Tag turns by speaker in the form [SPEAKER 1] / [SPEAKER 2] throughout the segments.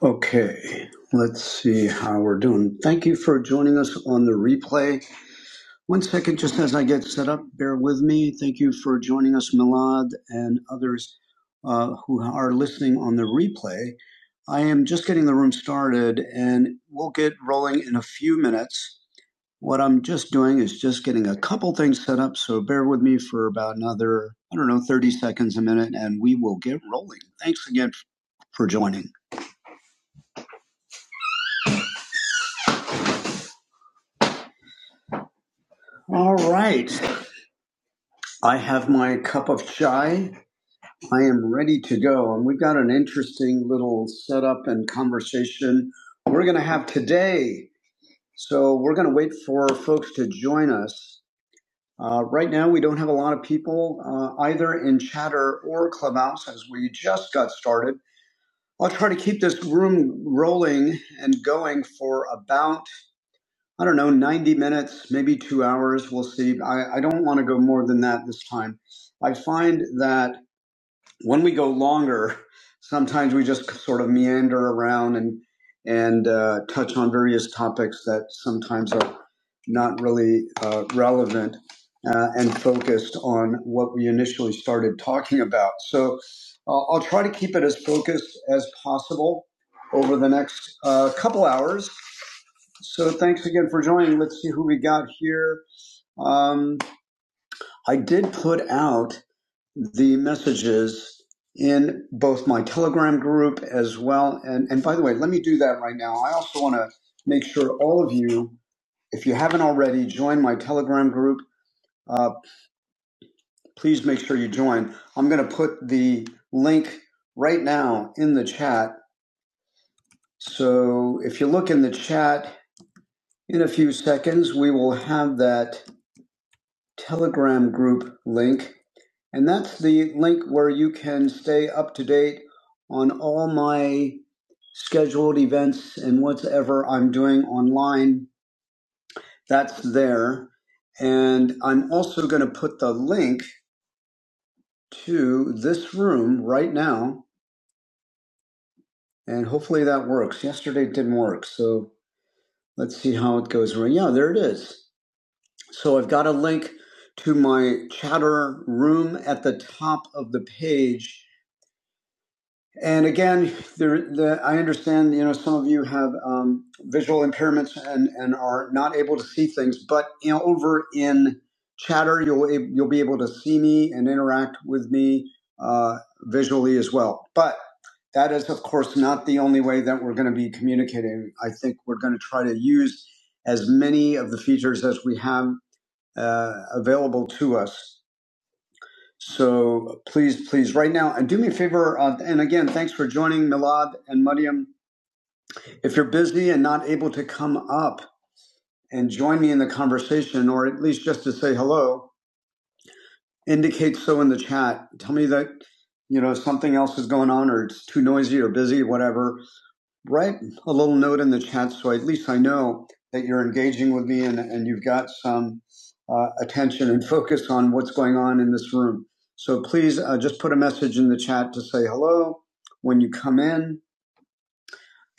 [SPEAKER 1] Okay, let's see how we're doing. Thank you for joining us on the replay. One second, just as I get set up, bear with me. Thank you for joining us, Milad, and others uh, who are listening on the replay. I am just getting the room started and we'll get rolling in a few minutes. What I'm just doing is just getting a couple things set up, so bear with me for about another, I don't know, 30 seconds a minute, and we will get rolling. Thanks again for joining. All right. I have my cup of chai. I am ready to go. And we've got an interesting little setup and conversation we're going to have today. So we're going to wait for folks to join us. Uh, right now, we don't have a lot of people uh, either in Chatter or Clubhouse as we just got started. I'll try to keep this room rolling and going for about, I don't know, 90 minutes, maybe two hours. We'll see. I, I don't want to go more than that this time. I find that when we go longer, sometimes we just sort of meander around and and uh, touch on various topics that sometimes are not really uh, relevant uh, and focused on what we initially started talking about. So uh, I'll try to keep it as focused as possible over the next uh, couple hours. So thanks again for joining. Let's see who we got here. Um, I did put out the messages in both my Telegram group as well. And, and by the way, let me do that right now. I also want to make sure all of you, if you haven't already, join my Telegram group. Uh, please make sure you join. I'm going to put the link right now in the chat. So if you look in the chat in a few seconds, we will have that Telegram group link. And that's the link where you can stay up to date on all my scheduled events and whatever I'm doing online. That's there. And I'm also going to put the link to this room right now. And hopefully that works. Yesterday it didn't work. So let's see how it goes. Well, Yeah, there it is. So I've got a link to my chatter room at the top of the page And again, there, the, I understand, you know, some of you have um, visual impairments and, and are not able to see things, but you know, over in chatter, you'll, you'll be able to see me and interact with me uh, visually as well. But that is, of course, not the only way that we're going to be communicating. I think we're going to try to use as many of the features as we have uh, available to us so please, please, right now, and do me a favor. Uh, and again, thanks for joining Milad and Mariam. If you're busy and not able to come up and join me in the conversation, or at least just to say hello, indicate so in the chat. Tell me that you know something else is going on, or it's too noisy or busy, whatever. write a little note in the chat so at least I know that you're engaging with me and, and you've got some uh, attention and focus on what's going on in this room. So please uh, just put a message in the chat to say hello when you come in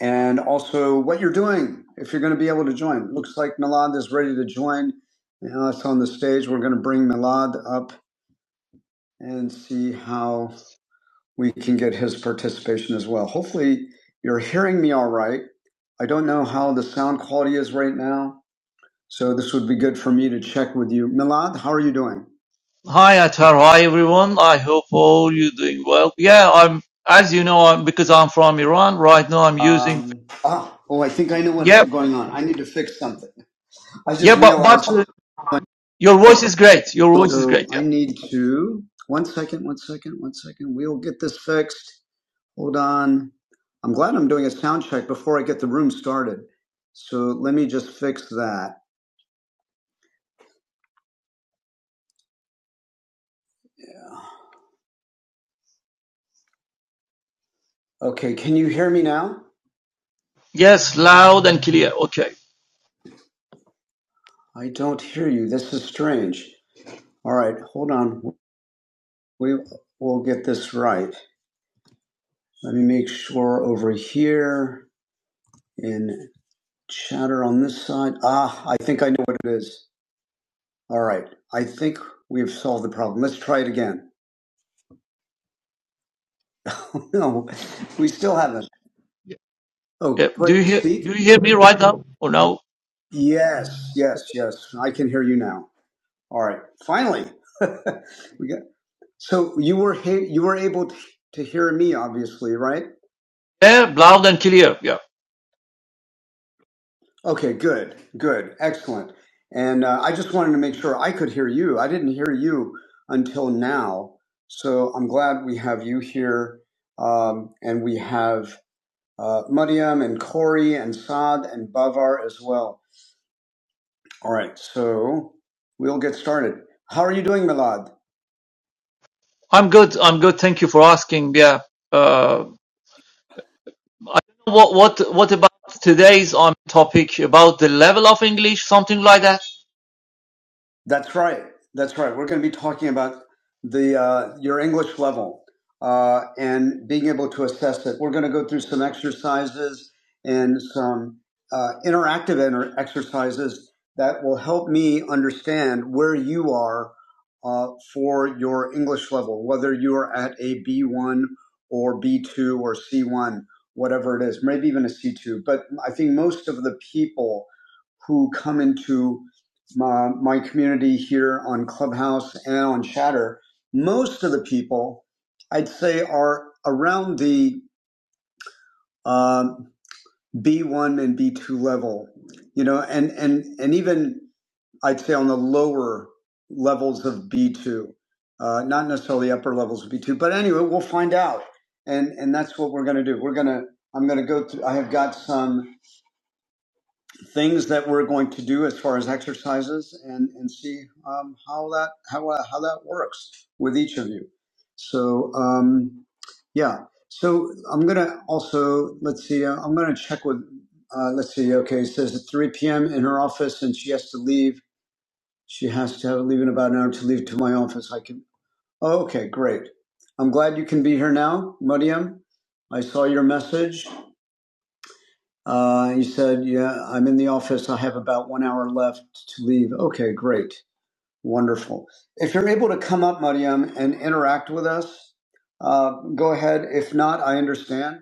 [SPEAKER 1] and also what you're doing if you're going to be able to join. It Looks like Milad is ready to join. Now it's on the stage. We're going to bring Milad up and see how we can get his participation as well. Hopefully, you're hearing me all right. I don't know how the sound quality is right now, so this would be good for me to check with you. Milad, how are you doing?
[SPEAKER 2] Hi Atar, hi everyone. I hope all you doing well. Yeah, I'm as you know, I'm because I'm from Iran right now. I'm using
[SPEAKER 1] Um, ah, oh, I think I know what's
[SPEAKER 2] yeah,
[SPEAKER 1] going on. I need to fix something. I
[SPEAKER 2] yeah,
[SPEAKER 1] just
[SPEAKER 2] but but
[SPEAKER 1] realized,
[SPEAKER 2] uh, your voice
[SPEAKER 1] oh,
[SPEAKER 2] is great. Your voice is
[SPEAKER 1] so
[SPEAKER 2] great.
[SPEAKER 1] I
[SPEAKER 2] Yeah,
[SPEAKER 1] need to, one second, one second, one second. We'll get this fixed. Hold on. I'm glad I'm doing a sound check before I get the room started. So let me just fix that. Okay, can you hear me now?
[SPEAKER 2] yes, loud and clear. Okay.
[SPEAKER 1] I don't hear you. This is strange. All right, hold on. We will get this right. Let me make sure over here in chatter on this side. Ah, I think I know what it is. All right. I think we've solved the problem. Let's try it again. Oh, no, we still haven't.
[SPEAKER 2] Yeah. yeah.
[SPEAKER 1] Oh,
[SPEAKER 2] Do you
[SPEAKER 1] put
[SPEAKER 2] hear Do
[SPEAKER 1] speak.
[SPEAKER 2] you hear me right now or no?
[SPEAKER 1] Yes, yes, yes. I can hear you now. All right. Finally. we got, so you were you were able to hear me obviously, right?
[SPEAKER 2] Yeah, loud and clear. Yeah,
[SPEAKER 1] Okay, good, good, excellent. And uh, I just wanted to make sure I could hear you. I didn't hear you until now, so I'm glad we have you here. Um, and we have uh, Mariam and Corey and Saad and Bavar as well. All right, so we'll get started. How are you doing, Milad?
[SPEAKER 2] I'm good. I'm good. Thank you for asking. Yeah. Uh, I don't know what what what about today's on topic about the level of English, something like that.
[SPEAKER 1] That's right. That's right. We're going to be talking about the uh, your English level uh, and being able to assess it. We're going to go through some exercises and some uh, interactive inter- exercises that will help me understand where you are uh, for your English level, whether you are at a B1 or B2 or C1, whatever it is, maybe even a C2. But I think most of the people who come into my, my community here on Clubhouse and on Chatter, most of the people I'd say are around the um, B1 and B2 level, you know, and, and, and even I'd say on the lower levels of B2, uh, not necessarily upper levels of B2, but anyway, we'll find out. And, and that's what we're going to do. We're going to, I'm going to go through, I have got some things that we're going to do as far as exercises and, and see um, how that how, uh, how that works with each of you. So um, yeah. So I'm gonna also let's see. Uh, I'm gonna check with. Uh, let's see. Okay, it says at 3 p.m. in her office, and she has to leave. She has to have leave in about an hour to leave to my office. I can. Oh, okay, great. I'm glad you can be here now, Mariam. I saw your message. Uh, he said, Yeah, I'm in the office. I have about one hour left to leave. Okay, great. Wonderful. If you're able to come up, Mariam, and interact with us, uh, go ahead. If not, I understand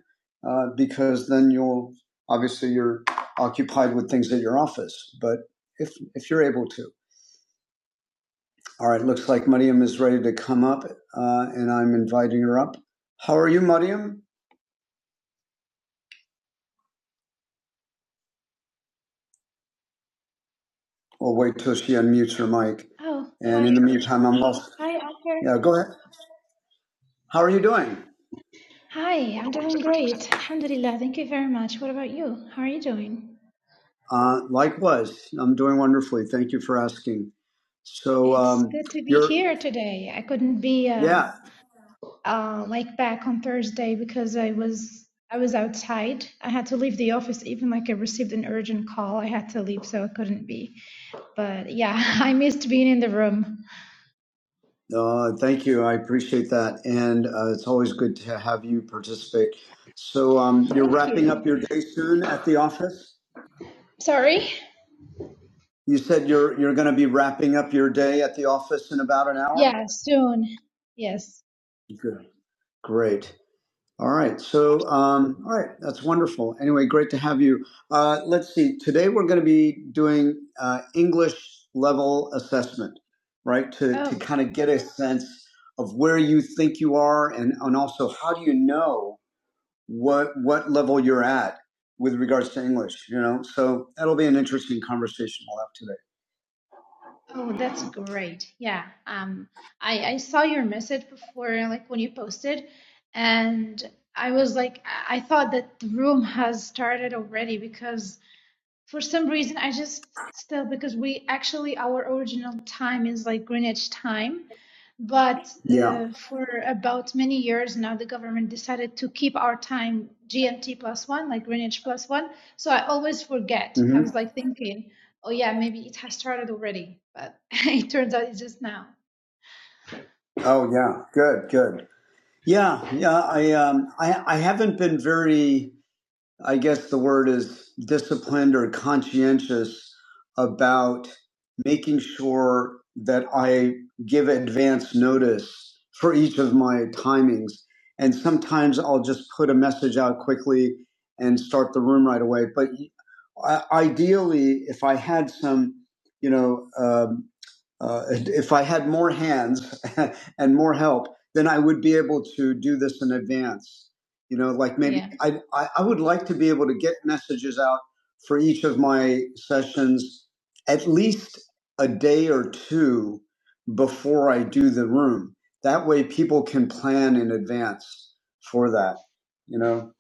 [SPEAKER 1] uh, because then you'll obviously you're occupied with things at your office. But if, if you're able to. All right, looks like Mariam is ready to come up uh, and I'm inviting her up. How are you, Mariam? We'll wait till she unmutes her mic.
[SPEAKER 3] Oh, hi.
[SPEAKER 1] And in the meantime, I'm lost.
[SPEAKER 3] Hi, Akhil.
[SPEAKER 1] yeah, go ahead. How are you doing?
[SPEAKER 3] Hi, I'm doing great. Alhamdulillah. Thank you very much. What about you? How are you doing?
[SPEAKER 1] Uh, likewise, I'm doing wonderfully. Thank you for asking. So,
[SPEAKER 3] It's
[SPEAKER 1] um,
[SPEAKER 3] good to be
[SPEAKER 1] you're,
[SPEAKER 3] here today. I couldn't be uh,
[SPEAKER 1] yeah,
[SPEAKER 3] uh, like back on Thursday because I was I was outside. I had to leave the office even like I received an urgent call. I had to leave, so I couldn't be. But yeah, I missed being in the room.
[SPEAKER 1] uh, thank you. I appreciate that. And uh, it's always good to have you participate. So, um, you're
[SPEAKER 3] Thank
[SPEAKER 1] wrapping
[SPEAKER 3] you.
[SPEAKER 1] up your day soon at the office?
[SPEAKER 3] Sorry.
[SPEAKER 1] You said you're, you're going to be wrapping up your day at the office in about an hour?
[SPEAKER 3] Yeah, soon. Yes.
[SPEAKER 1] Good. Great. All right. So, um, all right. That's wonderful. Anyway, great to have you. Uh, let's see. Today we're going to be doing uh, English level assessment, right? To, to
[SPEAKER 3] Oh.
[SPEAKER 1] kind of get a sense of where you think you are and, and also how do you know what, what level you're at with regards to English, you know? So that'll be an interesting conversation we'll have
[SPEAKER 3] Oh, that's great. Yeah. Um, I, I saw your message before, like when you posted, and I was like, I I thought that the room has started already because for some reason i just still because we actually our original time is like greenwich time but uh, for about many years now the government decided to keep our time gmt plus one like greenwich plus one so i always forget
[SPEAKER 1] today. Yeah.
[SPEAKER 3] i
[SPEAKER 1] hmm
[SPEAKER 3] was like thinking oh yeah maybe it has started already but it turns out it's just now
[SPEAKER 1] Oh, yeah. Good, good. Yeah. Yeah. I, um, I, I haven't been very, I guess the word is disciplined or conscientious about making sure that I give advance notice for each of my timings. And sometimes I'll just put a message out quickly and start the room right away. But I- ideally, if I had some, you know, um, uh, if I had more hands and more help, then I would be able to do this in advance. You know, like maybe
[SPEAKER 3] yeah
[SPEAKER 1] I, I, I would like to be able to get messages out for each of my sessions at least a day or two before I do the room. That way people can plan in advance for that, you know.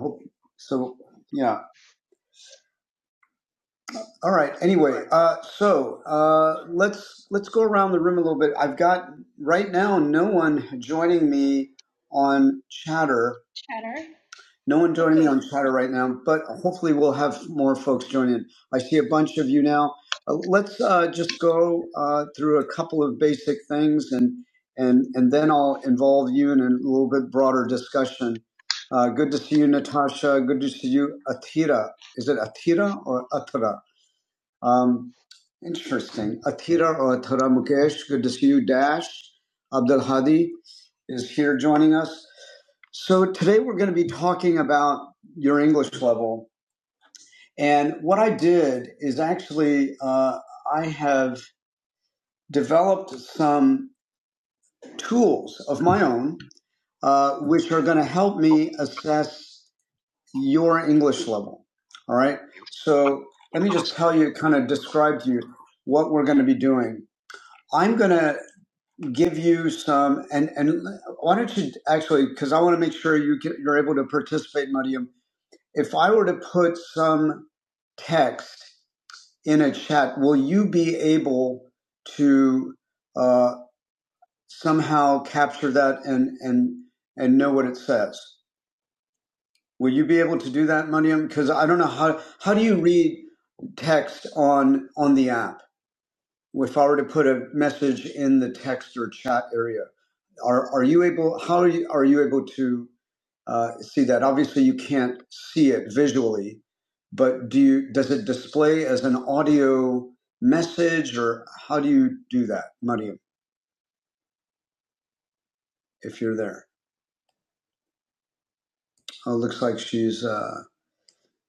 [SPEAKER 1] hope- So, yeah. All right. Anyway, uh, so uh, let's let's go around the room a little bit. I've got right now no one joining me on Chatter.
[SPEAKER 3] chatter
[SPEAKER 1] No one joining me on Chatter right now, but hopefully we'll have more folks join in. I see a bunch of you now. Uh, let's uh, just go uh, through a couple of basic things, and and and then I'll involve you in a little bit broader discussion. Uh, good to see you, Natasha. Good to see you, Atira. Is it Atira or Atira? Um, interesting. Athira or Athira Mukesh, good to see you. Dash Abdul Hadi is here joining us. So today we're going to be talking about your English level. And what I did is actually uh, I have developed some tools of my own, uh, which are going to help me assess your English level. All right. So let me just tell you, kind of describe to you what we're going to be doing. I'm going to give you some, and and why don't you actually? Because I want to make sure you get, you're able to participate, Mariam. If I were to put some text in a chat, will you be able to uh, somehow capture that and and and know what it says? Will you be able to do that, Mariam? Because I don't know how how do you read text on on the app. if I were to put a message in the text or chat area, are are you able? How are you, are you able to uh, see that? Obviously, you can't see it visually, but do you? Does it display as an audio message, or how do you do that, Mariam? If you're there, oh, it looks like she's. Uh,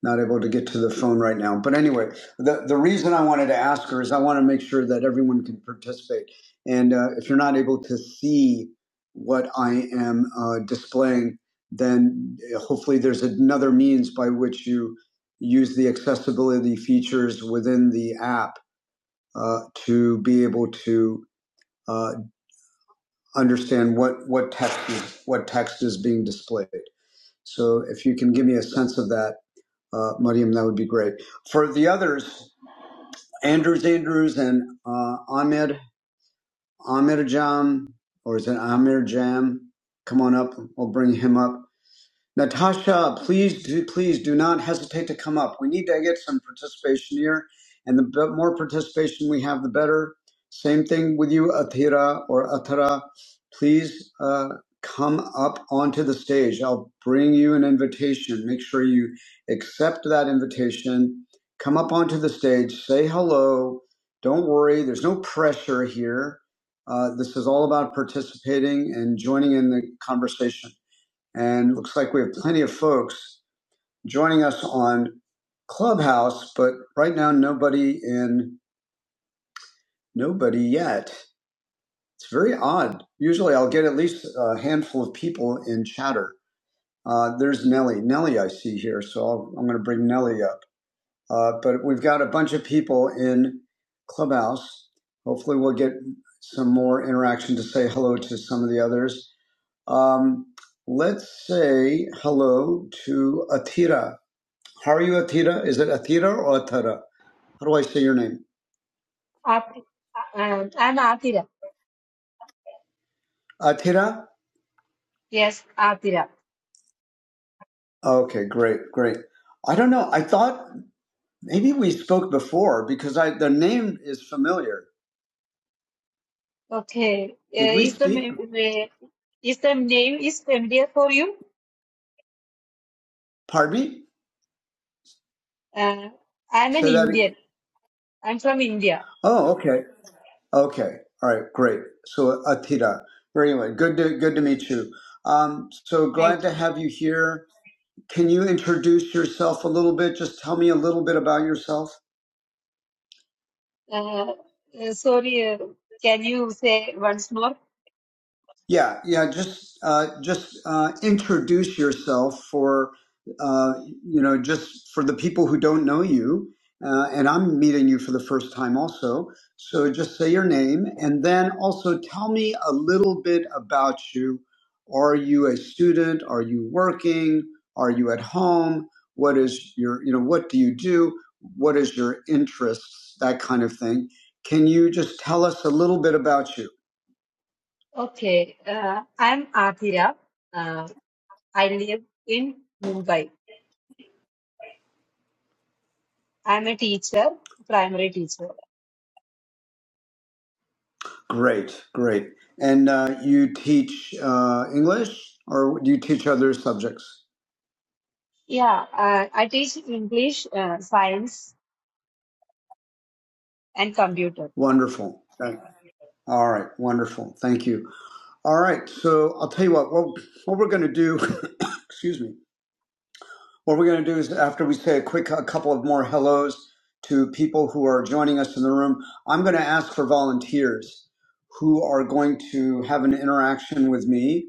[SPEAKER 1] not able to get to the phone right now. But anyway, the, the reason I wanted to ask her is I want to make sure that everyone can participate. And uh, if you're not able to see what I am uh, displaying, then uh, hopefully there's another means by which you use the accessibility features within the app uh, to be able to uh, understand what, what text is, what text is being displayed. So if you can give me a sense of that, uh, Mariam, that would be great. For the others, Andrews Andrews and uh, Ahmed, Ahmed Jam, or is it Amir Jam? Come on up. We'll bring him up. Natasha, please, do, please do not hesitate to come up. We need to get some participation here, and the b- more participation we have, the better. Same thing with you, Athira or Athara. Please uh, come up onto the stage. I'll bring you an invitation. Make sure you accept that invitation. Come up onto the stage. Say hello. Don't worry. There's no pressure here. Uh, this is all about participating and joining in the conversation and looks like we have plenty of folks joining us on Clubhouse, but right now nobody in nobody yet. It's very odd. Usually I'll get at least a handful of people in chatter. Uh, there's Nellie. Nellie I see here, so I'll, I'm going to bring Nellie up. Uh, but we've got a bunch of people in Clubhouse. Hopefully we'll get some more interaction to say hello to some of the others. Um, let's say hello to Atira. How are you, Atira? Is it Atira or Atara? How do I say your name?
[SPEAKER 4] Aarti- um, I'm Atira.
[SPEAKER 1] Atira?
[SPEAKER 4] Yes, Atira.
[SPEAKER 1] Okay, great, great. I don't know. I thought maybe we spoke before because I the name is familiar.
[SPEAKER 4] Okay.
[SPEAKER 1] Did
[SPEAKER 4] Uh,
[SPEAKER 1] we
[SPEAKER 4] is the
[SPEAKER 1] speak?
[SPEAKER 4] ma- ma- is the name is familiar for you?
[SPEAKER 1] Pardon me?
[SPEAKER 4] Uh, I'm an
[SPEAKER 1] Say that again.
[SPEAKER 4] Indian. I'm from India.
[SPEAKER 1] Oh, okay. Okay. All right, great. So Atira. Very Anyway, good to good to meet you. Um, so
[SPEAKER 4] Thank
[SPEAKER 1] glad
[SPEAKER 4] you.
[SPEAKER 1] to have you here. Can you introduce yourself a little bit? Just tell me a little bit about yourself.
[SPEAKER 4] Uh, uh, sorry. Uh, can you say once more?
[SPEAKER 1] Yeah, yeah. Just uh, just uh, introduce yourself for uh, you know just for the people who don't know you, uh, and I'm meeting you for the first time also. So just say your name, and then also tell me a little bit about you. Are you a student? Are you working? Are you at home? What is your you know what do you do? What is your interests? That kind of thing. Can you just tell us a little bit about you?
[SPEAKER 4] Okay. Uh, I'm Atira. Uh, I live in Mumbai. I'm a teacher, primary teacher.
[SPEAKER 1] Great, great. And uh, you teach uh, English or do you teach other subjects?
[SPEAKER 4] Yeah. Uh, I teach English, uh, science, and computer.
[SPEAKER 1] Wonderful. Thank- All right, wonderful. Thank you. All right, so I'll tell you what, what, what we're going to do, excuse me, what we're going to do is after we say a quick, a couple of more hellos to people who are joining us in the room, I'm going to ask for volunteers who are going to have an interaction with me.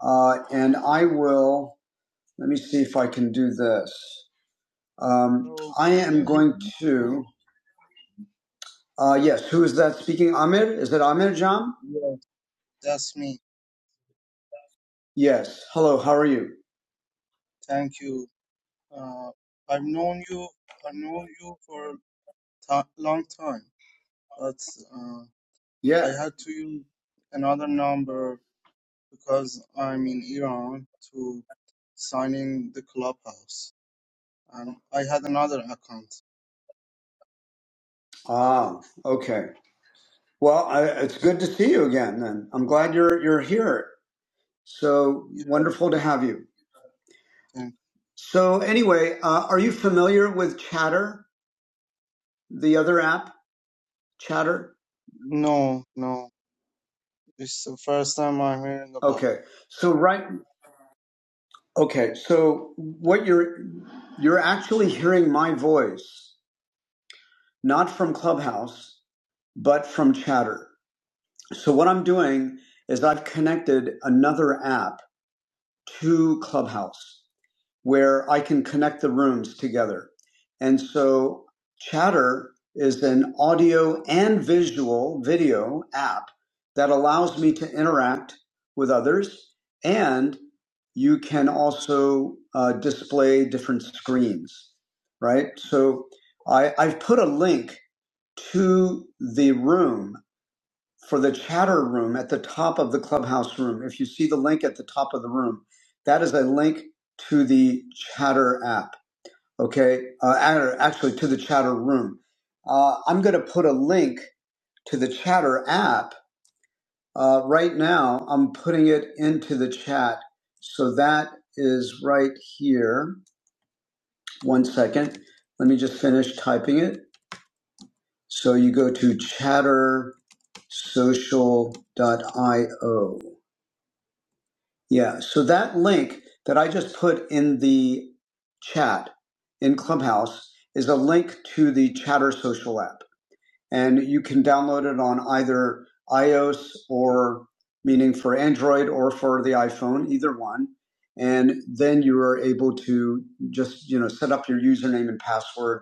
[SPEAKER 1] Uh, and I will, let me see if I can do this. Um,
[SPEAKER 5] So
[SPEAKER 1] I
[SPEAKER 5] can
[SPEAKER 1] am
[SPEAKER 5] you hear
[SPEAKER 1] going
[SPEAKER 5] me?
[SPEAKER 1] to, uh, yes, who is that speaking? Amir? Is that Amir Jam?
[SPEAKER 5] Yes, that's me.
[SPEAKER 1] Yes. Hello, how are you?
[SPEAKER 5] Thank you. Uh, I've known you. I know you for a long time, but uh, I
[SPEAKER 1] Yeah.
[SPEAKER 5] had to use another number because I'm in Iran to sign in the clubhouse, and I had another account.
[SPEAKER 1] Ah, okay. Well, I, it's good to see you again, and I'm glad you're, you're here. So
[SPEAKER 5] Yeah,
[SPEAKER 1] wonderful to have you.
[SPEAKER 5] thank
[SPEAKER 1] So, anyway, uh, are you familiar with Chatter, the other app? Chatter?
[SPEAKER 5] No, no. It's the first time I'm hearing about.
[SPEAKER 1] Okay. So, right. Okay. So, what you're, you're actually hearing my voice, not from Clubhouse, but from Chatter. So what I'm doing is I've connected another app to Clubhouse where I can connect the rooms together. And so Chatter is an audio and visual video app that allows me to interact with others and you can also uh, display different screens, right? So I, I've put a link to the room for the chatter room at the top of the clubhouse room. If you see the link at the top of the room, that is a link to the chatter app. Okay. Uh, act- actually, to the chatter room. Uh, I'm going to put a link to the chatter app uh, right now. I'm putting it into the chat. So that is right here. One second. Let me just finish typing it. So you go to chatter social.io. Yeah. So that link that I just put in the chat in Clubhouse is a link to the Chatter Social app. And you can download it on either iOS or meaning for Android or for the iPhone, either one. And then you are able to just, you know, set up your username and password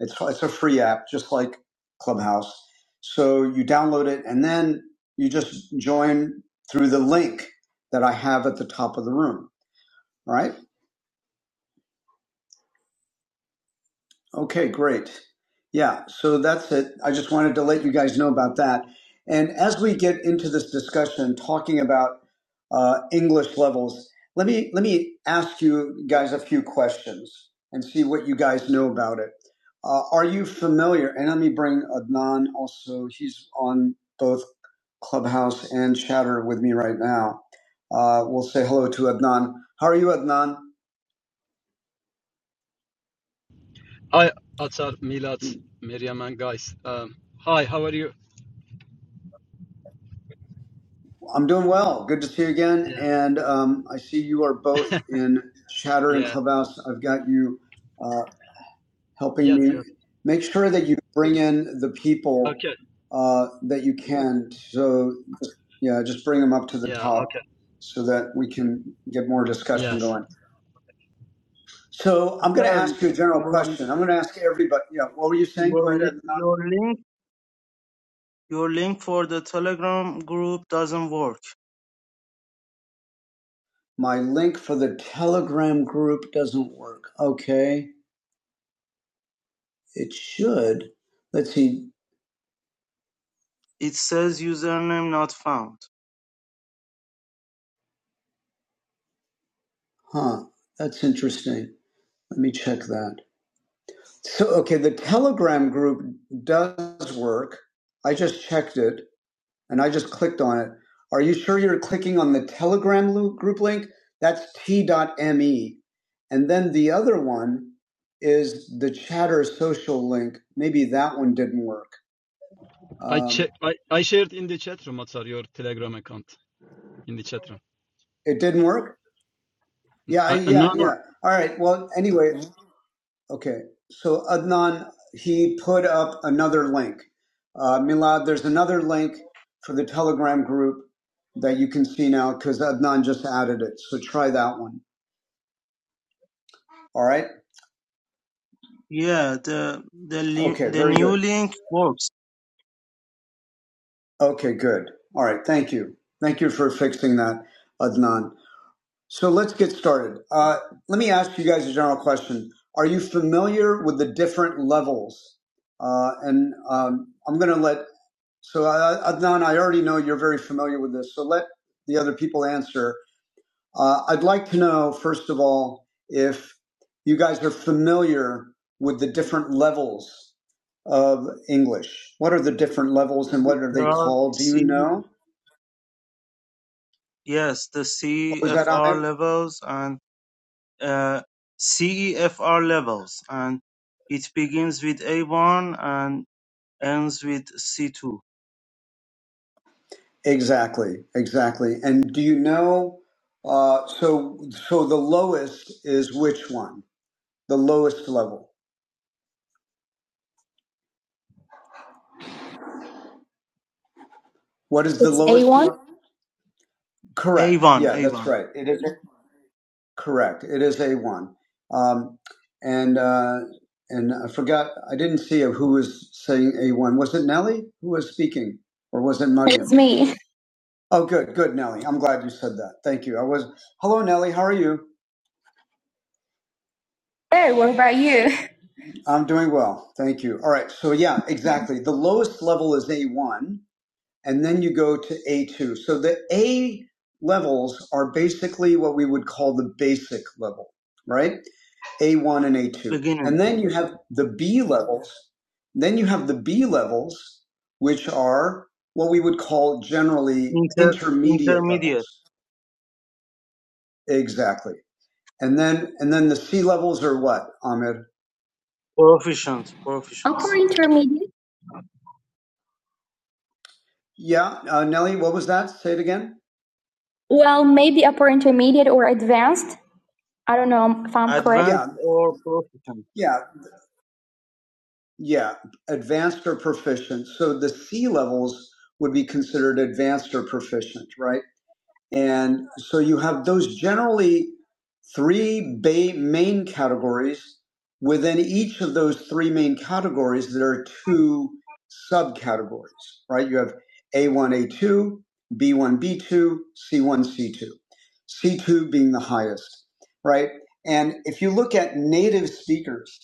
[SPEAKER 1] it's it's a free app, just like Clubhouse. So you download it, and then you just join through the link that I have at the top of the room. Right? Okay, great. Yeah, so that's it. I just wanted to let you guys know about that. And as we get into this discussion, talking about uh, English levels, let me let me ask you guys a few questions and see what you guys know about it. Uh, are you familiar? And let me bring Adnan also. He's on both Clubhouse and Chatter with me right now. Uh, we'll say hello to Adnan. How are you, Adnan?
[SPEAKER 6] Hi, Atar, Milat, Miriam, and guys. Um, hi, how are you?
[SPEAKER 1] I'm doing well. Good to see you again.
[SPEAKER 6] Yeah,
[SPEAKER 1] And um, I see you are both in Chatter and
[SPEAKER 6] yeah,
[SPEAKER 1] Clubhouse. I've got you uh, helping
[SPEAKER 6] yes,
[SPEAKER 1] me
[SPEAKER 6] yes.
[SPEAKER 1] make sure that you bring in the people
[SPEAKER 6] Okay,
[SPEAKER 1] uh, that you can. So, yeah, just bring them up to the
[SPEAKER 6] yeah,
[SPEAKER 1] top
[SPEAKER 6] okay,
[SPEAKER 1] so that we can get more discussion
[SPEAKER 6] yes.
[SPEAKER 1] going. So, I'm going to
[SPEAKER 5] Sir,
[SPEAKER 1] ask you a general
[SPEAKER 5] your
[SPEAKER 1] question. I'm going to ask everybody, yeah, what were you saying?
[SPEAKER 5] your
[SPEAKER 1] Go ahead,
[SPEAKER 5] li-
[SPEAKER 1] Adnan.
[SPEAKER 5] your link. Your link for the Telegram group doesn't work.
[SPEAKER 1] My link for the Telegram group doesn't work. Okay, it should. Let's see.
[SPEAKER 5] It says username not found.
[SPEAKER 1] Huh, that's interesting. Let me check that. So, okay, the Telegram group does work. I just checked it and I just clicked on it. Are you sure you're clicking on the Telegram lo- group link? That's t.me. And then the other one is the Chatter social link. Maybe that one didn't work.
[SPEAKER 6] I
[SPEAKER 1] Um,
[SPEAKER 6] che- I, I shared in the chat room, Atar, your Telegram account in the chat room.
[SPEAKER 1] it didn't work? Yeah, I,
[SPEAKER 6] Uh, uh, no,
[SPEAKER 1] yeah,
[SPEAKER 6] no,
[SPEAKER 1] yeah. All right. Well, anyway, Okay, so Adnan, he put up another link. Uh, Milad, there's another link for the Telegram group that you can see now because Adnan just added it. So try that one. All right.
[SPEAKER 5] Yeah, the the link
[SPEAKER 1] Okay,
[SPEAKER 5] the
[SPEAKER 1] very good.
[SPEAKER 5] new link works.
[SPEAKER 1] Okay, good. All right, thank you. Thank you for fixing that, Adnan. So let's get started. Uh, let me ask you guys a general question. Are you familiar with the different levels? Uh, and um, I'm going to let So, uh, Adnan, I already know you're very familiar with this, so let the other people answer. Uh, I'd like to know, first of all, if you guys are familiar with the different levels of English. What are the different levels
[SPEAKER 5] There
[SPEAKER 1] and what are they
[SPEAKER 5] are
[SPEAKER 1] called? Do you
[SPEAKER 5] C
[SPEAKER 1] know?
[SPEAKER 5] yes the
[SPEAKER 1] What was that,
[SPEAKER 5] CFR
[SPEAKER 1] Ahmed?
[SPEAKER 5] levels and uh, CEFR levels, and it begins with A1 and ends with C2.
[SPEAKER 1] Exactly, exactly. And do you know? Uh, so, so the lowest is which one? The lowest level. What is the It's lowest? A one? Correct.
[SPEAKER 5] A1
[SPEAKER 1] Yeah, that's
[SPEAKER 5] A1
[SPEAKER 1] right. It is. Correct. It is A1. Um, and uh, and I forgot, I didn't see who was saying A1. Was it Nellie who was speaking? Or was it Manya? It's me. Oh, good, good, Nellie. I'm glad you said that. Thank you. I was. Hello, Nellie. How are you? Hey, what about you? I'm doing well. Thank you. All right. So, yeah, exactly. The lowest level is A1, and then you go to A2. So, the A levels are basically what we would call the basic level, right? A1 and A2.
[SPEAKER 5] beginner,
[SPEAKER 1] And then you have the B levels. Then you have the B levels, which are what we would call generally
[SPEAKER 5] inter
[SPEAKER 1] intermediate
[SPEAKER 5] intermediate,
[SPEAKER 1] levels. Exactly. And then and then the C levels are what, Ahmed?
[SPEAKER 5] proficient,
[SPEAKER 1] Upper
[SPEAKER 5] proficiency,
[SPEAKER 1] intermediate. Yeah, uh, Nelly, what was that? Say it again. Well, maybe upper intermediate or advanced. I don't know if I'm correct.
[SPEAKER 5] advanced
[SPEAKER 1] Yeah,
[SPEAKER 5] or proficient,
[SPEAKER 1] yeah, yeah. Advanced or proficient. So the C levels would be considered advanced or proficient, right? And so you have those generally three ba- main categories. Within each of those three main categories, there are two subcategories, right? You have A1, A2, B1, B2, C1, C2. C2 being the highest, right? And if you look at native speakers,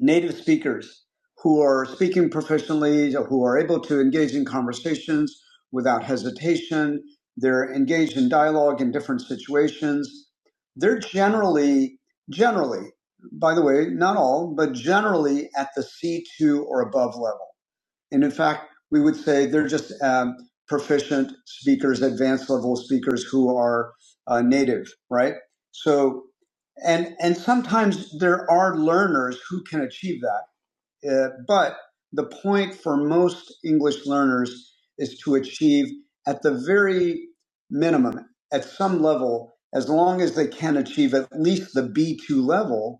[SPEAKER 1] native speakers who are speaking professionally, who are able to engage in conversations without hesitation. They're engaged in dialogue in different situations. They're generally, generally, by the way, not all, but generally at the C2 or above level and in fact, we would say they're just um, proficient speakers, advanced level speakers who are uh, native, right? So, and and sometimes there are learners who can achieve that, uh, but the point for most English learners is to achieve at the very minimum, at some level, as long as they can achieve at least the B2 level,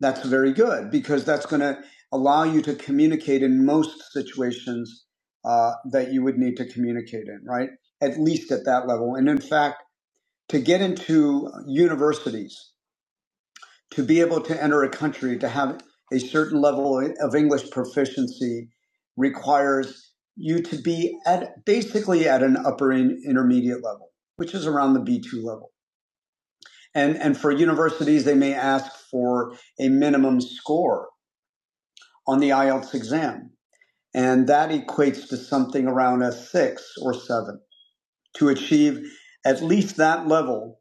[SPEAKER 1] that's very good because that's going to allow you to communicate in most situations uh, that you would need to communicate in, right? At least at that level. And in fact, to get into universities, to be able to enter a country, to have a certain level of English proficiency requires you to be at basically at an upper in, intermediate level, which is around the B2 level. And, and for universities, they may ask for a minimum score on the IELTS exam. And that equates to something around a six or seven to achieve at least that level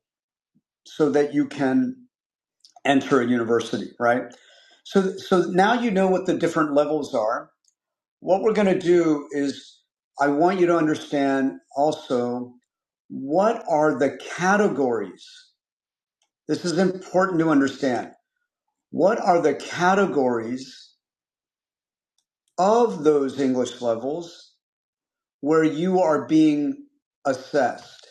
[SPEAKER 1] so that you can enter a university, right? So, so now you know what the different levels are. What we're going to do is I want you to understand also what are the categories? This is important to understand. What are the categories of those English levels where you are being assessed?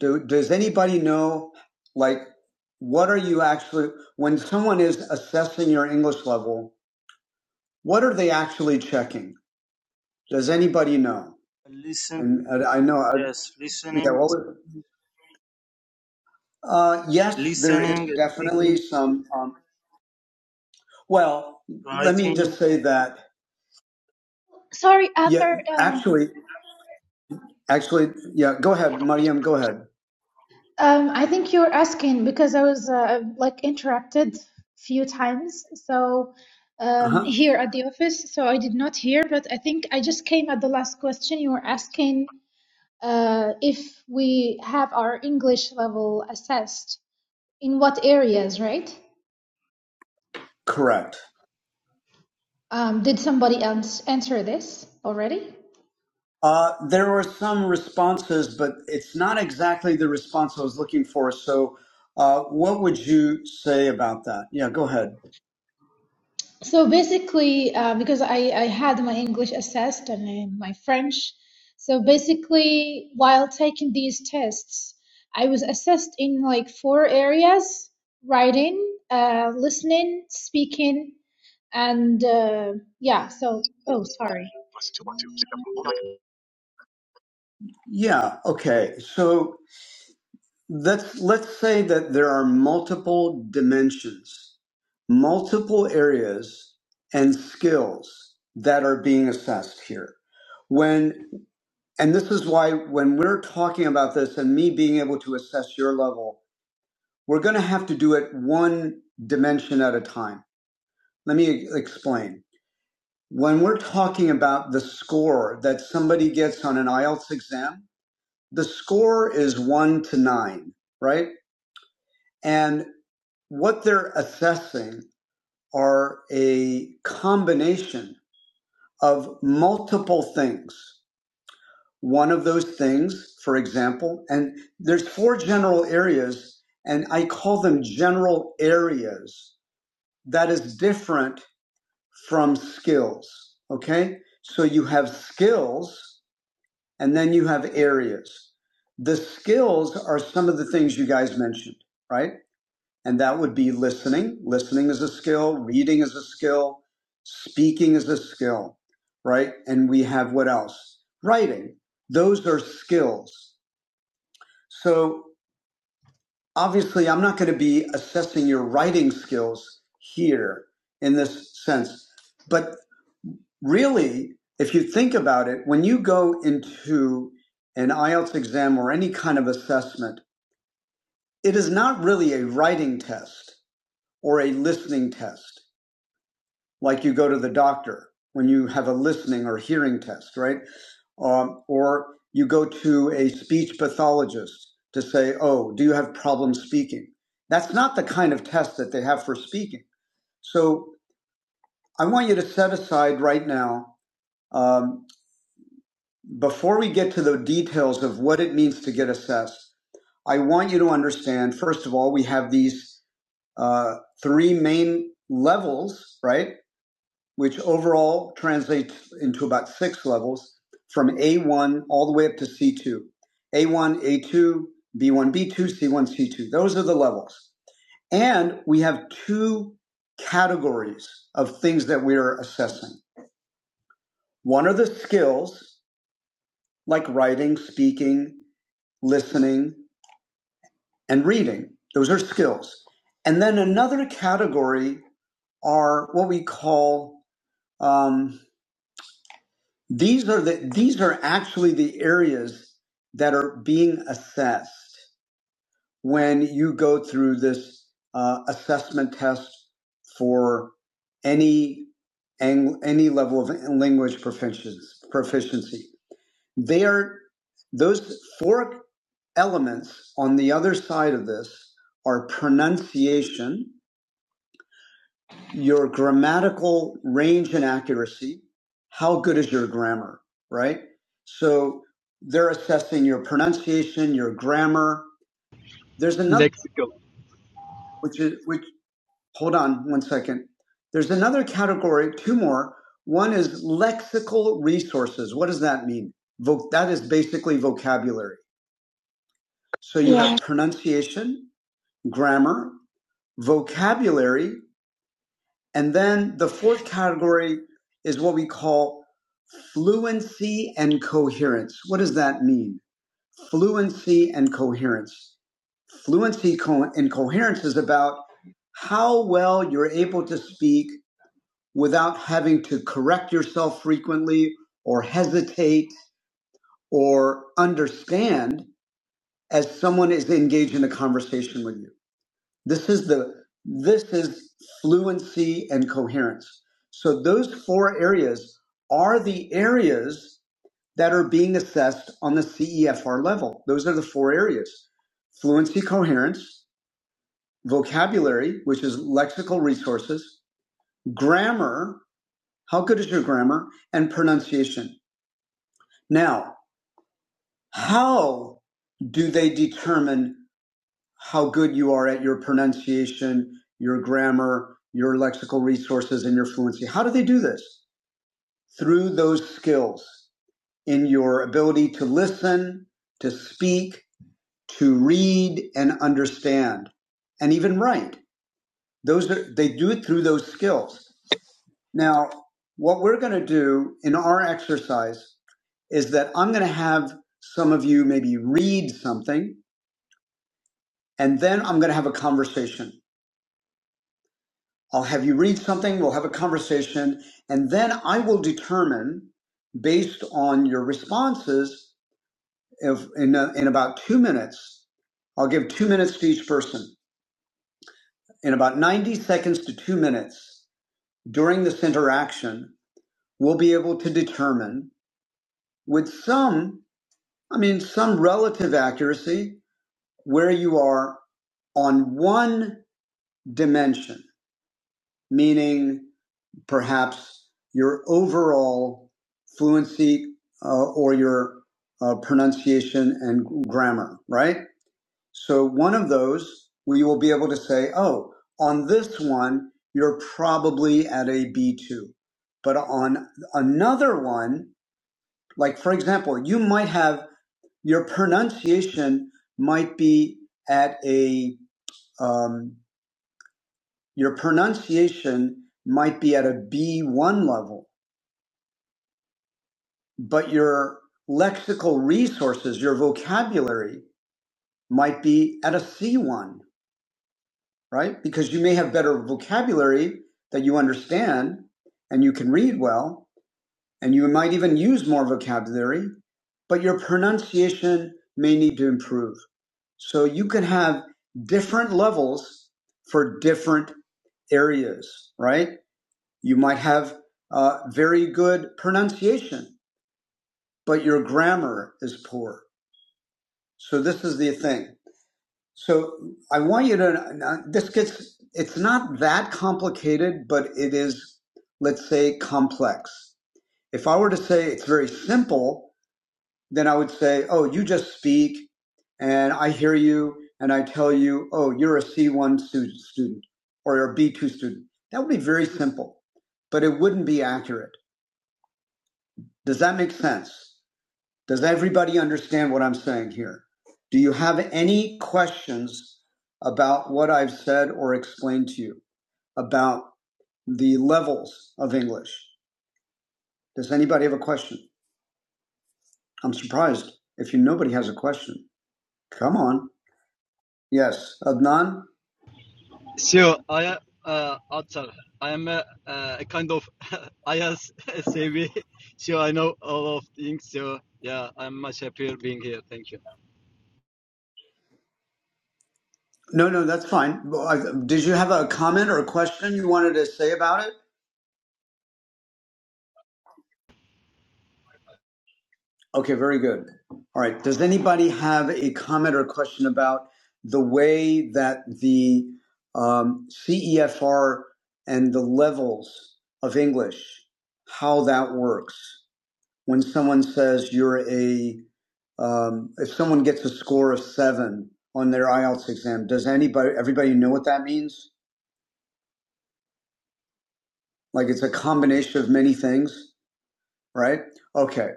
[SPEAKER 1] Do, does anybody know, like, what are you actually, when someone is assessing your English level, what are they actually checking? Does anybody know?
[SPEAKER 5] listening.
[SPEAKER 1] And uh, I know, uh,
[SPEAKER 5] Yes,
[SPEAKER 1] yeah,
[SPEAKER 5] listening,
[SPEAKER 1] well,
[SPEAKER 5] speaking,
[SPEAKER 1] uh, yes, there
[SPEAKER 5] listening,
[SPEAKER 1] is definitely
[SPEAKER 5] speaking,
[SPEAKER 1] some. Um, well, let me
[SPEAKER 5] writing.
[SPEAKER 1] just say that,
[SPEAKER 3] sorry
[SPEAKER 1] yeah,
[SPEAKER 3] arthur um,
[SPEAKER 1] actually, actually, yeah, go ahead, Mariam, go ahead.
[SPEAKER 3] Um, I think you were asking because I was uh, like interrupted few times. So
[SPEAKER 1] Uh
[SPEAKER 3] um,
[SPEAKER 1] huh.
[SPEAKER 3] here at the office, so I did not hear, but I think I just came at the last question you were asking uh, if we have our English level assessed in what areas, right?
[SPEAKER 1] Correct.
[SPEAKER 3] Um, did somebody else answer this already?
[SPEAKER 1] Uh, there were some responses, but it's not exactly the response I was looking for. So, uh, what would you say about that? Yeah, go ahead.
[SPEAKER 3] So basically, uh, because I, I had my English assessed and uh, my French, so basically, while taking these tests, I was assessed in like four areas: writing, uh, listening, speaking, and uh, yeah. So, oh, sorry.
[SPEAKER 1] Yeah, okay. So let's let's say that there are multiple dimensions, multiple areas, and skills that are being assessed here. When and this is why when we're talking about this and me being able to assess your level, we're going to have to do it one dimension at a time Let me explain. When we're talking about the score that somebody gets on an IELTS exam, the score is one to nine, right? And what they're assessing are a combination of multiple things. One of those things, for example, and there's four general areas, and I call them general areas that is different from skills. Okay? So you have skills and then you have areas. The skills are some of the things you guys mentioned, right? And that would be listening. Listening is a skill, reading is a skill, speaking is a skill, right? And we have what else? Writing. Those are skills. So obviously, I'm not going to be assessing your writing skills here in this sense. But really, if you think about it, when you go into an IELTS exam or any kind of assessment, it is not really a writing test or a listening test, like you go to the doctor when you have a listening or hearing test, right? Um, or you go to a speech pathologist to say, oh, do you have problems speaking? That's not the kind of test that they have for speaking. So I want you to set aside right now um, Before we get to the details of what it means to get assessed, I want you to understand, first of all, we have these uh, three main levels, right? Which overall translates into about six levels from A1 all the way up to C2. A1, A2, B1, B2, C1, C2. Those are the levels. And we have two categories of things that we are assessing. One are the skills, like writing, speaking, listening, and reading. Those are skills. And then another category are what we call um, these are the these are actually the areas that are being assessed when you go through this uh, assessment test for any ang- any level of language proficiency. Proficiency. They are those four elements on the other side of this are pronunciation, your grammatical range and accuracy, how good is your grammar, right? So they're assessing your pronunciation, your grammar. There's another
[SPEAKER 6] lexical.
[SPEAKER 1] which is which hold on one second. There's another category, two more. One is lexical resources. What does that mean? Voc- that is basically vocabulary. So you yeah. have Yeah. pronunciation, grammar, vocabulary, and then the fourth category is what we call fluency and coherence. What does that mean? Fluency and coherence. Fluency co- and coherence is about how well you're able to speak without having to correct yourself frequently or hesitate or understand as someone is engaged in a conversation with you. This is the this is fluency and coherence. So those four areas are the areas that are being assessed on the CEFR level. Those are the four areas. Fluency, coherence, vocabulary, which is lexical resources, grammar, how good is your grammar, and pronunciation. Now, how do they determine how good you are at your pronunciation, your grammar, your lexical resources, and your fluency. How do they do this? Through those skills in your ability to listen, to speak, to read and understand, and even write. Those are, they do it through those skills. Now, what we're going to do in our exercise is that I'm going to have some of you maybe read something, and then I'm going to have a conversation. I'll have you read something, we'll have a conversation, and then I will determine based on your responses if in, uh, in about two minutes, I'll give two minutes to each person. In about 90 seconds to two minutes during this interaction, we'll be able to determine with some, I mean, some relative accuracy where you are on one dimension, meaning perhaps your overall fluency uh, or your uh, pronunciation and grammar, right? So one of those, we will be able to say, oh, on this one, you're probably at a B2. But on another one, like for example, you might have your pronunciation might be at a, um, your pronunciation might be at a B1 level but your lexical resources, your vocabulary might be at a C1, right? Because you may have better vocabulary that you understand and you can read well, and you might even use more vocabulary, but your pronunciation may need to improve. So you can have different levels for different areas, right? You might have uh, very good pronunciation, but your grammar is poor So this is the thing. So I want you to, uh, this gets, it's not that complicated, but it is, let's say, complex. If I were to say it's very simple, then I would say, oh, you just speak and I hear you and I tell you, oh, you're a C1 student or you're a B2 student. That would be very simple, but it wouldn't be accurate. Does that make sense? Does everybody understand what I'm saying here? Do you have any questions about what I've said or explained to you about the levels of English? Does anybody have a question? I'm surprised if you nobody has a question. Come on. Yes, Adnan?
[SPEAKER 6] So, I, uh, Atar, I am a, uh, a kind of I as a savvy, so I know all of things. So, yeah, I'm much happier being here. Thank you.
[SPEAKER 1] No, no, that's fine. Well, Did you have a comment or a question you wanted to say about it? Okay, very good. All right. Does anybody have a comment or question about the way that the um, CEFR and the levels of English, how that works? When someone says you're a, um, if someone gets a score of seven on their IELTS exam, does anybody, everybody know what that means? Like it's a combination of many things, right? Okay.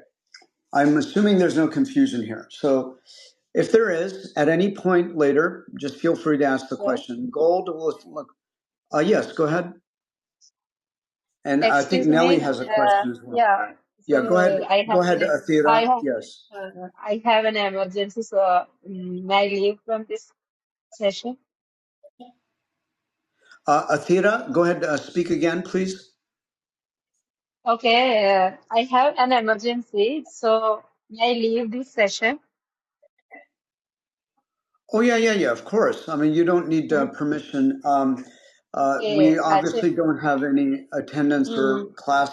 [SPEAKER 1] I'm assuming there's no confusion here. So If there is, at any point later, just feel free to ask the
[SPEAKER 4] So,
[SPEAKER 1] question. Gold will look. Uh, yes, go ahead. And I think
[SPEAKER 4] Excuse
[SPEAKER 1] Nelly
[SPEAKER 4] me.
[SPEAKER 1] has a
[SPEAKER 4] Uh,
[SPEAKER 1] question as well.
[SPEAKER 4] yeah.
[SPEAKER 1] Yeah, go ahead.
[SPEAKER 4] So I
[SPEAKER 1] Go
[SPEAKER 4] have
[SPEAKER 1] ahead,
[SPEAKER 4] an I
[SPEAKER 1] Athira.
[SPEAKER 4] have
[SPEAKER 1] Yes.
[SPEAKER 4] uh, I have an emergency. So mm, may I leave from this session?
[SPEAKER 1] Uh, Athira, go ahead. Uh, speak again, please.
[SPEAKER 4] Okay. Uh, I have an emergency. So may I leave this session?
[SPEAKER 1] Oh yeah, yeah, yeah. Of course. I mean, you don't need uh, permission. Um, uh, we
[SPEAKER 4] Okay. Actually,
[SPEAKER 1] obviously don't have any attendance
[SPEAKER 4] mm,
[SPEAKER 1] or class,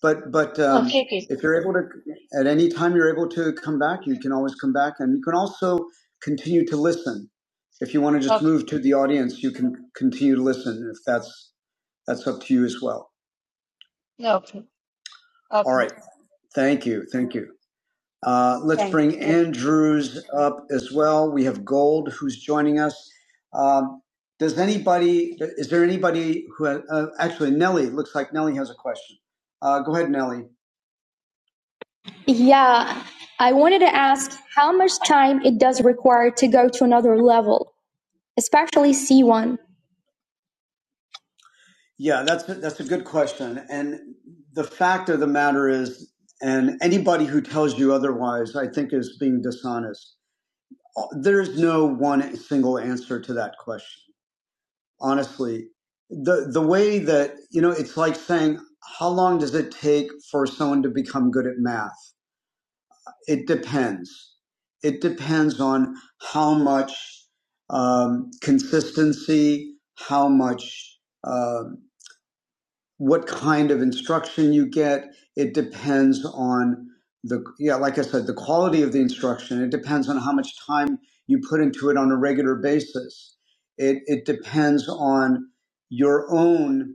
[SPEAKER 1] but but um,
[SPEAKER 4] okay. Okay.
[SPEAKER 1] if you're able to, at any time you're able to come back, you can always come back, and you can also continue to listen. If you want to just
[SPEAKER 4] Okay.
[SPEAKER 1] move to the audience, you can continue to listen. If that's that's up to you as well.
[SPEAKER 4] Okay.
[SPEAKER 1] All
[SPEAKER 4] Okay.
[SPEAKER 1] right. Thank you. Thank you. Uh, let's bring
[SPEAKER 4] Thank.
[SPEAKER 1] Andrews up as well. We have Gold who's joining us. Um, does anybody, is there anybody who, ha- uh, actually Nellie, looks like Nellie has a question. Uh, go ahead, Nellie. Yeah, I wanted to ask how much time it does require to go to another level, especially C1. Yeah, that's a, that's a good question. And the fact of the matter is, and anybody who tells you otherwise, I think is being dishonest. There's no one single answer to that question. Honestly, the the way that you know, it's like saying, how long does it take for someone to become good at math? It depends. It depends on how much um, consistency, how much. uh, what kind of instruction you get. It depends on the, yeah, like I said, the quality of the instruction. It depends on how much time you put into it on a regular basis. It, it depends on your own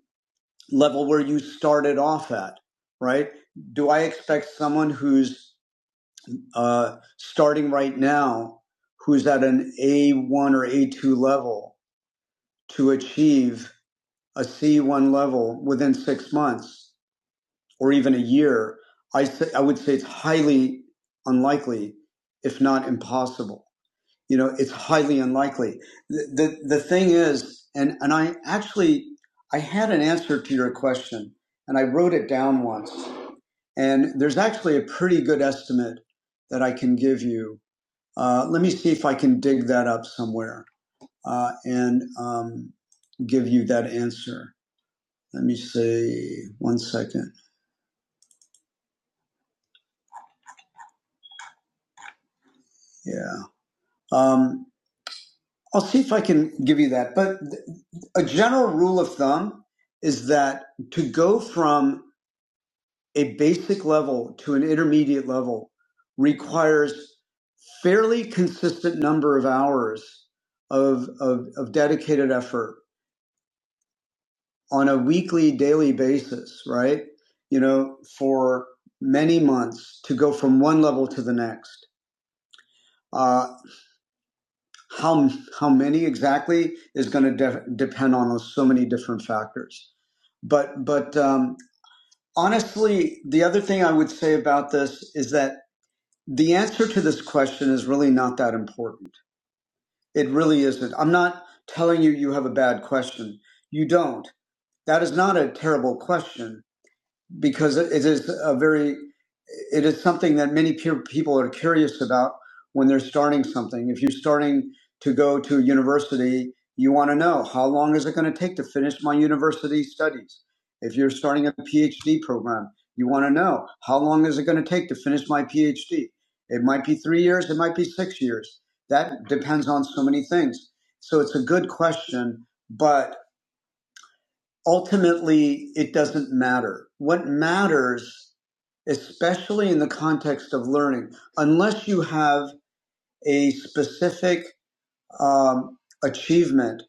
[SPEAKER 1] level where you started off at, right? Do I expect someone who's uh, starting right now, who's at an A1 or A2 level, to achieve a C1 level within six months? or even a year, I, say, I would say it's highly unlikely, if not impossible. You know, it's highly unlikely. The, the, the thing is, and, and I actually, I had an answer to your question and I wrote it down once. And there's actually a pretty good estimate that I can give you. Uh, let me see if I can dig that up somewhere uh, and um, give you that answer. Let me see. One second. Yeah. Um, I'll see if I can give you that. But a general rule of thumb is that to go from a basic level to an intermediate level requires fairly consistent number of hours of, of, of dedicated effort on a weekly, daily basis, right? You know, for many months to go from one level to the next. Uh, how, how many exactly is going to de- depend on so many different factors But but um, honestly, the other thing I would say about this is that the answer to this question is really not that important. It really isn't. I'm not telling you you have a bad question. You don't. That is not a terrible question because it is a very it is something that many peer people are curious about when they're starting something if you're starting to go to a university you want to know how long is it going to take to finish my university studies if you're starting a phd program you want to know how long is it going to take to finish my phd it might be three years it might be six years that depends on so many things so it's a good question but ultimately it doesn't matter. What matters, especially in the context of learning, unless you have a specific um, achievement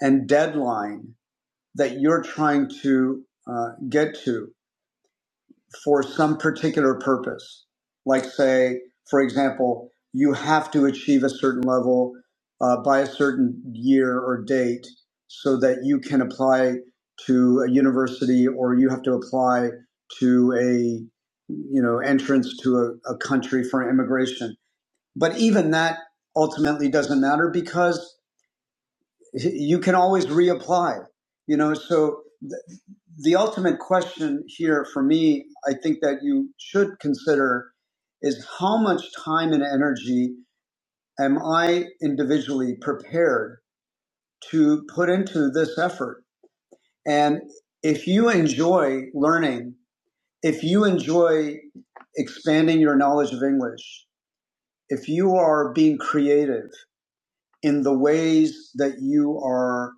[SPEAKER 1] and deadline that you're trying to uh, get to, for some particular purpose. Like, say, for example, you have to achieve a certain level uh, by a certain year or date so that you can apply to a university or you have to apply to a you know entrance to a, a country for immigration but even that ultimately doesn't matter because you can always reapply you know so the ultimate question here for me, I think that you should consider is how much time and energy am I individually prepared to put into this effort? And if you enjoy learning, if you enjoy expanding your knowledge of English, if you are being creative in the ways that you are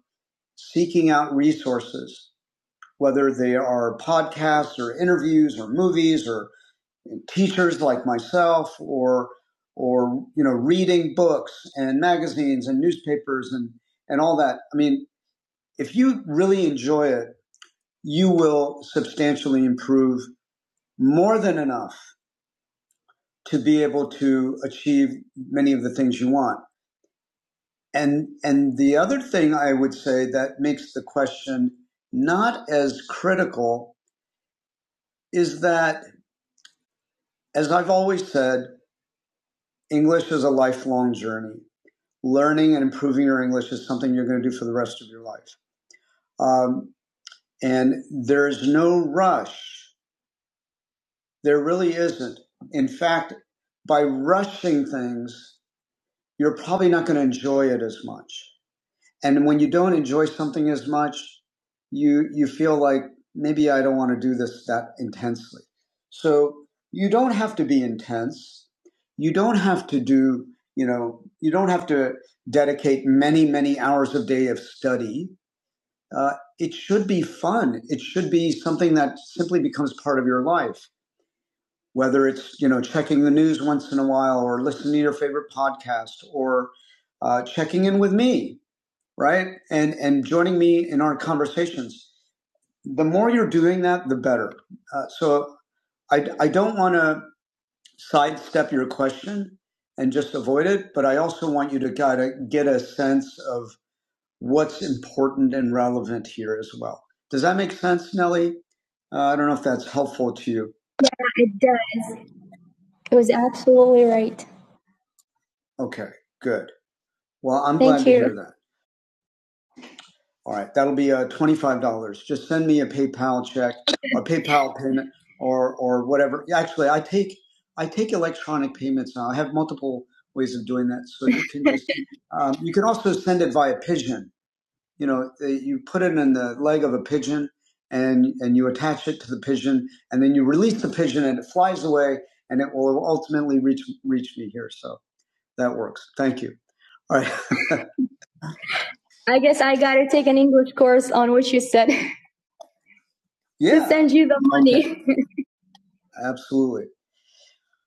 [SPEAKER 1] seeking out resources, whether they are podcasts or interviews or movies or teachers like myself or or you know reading books and magazines and newspapers and and all that i mean if you really enjoy it you will substantially improve more than enough to be able to achieve many of the things you want and and the other thing i would say that makes the question not as critical is that as i've always said english is a lifelong journey learning and improving your English is something you're going to do for the rest of your life. Um, and there's no rush. There really isn't. In fact, by rushing things, you're probably not going to enjoy it as much. and when you don't enjoy something as much you you feel like maybe i don't want to do this that intensely so you don't have to be intense you don't have to do you know you don't have to dedicate many many hours a day of study uh, it should be fun it should be something that simply becomes part of your life whether it's you know checking the news once in a while or listening to your favorite podcast or uh, checking in with me right? And and joining me in our conversations. The more you're doing that, the better. Uh, so I I don't want to sidestep your question and just avoid it, but I also want you to kind of get a sense of what's important and relevant here as well. Does that make sense, Nelly? Uh, I don't know if that's helpful to you. It does. It was absolutely right. Okay, good. Well, I'm Thank glad you. to hear that. All right, that'll be uh, twenty-five dollars. Just send me a PayPal check or PayPal payment or or whatever. Yeah, Actually, I take I take electronic payments now. I have multiple ways of doing that. So you can just um, you can also send it via pigeon. You know, uh, you put it in the leg of a pigeon and and you attach it to the pigeon and then you release the pigeon and it flies away and it will ultimately reach reach me here. So that works. Thank you. All right. I guess I gotta take an English course on what you said. Yeah. to send you the Okay. money. Okay. Absolutely.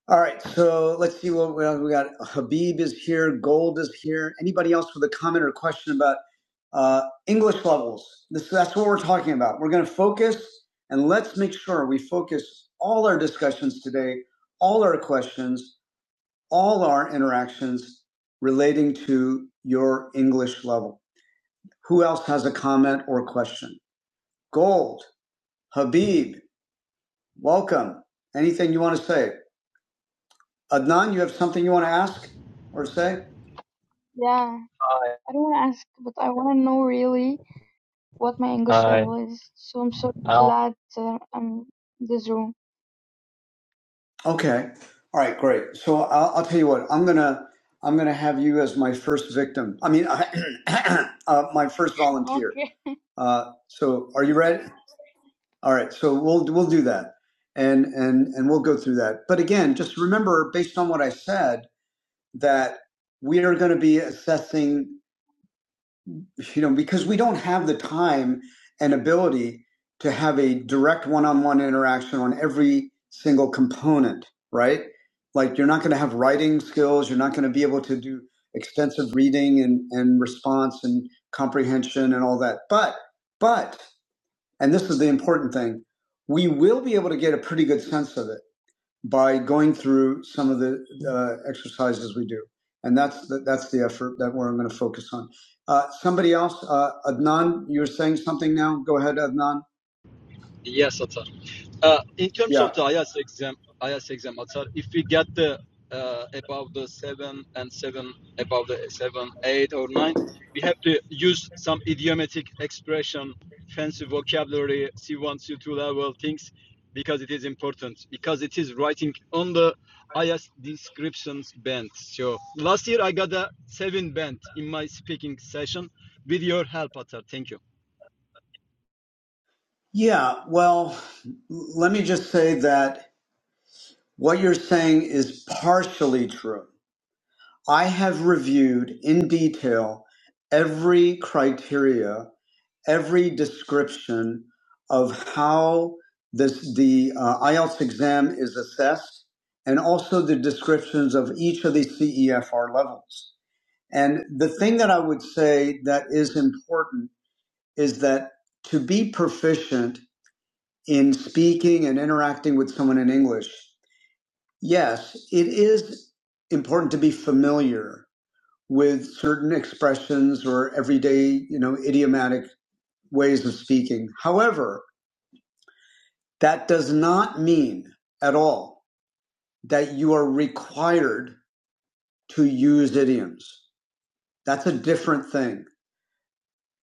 [SPEAKER 1] All right. So let's see what we got. we got. Habib is here. Gold is here. Anybody else with a comment or question about uh, English levels? This, that's what we're talking about. We're going to focus and let's make sure we focus all our discussions today, all our questions, all our interactions relating to your English level. Who else has a comment or question? Gold, Habib, welcome. Anything you want to say? Adnan, you have something you want to ask or say?
[SPEAKER 7] Yeah,
[SPEAKER 8] Aye.
[SPEAKER 7] I don't want to ask, but I want to know really what my English
[SPEAKER 8] Aye.
[SPEAKER 7] level is. So I'm so glad uh, I'm in this room.
[SPEAKER 1] Okay. All right, great. So I'll, I'll tell you what. I'm gonna I'm gonna have you as my first victim. I mean, uh, my first volunteer.
[SPEAKER 7] Okay.
[SPEAKER 1] Uh, so are you ready? All right. So we'll we'll do that, and and and we'll go through that. But again, just remember, based on what I said, that we are going to be assessing. you know, because we don't have the time and ability to have a direct one-on-one interaction on every single component, right? Like you're not going to have writing skills, you're not going to be able to do extensive reading and, and response and comprehension and all that. But, but, and this is the important thing, we will be able to get a pretty good sense of it by going through some of the uh, exercises we do. And that's the, that's the effort that we're going to focus on. Uh, somebody else, uh, Adnan, you are saying something now. Go ahead, Adnan.
[SPEAKER 6] Yes, Atar. Uh, in terms
[SPEAKER 1] Yeah.
[SPEAKER 6] of the IAS exam, IAS exam, Atar, if we get the uh, above the seven and seven, above the seven, eight or nine, we have to use some idiomatic expression, fancy vocabulary, C1, C2 level things, because it is important. Because it is writing on the IAS descriptions band. So last year I got a seven band in my speaking session with your help, Atar. Thank you.
[SPEAKER 1] Yeah. Well, let me just say that what you're saying is partially true. I have reviewed in detail every criteria every description of how this, the uh, IELTS exam is assessed and also the descriptions of each of the CEFR levels. And the thing that I would say that is important is that to be proficient in speaking and interacting with someone in English, yes, it is important to be familiar with certain expressions or everyday, you know, idiomatic ways of speaking. However, That does not mean at all that you are required to use idioms. That's a different thing.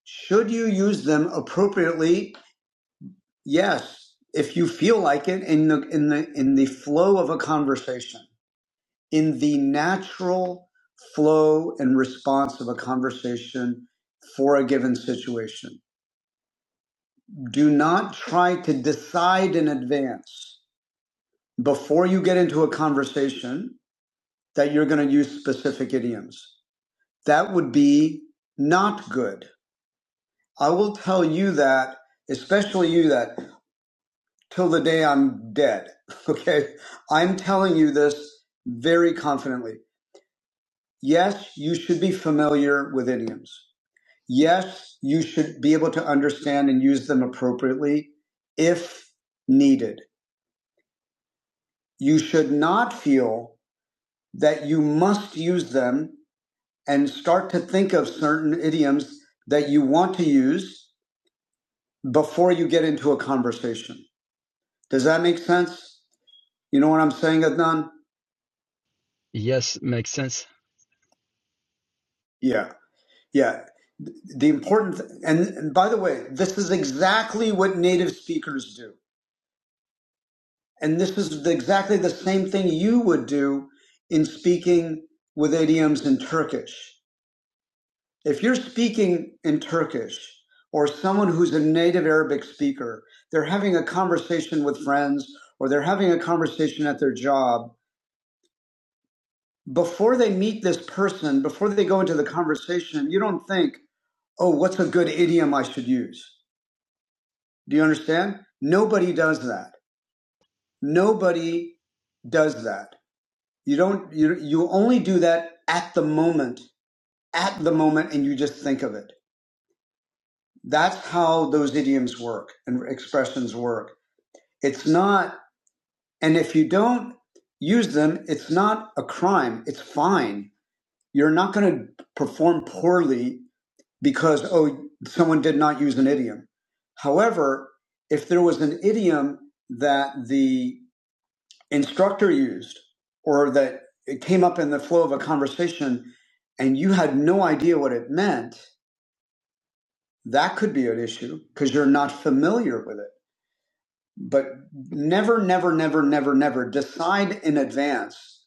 [SPEAKER 1] Should you use them appropriately? Yes, if you feel like it in the in the in the flow of a conversation, in the natural flow and response of a conversation for a given situation. Do not try to decide in advance before you get into a conversation that you're going to use specific idioms. That would be not good. I will tell you that, especially you that, till the day I'm dead. Okay. I'm telling you this very confidently. Yes, you should be familiar with idioms. Yes, you should be able to understand and use them appropriately if needed. You should not feel that you must use them and start to think of certain idioms that you want to use before you get into a conversation. Does that make sense? You know what I'm saying, Adnan?
[SPEAKER 6] Yes, makes sense.
[SPEAKER 1] Yeah, yeah. The important, th- and, and by the way, this is exactly what native speakers do. And this is the, exactly the same thing you would do in speaking with idioms in Turkish. If you're speaking in Turkish or someone who's a native Arabic speaker, they're having a conversation with friends or they're having a conversation at their job. Before they meet this person, before they go into the conversation, you don't think, oh, what's a good idiom I should use? Do you understand? Nobody does that. Nobody does that. You don't, you, you only do that at the moment, at the moment, and you just think of it. That's how those idioms work and expressions work. It's not, and if you don't use them, it's not a crime. It's fine. You're not going to perform poorly because, oh, someone did not use an idiom. However, if there was an idiom that the instructor used or that it came up in the flow of a conversation and you had no idea what it meant, that could be an issue because you're not familiar with it But never, never, never, never, never decide in advance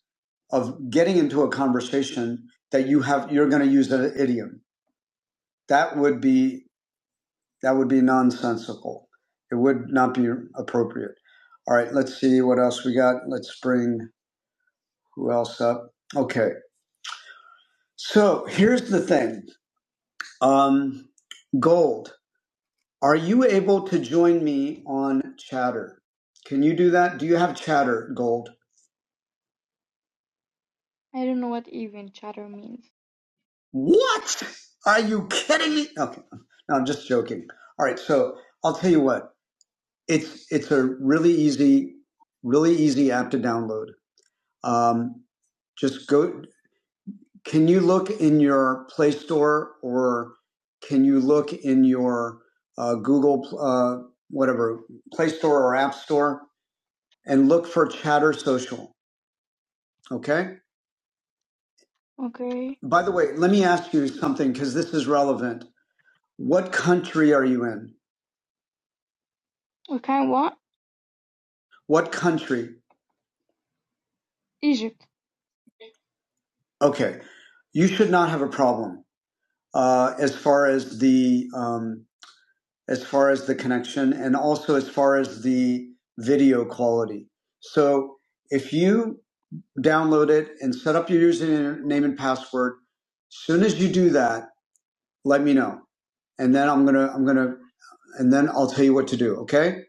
[SPEAKER 1] of getting into a conversation that you have you're going to use an idiom. That would be that would be nonsensical. It would not be appropriate. All right, let's see what else we got. Let's bring who else up. Okay. So here's the thing. Um, Gold, are you able to join me on Chatter? Can you do that? Do you have Chatter, Gold?
[SPEAKER 7] I don't know what even chatter means.
[SPEAKER 1] What? Are you kidding me? Okay. No, I'm just joking. All right. So I'll tell you what. It's it's a really easy, really easy app to download. Um, just go. Can you look in your Play Store or can you look in your uh, Google uh, whatever Play Store or App Store and look for Chatter Social? Okay.
[SPEAKER 7] Okay.
[SPEAKER 1] By the way, let me ask you something because this is relevant. What country are you in?
[SPEAKER 7] We can what?
[SPEAKER 1] What country?
[SPEAKER 7] Egypt.
[SPEAKER 1] Okay, you should not have a problem uh, as far as the um, as far as the connection, and also as far as the video quality. So if you download it and set up your username and password, soon as you do that, let me know, and then I'm gonna I'm gonna and then I'll tell you what to do. Okay.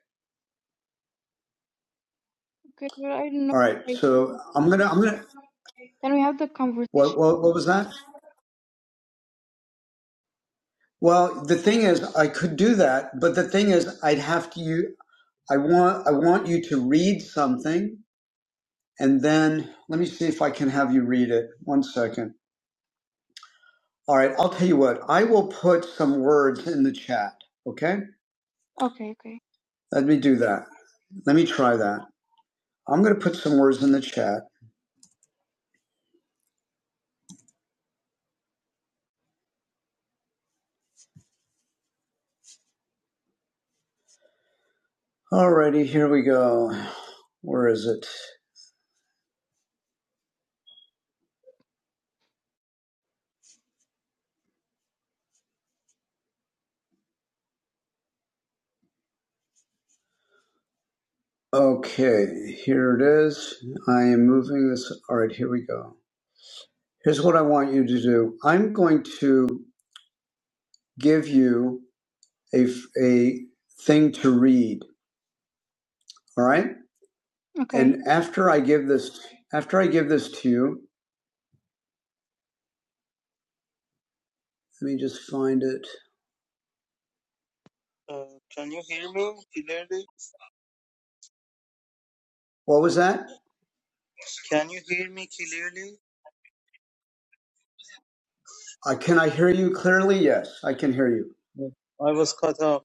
[SPEAKER 7] Okay, well, I don't know.
[SPEAKER 1] All right.
[SPEAKER 7] I-
[SPEAKER 1] So I'm gonna I'm gonna
[SPEAKER 7] Can we have the
[SPEAKER 1] what
[SPEAKER 7] conversation?
[SPEAKER 1] what, what was that? Well, the thing is, I could do that, but the thing is, I'd have to. you I want I want you to read something and then let me see if I can have you read it. One second. All right, I'll tell you what. I will put some words in the chat, okay?
[SPEAKER 7] Okay, okay,
[SPEAKER 1] Let me do that. Let me try that. I'm going to put some words in the chat. Alrighty, here we go. Where is it? Okay, here it is. I am moving this. All right, here we go. Here's what I want you to do. I'm going to give you a, a thing to read. All right.
[SPEAKER 7] okay.
[SPEAKER 1] And after I give this, after I give this to you, let me just find it.
[SPEAKER 5] Uh, can you hear me clearly?
[SPEAKER 1] What was that?
[SPEAKER 5] Can you hear me clearly?
[SPEAKER 1] Uh, can I hear you clearly? Yes, I can hear you.
[SPEAKER 5] No, I was cut off.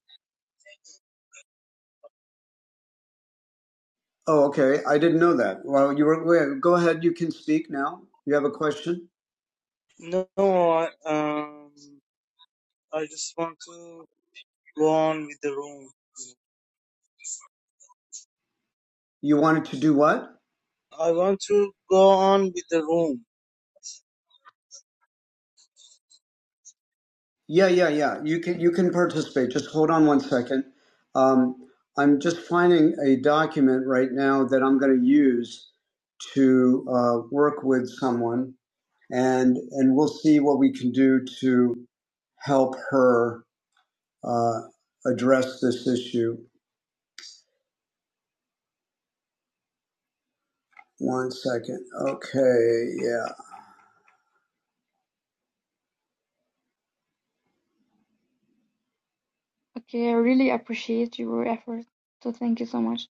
[SPEAKER 1] Oh, okay. I didn't know that. Well, you were. wait, Go ahead. You can speak now. You have a question.
[SPEAKER 5] No, I, um, I just want to go on with the room.
[SPEAKER 1] You wanted to do what?
[SPEAKER 5] I want to go on with the room.
[SPEAKER 1] Yeah, yeah, yeah. You can you can participate. Just hold on one second. Um, I'm just finding a document right now that I'm going to use to uh, work with someone and and we'll see what we can do to help her uh, address this issue. One second. Okay. Yeah.
[SPEAKER 7] Okay, I really appreciate your effort. So thank you so much.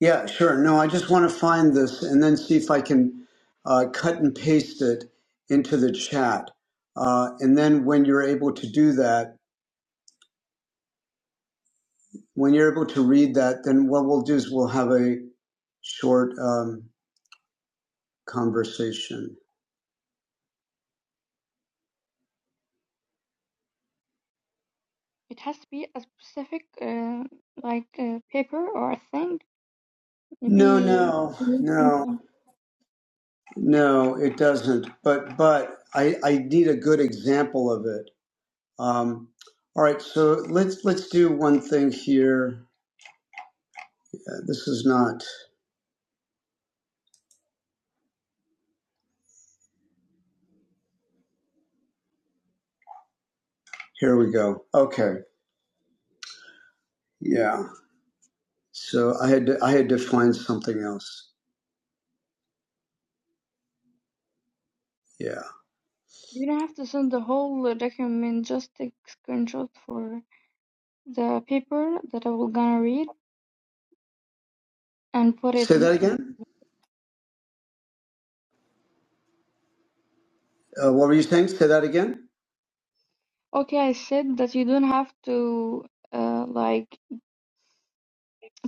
[SPEAKER 1] Yeah. Sure. No, I just want to find this and then see if I can uh, cut and paste it into the chat. Uh, and then when you're able to do that, when you're able to read that, then what we'll do is we'll have a short um, conversation.
[SPEAKER 7] It has to be a specific, uh, like, uh, paper or a thing.
[SPEAKER 1] No,
[SPEAKER 7] Maybe
[SPEAKER 1] no, no.
[SPEAKER 7] anything.
[SPEAKER 1] No, it doesn't. But but I, I need a good example of it. Um, all right, so let's let's do one thing here. Uh, This is not. Here we go. Okay. Yeah. So I had to, I had to find something else. Yeah.
[SPEAKER 7] You don't have to send the whole uh, document, just take screenshot for the paper that I will gonna read and put it
[SPEAKER 1] Say
[SPEAKER 7] in.
[SPEAKER 1] that
[SPEAKER 7] in.
[SPEAKER 1] again. Uh, what were you saying? Say that again.
[SPEAKER 7] Okay, I said that you don't have to uh, like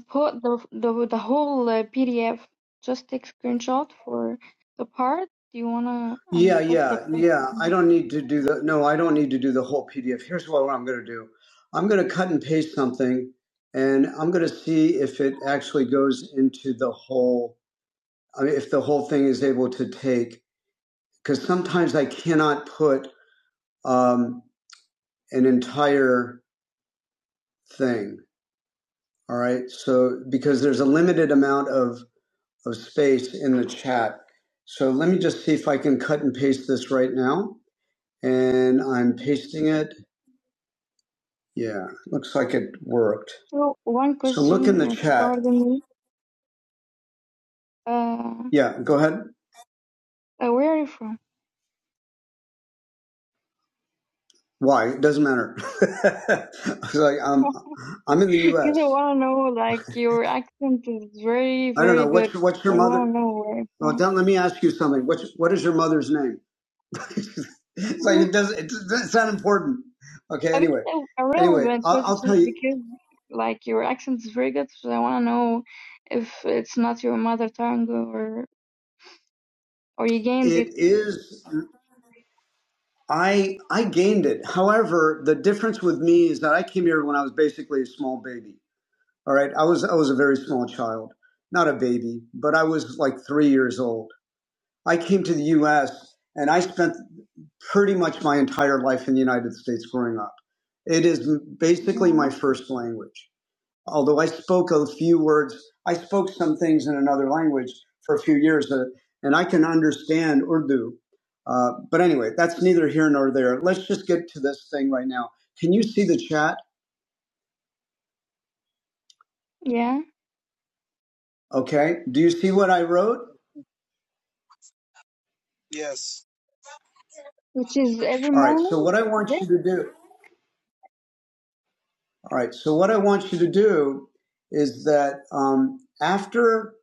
[SPEAKER 7] put the the, the whole uh, PDF. Just take screenshot for the part you wanna and
[SPEAKER 1] Yeah,
[SPEAKER 7] put the
[SPEAKER 1] yeah,
[SPEAKER 7] text.
[SPEAKER 1] yeah. I
[SPEAKER 7] in
[SPEAKER 1] don't need to do the no, I don't need to do the whole PDF. Here's what I'm going to do. I'm going to cut and paste something and I'm going to see if it actually goes into the whole I mean if the whole thing is able to take cuz sometimes I cannot put um an entire thing, all right? So because there's a limited amount of of space in the chat. So let me just see if I can cut and paste this right now and I'm pasting it Yeah, looks like it worked.
[SPEAKER 7] So one
[SPEAKER 1] So look in the
[SPEAKER 7] question, uh,
[SPEAKER 1] chat.
[SPEAKER 7] pardon me. Uh,
[SPEAKER 1] Yeah, go ahead.
[SPEAKER 7] uh, where are you from?
[SPEAKER 1] Why? It doesn't matter. I was like, um, I'm in the
[SPEAKER 7] Because
[SPEAKER 1] U.S.
[SPEAKER 7] I want to know, like, your accent is very,
[SPEAKER 1] I don't
[SPEAKER 7] very
[SPEAKER 1] know.
[SPEAKER 7] good.
[SPEAKER 1] What's your, what's
[SPEAKER 7] I
[SPEAKER 1] your
[SPEAKER 7] want
[SPEAKER 1] mother?
[SPEAKER 7] to know where it's
[SPEAKER 1] Well,
[SPEAKER 7] from.
[SPEAKER 1] don't let me ask you something. What's what is your mother's name? it's like it doesn't. It's, it's not important. Okay.
[SPEAKER 7] I would
[SPEAKER 1] Anyway,
[SPEAKER 7] say a
[SPEAKER 1] anyway,
[SPEAKER 7] relevant
[SPEAKER 1] I'll, I'll
[SPEAKER 7] question
[SPEAKER 1] tell you.
[SPEAKER 7] because, like, your accent is very good. So I want to know if it's not your mother tongue or or you gained
[SPEAKER 1] It
[SPEAKER 7] it.
[SPEAKER 1] is. I I gained it. However, the difference with me is that I came here when I was basically a small baby. All right. I was I was a very small child, not a baby, but I was like three years old. I came to the U.S. and I spent pretty much my entire life in the United States growing up. It is basically
[SPEAKER 7] Yeah,
[SPEAKER 1] my first language. Although I spoke a few words, I spoke some things in another language for a few years, uh, and I can understand Urdu. Uh, but anyway, that's neither here nor there. Let's just get to this thing right now. Can you see the chat?
[SPEAKER 7] yeah.
[SPEAKER 1] Okay. Do you see what I wrote?
[SPEAKER 5] Yes.
[SPEAKER 7] Which is every
[SPEAKER 1] All right. So
[SPEAKER 7] morning.
[SPEAKER 1] what I want
[SPEAKER 7] Yes.
[SPEAKER 1] you to do. All right. So what I want you to do is that um, after.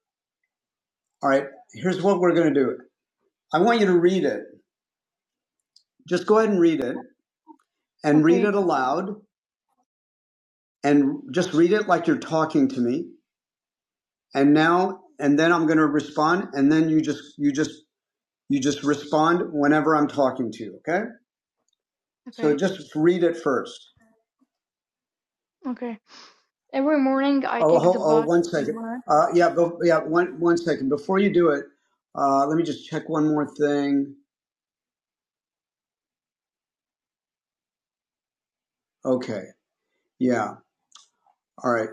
[SPEAKER 1] All right. Here's what we're going to do. I want you to read it. Just go ahead and read it, and read
[SPEAKER 7] Okay.
[SPEAKER 1] it aloud, and just read it like you're talking to me. And now, and then I'm going to respond, and then you just, you just, you just respond whenever I'm talking to you. Okay. So
[SPEAKER 7] Okay.
[SPEAKER 1] just read it first.
[SPEAKER 7] Okay. Every morning I
[SPEAKER 1] Oh,
[SPEAKER 7] take
[SPEAKER 1] hold,
[SPEAKER 7] the
[SPEAKER 1] oh,
[SPEAKER 7] bus
[SPEAKER 1] one
[SPEAKER 7] to
[SPEAKER 1] second.
[SPEAKER 7] work.
[SPEAKER 1] Uh, yeah, go, yeah, one, one second. Before you do it, uh, let me just check one more thing. Okay. Yeah. All right.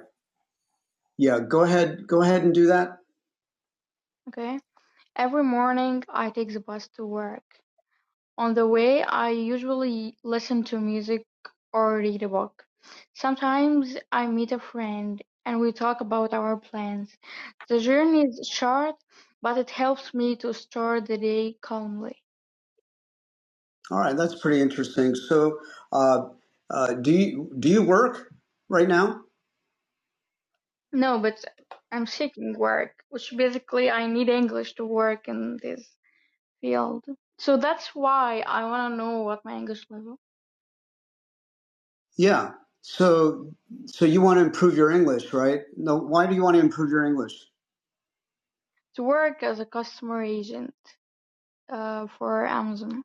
[SPEAKER 1] Yeah. Go ahead. Go ahead and do that.
[SPEAKER 7] Okay. Every morning I take the bus to work. On the way, I usually listen to music or read a book. Sometimes I meet a friend and we talk about our plans. The journey is short, but it helps me to start the day calmly.
[SPEAKER 1] All right. That's pretty interesting. So, uh, uh, do you, do you work right now?
[SPEAKER 7] No, but I'm seeking work, which basically I need English to work in this field. So that's why I want to know what my English level
[SPEAKER 1] Yeah. So, so you want to improve your English, right? No. Why do you want to improve your English?
[SPEAKER 7] to work as a customer agent uh, for Amazon.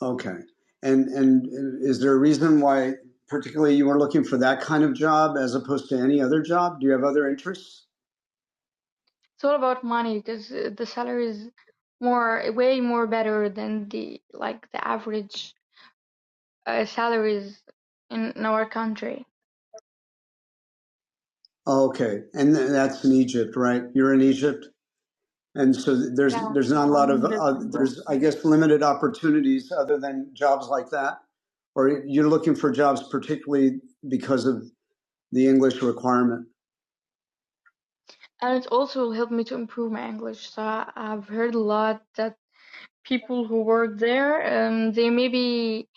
[SPEAKER 1] Okay. And, and is there a reason why particularly you were looking for that kind of job as opposed to any other job? Do you have other interests?
[SPEAKER 7] it's all about money because uh, the salary is more way more better than the like the average uh, salaries in, in our country.
[SPEAKER 1] Okay, and th- that's in Egypt, right? You're in Egypt, and so th- there's
[SPEAKER 7] Yeah,
[SPEAKER 1] there's not a
[SPEAKER 7] I
[SPEAKER 1] lot of uh,
[SPEAKER 7] understand, bro.
[SPEAKER 1] there's I guess limited opportunities other than jobs like that, or you're looking for jobs particularly because of the English requirement.
[SPEAKER 7] And it also helped me to improve my English. So I- I've heard a lot that people who work there, um, they maybe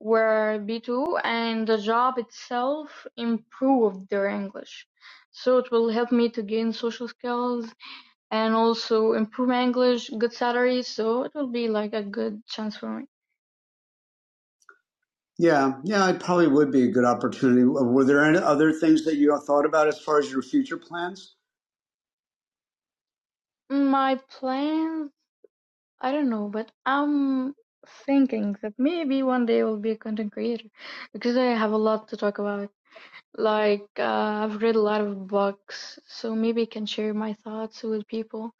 [SPEAKER 7] were B2 and the job itself improved their English. So it will help me to gain social skills and also improve my English, good salary, so it will be like a good chance for me.
[SPEAKER 1] Yeah, yeah, it probably would be a good opportunity. Uh, Were there any other things that you thought about as far as your future plans?
[SPEAKER 7] My plans, I don't know, but I'm thinking that maybe one day I will be a content creator because I have a lot to talk about. Like, uh, I've read a lot of books, so maybe I can share my thoughts with people.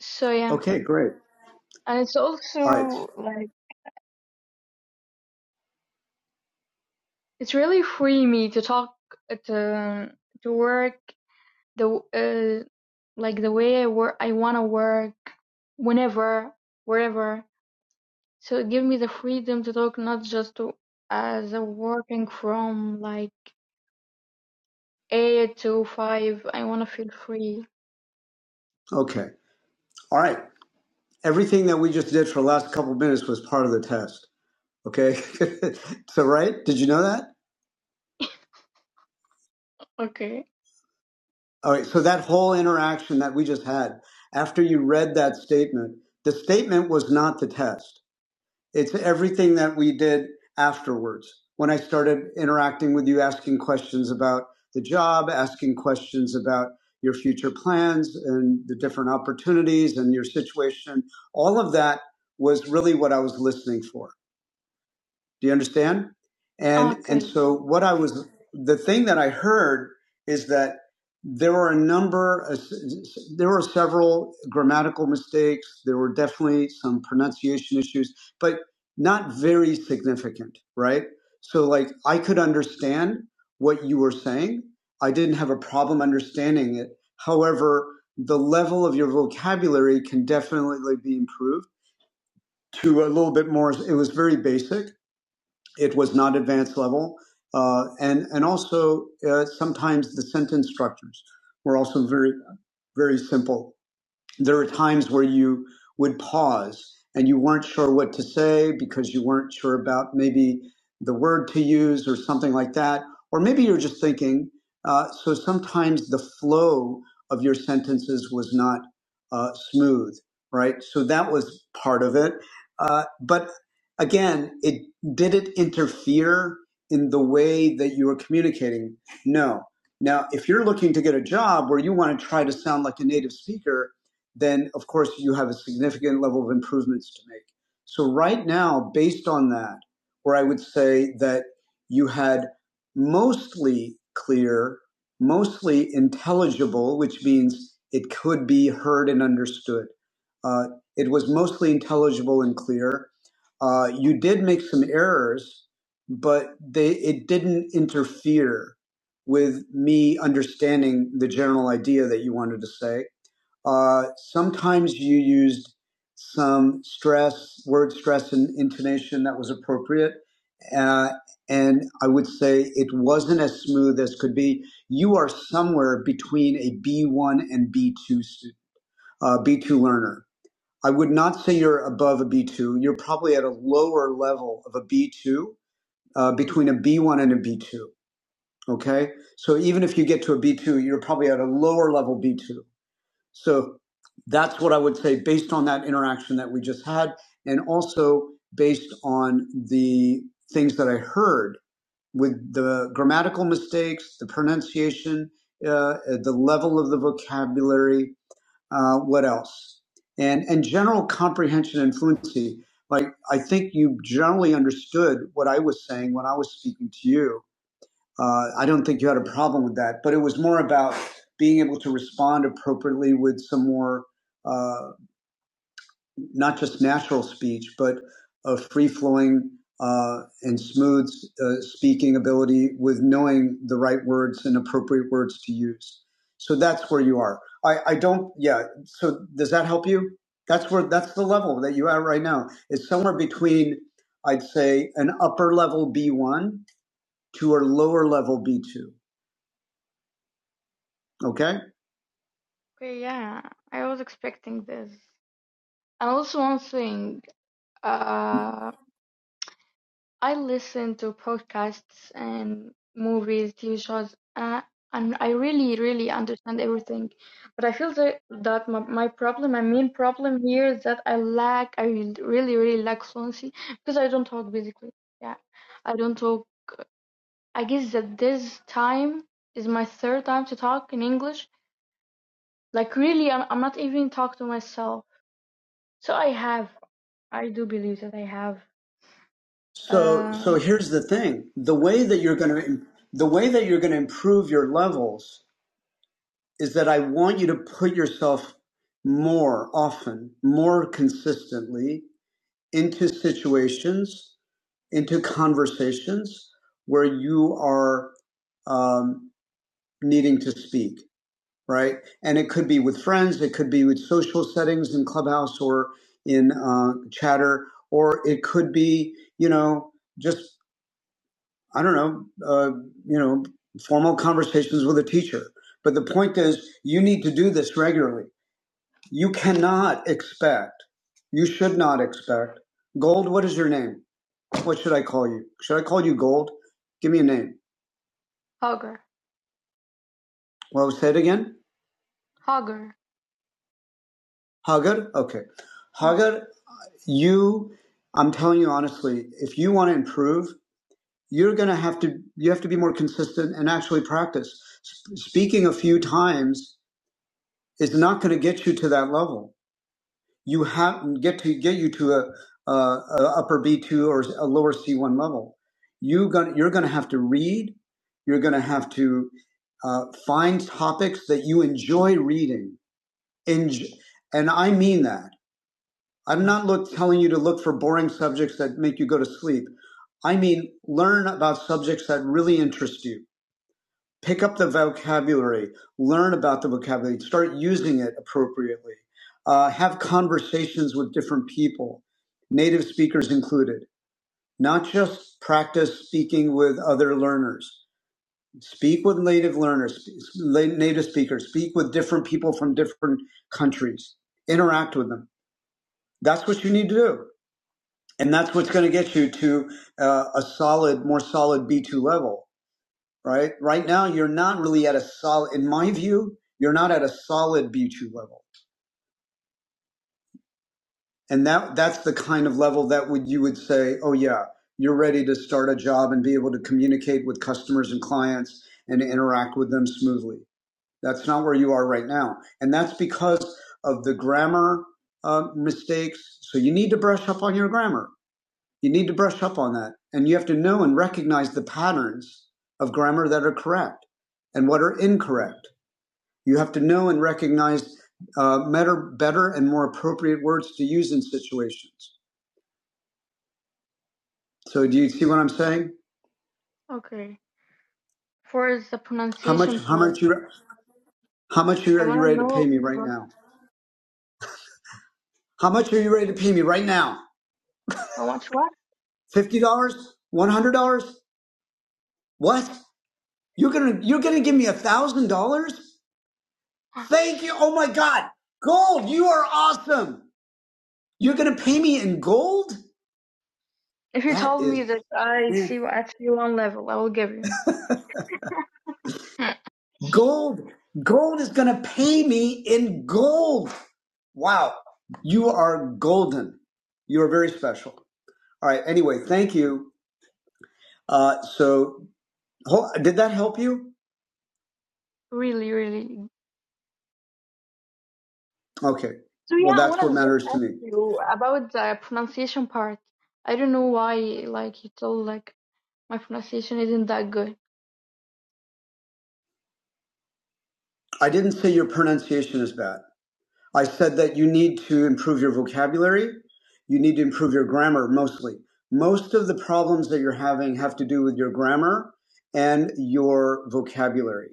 [SPEAKER 7] So, yeah,
[SPEAKER 1] Okay, great.
[SPEAKER 7] and it's
[SPEAKER 1] All right.
[SPEAKER 7] also like it's really free me to talk, to, to work the uh, like the way I work, I want to work whenever, wherever. So it give me the freedom to talk, not just to, as a working from like eight to five. I want to feel free.
[SPEAKER 1] Okay. All right. Everything that we just did for the last couple minutes was part of the test. Okay. so, right? Did you know that?
[SPEAKER 7] Okay.
[SPEAKER 1] All right. So, that whole interaction that we just had after you read that statement, the statement was not the test. It's everything that we did afterwards. When I started interacting with you, asking questions about the job, asking questions about your future plans and the different opportunities and your situation, all of that was really what I was listening for Do you understand? And and
[SPEAKER 7] Okay.
[SPEAKER 1] so what I was the thing that I heard is that there were a number of, there were several grammatical mistakes there were definitely some pronunciation issues but not very significant right so like i could understand what you were saying i didn't have a problem understanding it however the level of your vocabulary can definitely be improved to a little bit more it was very basic it was not advanced level. Uh, and, and also, uh, sometimes the sentence structures were also very, very simple there are times where you would pause and you weren't sure what to say because you weren't sure about maybe the word to use or something like that. Or maybe you're just thinking. Uh, so sometimes the flow of your sentences was not uh, smooth, right? So that was part of it. Uh, but again, it did it interfere in the way that you were communicating? No. Now, if you're looking to get a job where you want to try to sound like a native speaker, then of course you have a significant level of improvements to make. So right now, based on that, where I would say that you had mostly clear, mostly intelligible, which means it could be heard and understood. Uh, it was mostly intelligible and clear. Uh, you did make some errors, but they it didn't interfere with me understanding the general idea that you wanted to say uh, sometimes you used some stress, word stress, and intonation that was appropriate. Uh, and I would say it wasn't as smooth as could be. You are somewhere between a B1 and B2 uh, B2 learner. I would not say you're above a B2. You're probably at a lower level of a B2, uh, between a B1 and a B2. Okay. So even if you get to a B2, you're probably at a lower level B2. So that's what I would say based on that interaction that we just had, and also based on the things that I heard with the grammatical mistakes, the pronunciation, uh, uh, the level of the vocabulary, uh, what else, and and general comprehension and fluency. Like I think you generally understood what I was saying when I was speaking to you, uh, I don't think you had a problem with that, but it was more about being able to respond appropriately with some more, uh, not just natural speech, but a free flowing uh, and smooth uh, speaking ability with knowing the right words and appropriate words to use. So that's where you are. I, I don't, yeah. So does that help you? That's where, that's the level that you are right now. It's somewhere between, I'd say, an upper level B1 to a lower level B2. Okay.
[SPEAKER 7] Okay. Yeah, I was expecting this. And also one thing. Uh, I listen to podcasts and movies, TV shows, uh, and I really, really understand everything. But I feel that, that my, my problem, my main problem here is that I lack, I really, really lack fluency because I don't talk basically. Yeah, I don't talk. I guess that this time is my third time to talk in English. Like really, I'm, I'm not even talk to myself. So I have, I do believe that I have,
[SPEAKER 1] So
[SPEAKER 7] uh,
[SPEAKER 1] so here's the thing. The way that you're going to the way that you're going to improve your levels is that I want you to put yourself more often, more consistently into situations, into conversations where you are um, needing to speak, right? And it could be with friends, it could be with social settings in Clubhouse or in uh, Chatter, or it could be, you know, just I don't know, uh, you know, formal conversations with a teacher. But the point is, you need to do this regularly. You cannot expect, you should not expect, Gold, what is your name? What should I call you? Should I call you Gold? Give me a name.
[SPEAKER 7] Hogger.
[SPEAKER 1] Well, say it again.
[SPEAKER 7] Hogger.
[SPEAKER 1] Hagar? Okay. Hagar, you, I'm telling you honestly, if you want to improve, you're going to have to, you have to be more consistent and actually practice. S- speaking a few times is not going to get you to that level you have get to get you to a, a, a upper B two or a lower C one level. You going you're going to have to read. You're going to have to uh, find topics that you enjoy reading. Enj- and I mean that. I'm not look, telling you to look for boring subjects that make you go to sleep. I mean learn about subjects that really interest you pick up the vocabulary, learn about the vocabulary, start using it appropriately, uh, have conversations with different people, native speakers included, not just practice speaking with other learners. Speak with native learners, la- native speakers, speak with different people from different countries, interact with them. That's what you need to do. And that's what's going to get you to uh, a solid, more solid B2 level right? Right now, you're not really at a solid, in my view, you're not at a solid B2 level. And that, that's the kind of level that would, you would say, oh yeah, you're ready to start a job and be able to communicate with customers and clients and interact with them smoothly. That's not where you are right now. And that's because of the grammar uh, mistakes. So you need to brush up on your grammar. You need to brush up on that. And you have to know and recognize the patterns of grammar that are correct and what are incorrect You have to know and recognize uh, better, better and more appropriate words to use in situations. So, do you see what I'm saying?
[SPEAKER 7] Okay. For the
[SPEAKER 1] How much?
[SPEAKER 7] pronunciation
[SPEAKER 1] How
[SPEAKER 7] part,
[SPEAKER 1] much you? How much
[SPEAKER 7] I
[SPEAKER 1] are you
[SPEAKER 7] want to
[SPEAKER 1] ready to pay
[SPEAKER 7] know.
[SPEAKER 1] me right
[SPEAKER 7] what-
[SPEAKER 1] now? How much are you ready to pay me right now?
[SPEAKER 7] I want you what?
[SPEAKER 1] Fifty dollars? One hundred dollars? What? You're gonna you're gonna give me a thousand dollars? Thank you. Oh my God, gold! You are awesome. You're gonna pay me in gold?
[SPEAKER 7] If you
[SPEAKER 1] That
[SPEAKER 7] told me
[SPEAKER 1] is,
[SPEAKER 7] that I
[SPEAKER 1] man.
[SPEAKER 7] see you at you one level, I will give you.
[SPEAKER 1] Gold, gold is going to pay me in gold. Wow. You are golden. You are very special. All right. Anyway, thank you. Uh, so, did that help you?
[SPEAKER 7] really, really.
[SPEAKER 1] Okay.
[SPEAKER 7] So
[SPEAKER 1] Well,
[SPEAKER 7] yeah, I
[SPEAKER 1] that's
[SPEAKER 7] want
[SPEAKER 1] what
[SPEAKER 7] to just
[SPEAKER 1] matters to
[SPEAKER 7] ask
[SPEAKER 1] me.
[SPEAKER 7] you about the pronunciation part. I don't know why, like you told, like my pronunciation isn't that good.
[SPEAKER 1] I didn't say your pronunciation is bad. I said that you need to improve your vocabulary. You need to improve your grammar mostly. Most of the problems that you're having have to do with your grammar and your vocabulary.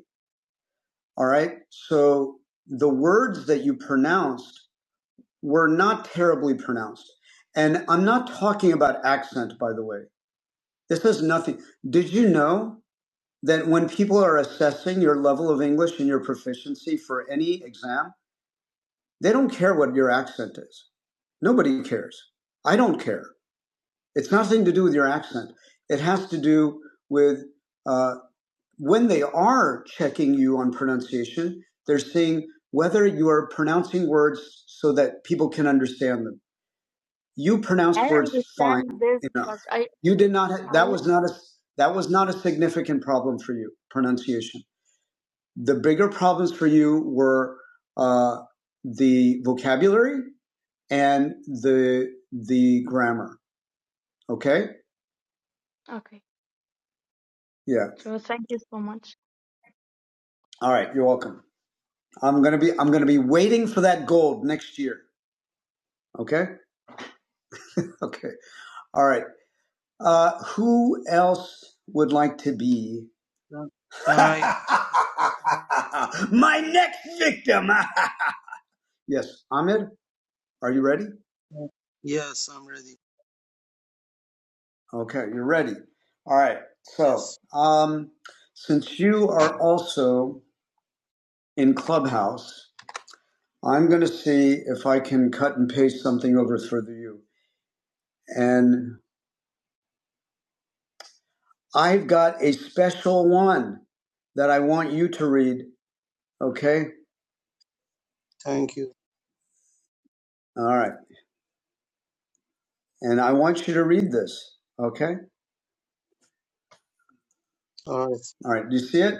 [SPEAKER 1] All right. So the words that you pronounced were not terribly pronounced. And I'm not talking about accent, by the way. This is nothing. Did you know that when people are assessing your level of English and your proficiency for any exam, they don't care what your accent is? Nobody cares. I don't care. It's nothing to do with your accent. It has to do with uh, when they are checking you on pronunciation, they're seeing whether you are pronouncing words so that people can understand them. You pronounce
[SPEAKER 7] I
[SPEAKER 1] words fine
[SPEAKER 7] understand this,
[SPEAKER 1] enough.
[SPEAKER 7] but I,
[SPEAKER 1] You did not. ha-
[SPEAKER 7] I.
[SPEAKER 1] That was not a. That was not a significant problem for you. Pronunciation. The bigger problems for you were uh, the vocabulary and the the grammar. Okay.
[SPEAKER 7] Okay.
[SPEAKER 1] Yeah.
[SPEAKER 7] So thank you so much.
[SPEAKER 1] All right. You're welcome. I'm gonna be. I'm gonna be waiting for that gold next year. Okay. Okay. All right. Uh, who else would like to be
[SPEAKER 5] Can, can I?
[SPEAKER 1] my next victim? yes, Ahmed, are you ready?
[SPEAKER 5] Yes, I'm ready.
[SPEAKER 1] Okay, you're ready. All right. So,
[SPEAKER 5] Yes.
[SPEAKER 1] um, since you are also in Clubhouse, I'm going to see if I can cut and paste something over for you. And I've got a special one that I want you to read. Okay.
[SPEAKER 5] Thank you.
[SPEAKER 1] All right. And I want you to read this. Okay?
[SPEAKER 5] All right.
[SPEAKER 1] All right. Do you see it?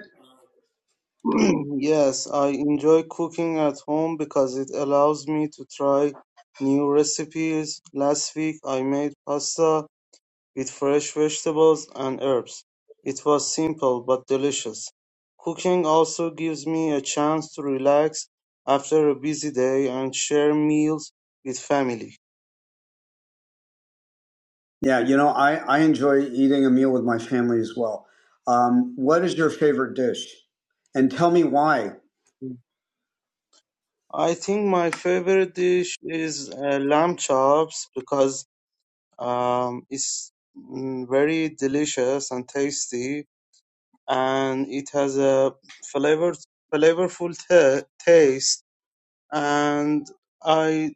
[SPEAKER 5] Yes, I enjoy cooking at home because it allows me to try new recipes. Last week I made pasta with fresh vegetables and herbs. It was simple but delicious. Cooking also gives me a chance to relax after a busy day and share meals with family.
[SPEAKER 1] Yeah. You know, I, I enjoy eating a meal with my family as well. Um, what is your favorite dish? And tell me why.
[SPEAKER 5] I think my favorite dish is uh, lamb chops because um, it's mm, very delicious and tasty and it has a flavor flavorful ta- taste and i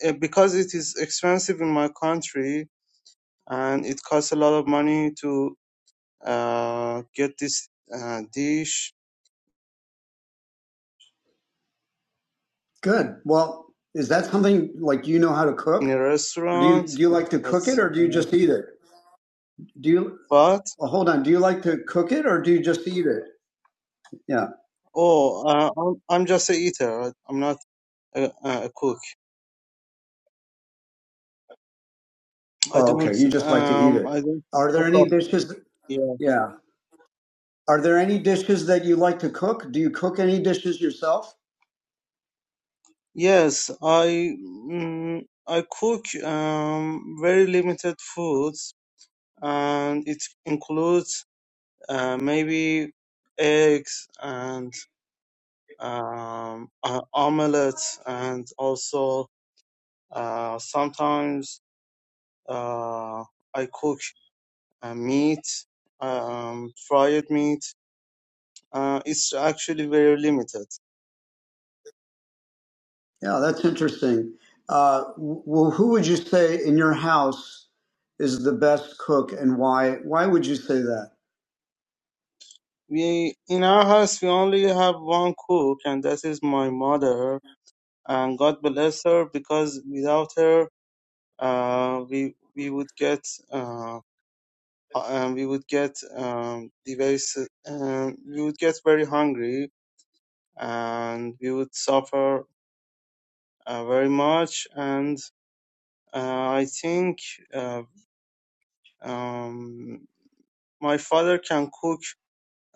[SPEAKER 5] eh, because it is expensive in my country and it costs a lot of money to uh, get this uh, dish
[SPEAKER 1] Good. Well, is that something like you know how to
[SPEAKER 5] in
[SPEAKER 1] cook?
[SPEAKER 5] a
[SPEAKER 1] Or do
[SPEAKER 5] restaurant
[SPEAKER 1] you do you like to
[SPEAKER 5] but
[SPEAKER 1] cook it or do you
[SPEAKER 5] uh,
[SPEAKER 1] just eat it? Do you
[SPEAKER 5] but
[SPEAKER 1] well, hold on, do you like to cook it or do you just eat it? Yeah.
[SPEAKER 5] oh uh, I'm, I'm just a eater I- i'm not a, a cook i
[SPEAKER 1] Oh, okay.
[SPEAKER 5] don't
[SPEAKER 1] You just like to eat
[SPEAKER 5] um
[SPEAKER 1] it.
[SPEAKER 5] i don't
[SPEAKER 1] Are there
[SPEAKER 5] cook
[SPEAKER 1] any dishes
[SPEAKER 5] up
[SPEAKER 1] yeah. Are there any dishes that you like to cook? Do you cook any dishes yourself?
[SPEAKER 5] Yes, I mm, I cook um, very limited foods, and it includes uh, maybe eggs and um, uh, omelets, and also uh, sometimes uh, I cook uh, meat, um, fried meat. Uh, it's actually very limited.
[SPEAKER 1] Yeah, that's interesting. Uh, well, who would you say in your house is the best cook, and why? Why would you say that?
[SPEAKER 5] We in our house we only have one cook, and that is my mother. and God bless her because without her, uh, we we would get uh, hu- um, we would get um, the very s- um, we would get very hungry and we would suffer uh, very much. And uh, I think uh, um, my father can cook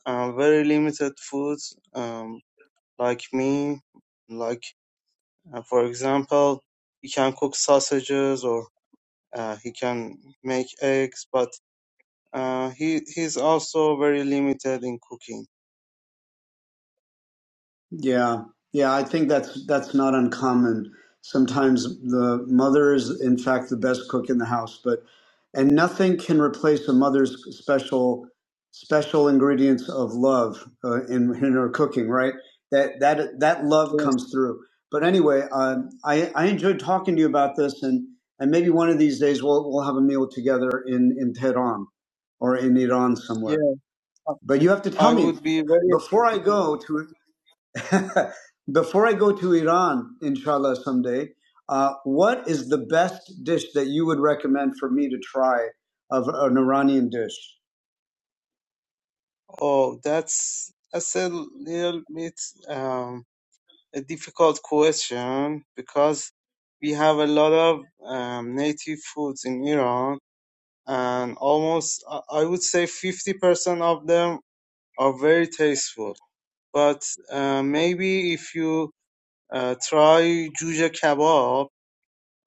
[SPEAKER 5] uh, very limited foods um, like me, like uh, for example, he can cook sausages or uh, he can make eggs, but Uh, he he's also very limited in cooking.
[SPEAKER 1] Yeah, yeah, I think that's that's not uncommon. Sometimes the mother is, in fact, the best cook in the house, but and nothing can replace a mother's special special ingredients of love uh, in in her cooking, right? That that that love
[SPEAKER 5] Yes,
[SPEAKER 1] comes through. But anyway, uh, I I enjoyed talking to you about this, and and maybe one of these days we'll we'll have a meal together in in Tehran or in Iran somewhere.
[SPEAKER 5] yeah,
[SPEAKER 1] But you have to
[SPEAKER 5] I
[SPEAKER 1] tell me
[SPEAKER 5] would be very
[SPEAKER 1] before I go to Before I go to Iran, inshallah, someday, uh, what is the best dish that you would recommend for me to try of an Iranian dish?
[SPEAKER 5] oh that's that's a little bit um, a difficult question because we have a lot of um, native foods in Iran and almost I I would say 50% of them are very tasteful. But uh, maybe if you uh, try juje kebab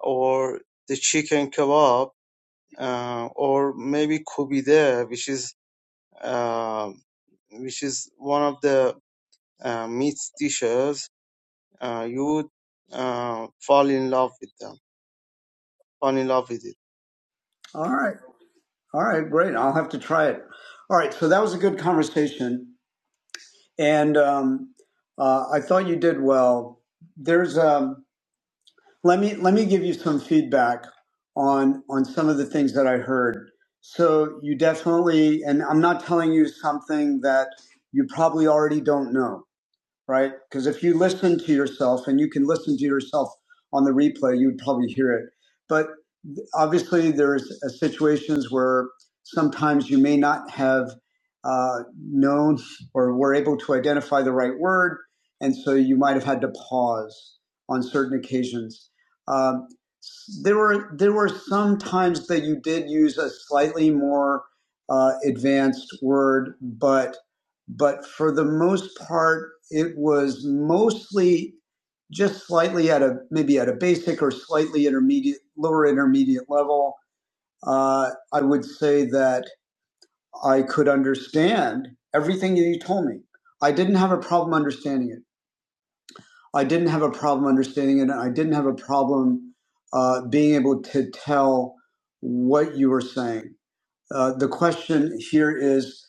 [SPEAKER 5] or the chicken kebab uh, or maybe kubide, which is uh, which is one of the uh, meat dishes, uh, you would uh, fall in love with them, fall in love with it.
[SPEAKER 1] All right. All right. Great. I'll have to try it. All right. So that was a good conversation. And um, uh, I thought you did well. There's, um, let me, let me give you some feedback on, on some of the things that I heard. So you definitely, and I'm not telling you something that you probably already don't know. right? Because if you listen to yourself and you can listen to yourself on the replay, you would probably hear it. But obviously there's uh, situations where sometimes you may not have uh, known or were able to identify the right word, and so you might have had to pause on certain occasions. Um, there were there were some times that you did use a slightly more uh, advanced word, but but for the most part, it was mostly just slightly at a maybe at a basic or slightly intermediate, lower intermediate level, uh, I would say that I could understand everything you told me. I didn't have a problem understanding it. I didn't have a problem understanding it. And I didn't have a problem uh, being able to tell what you were saying. Uh, the question here is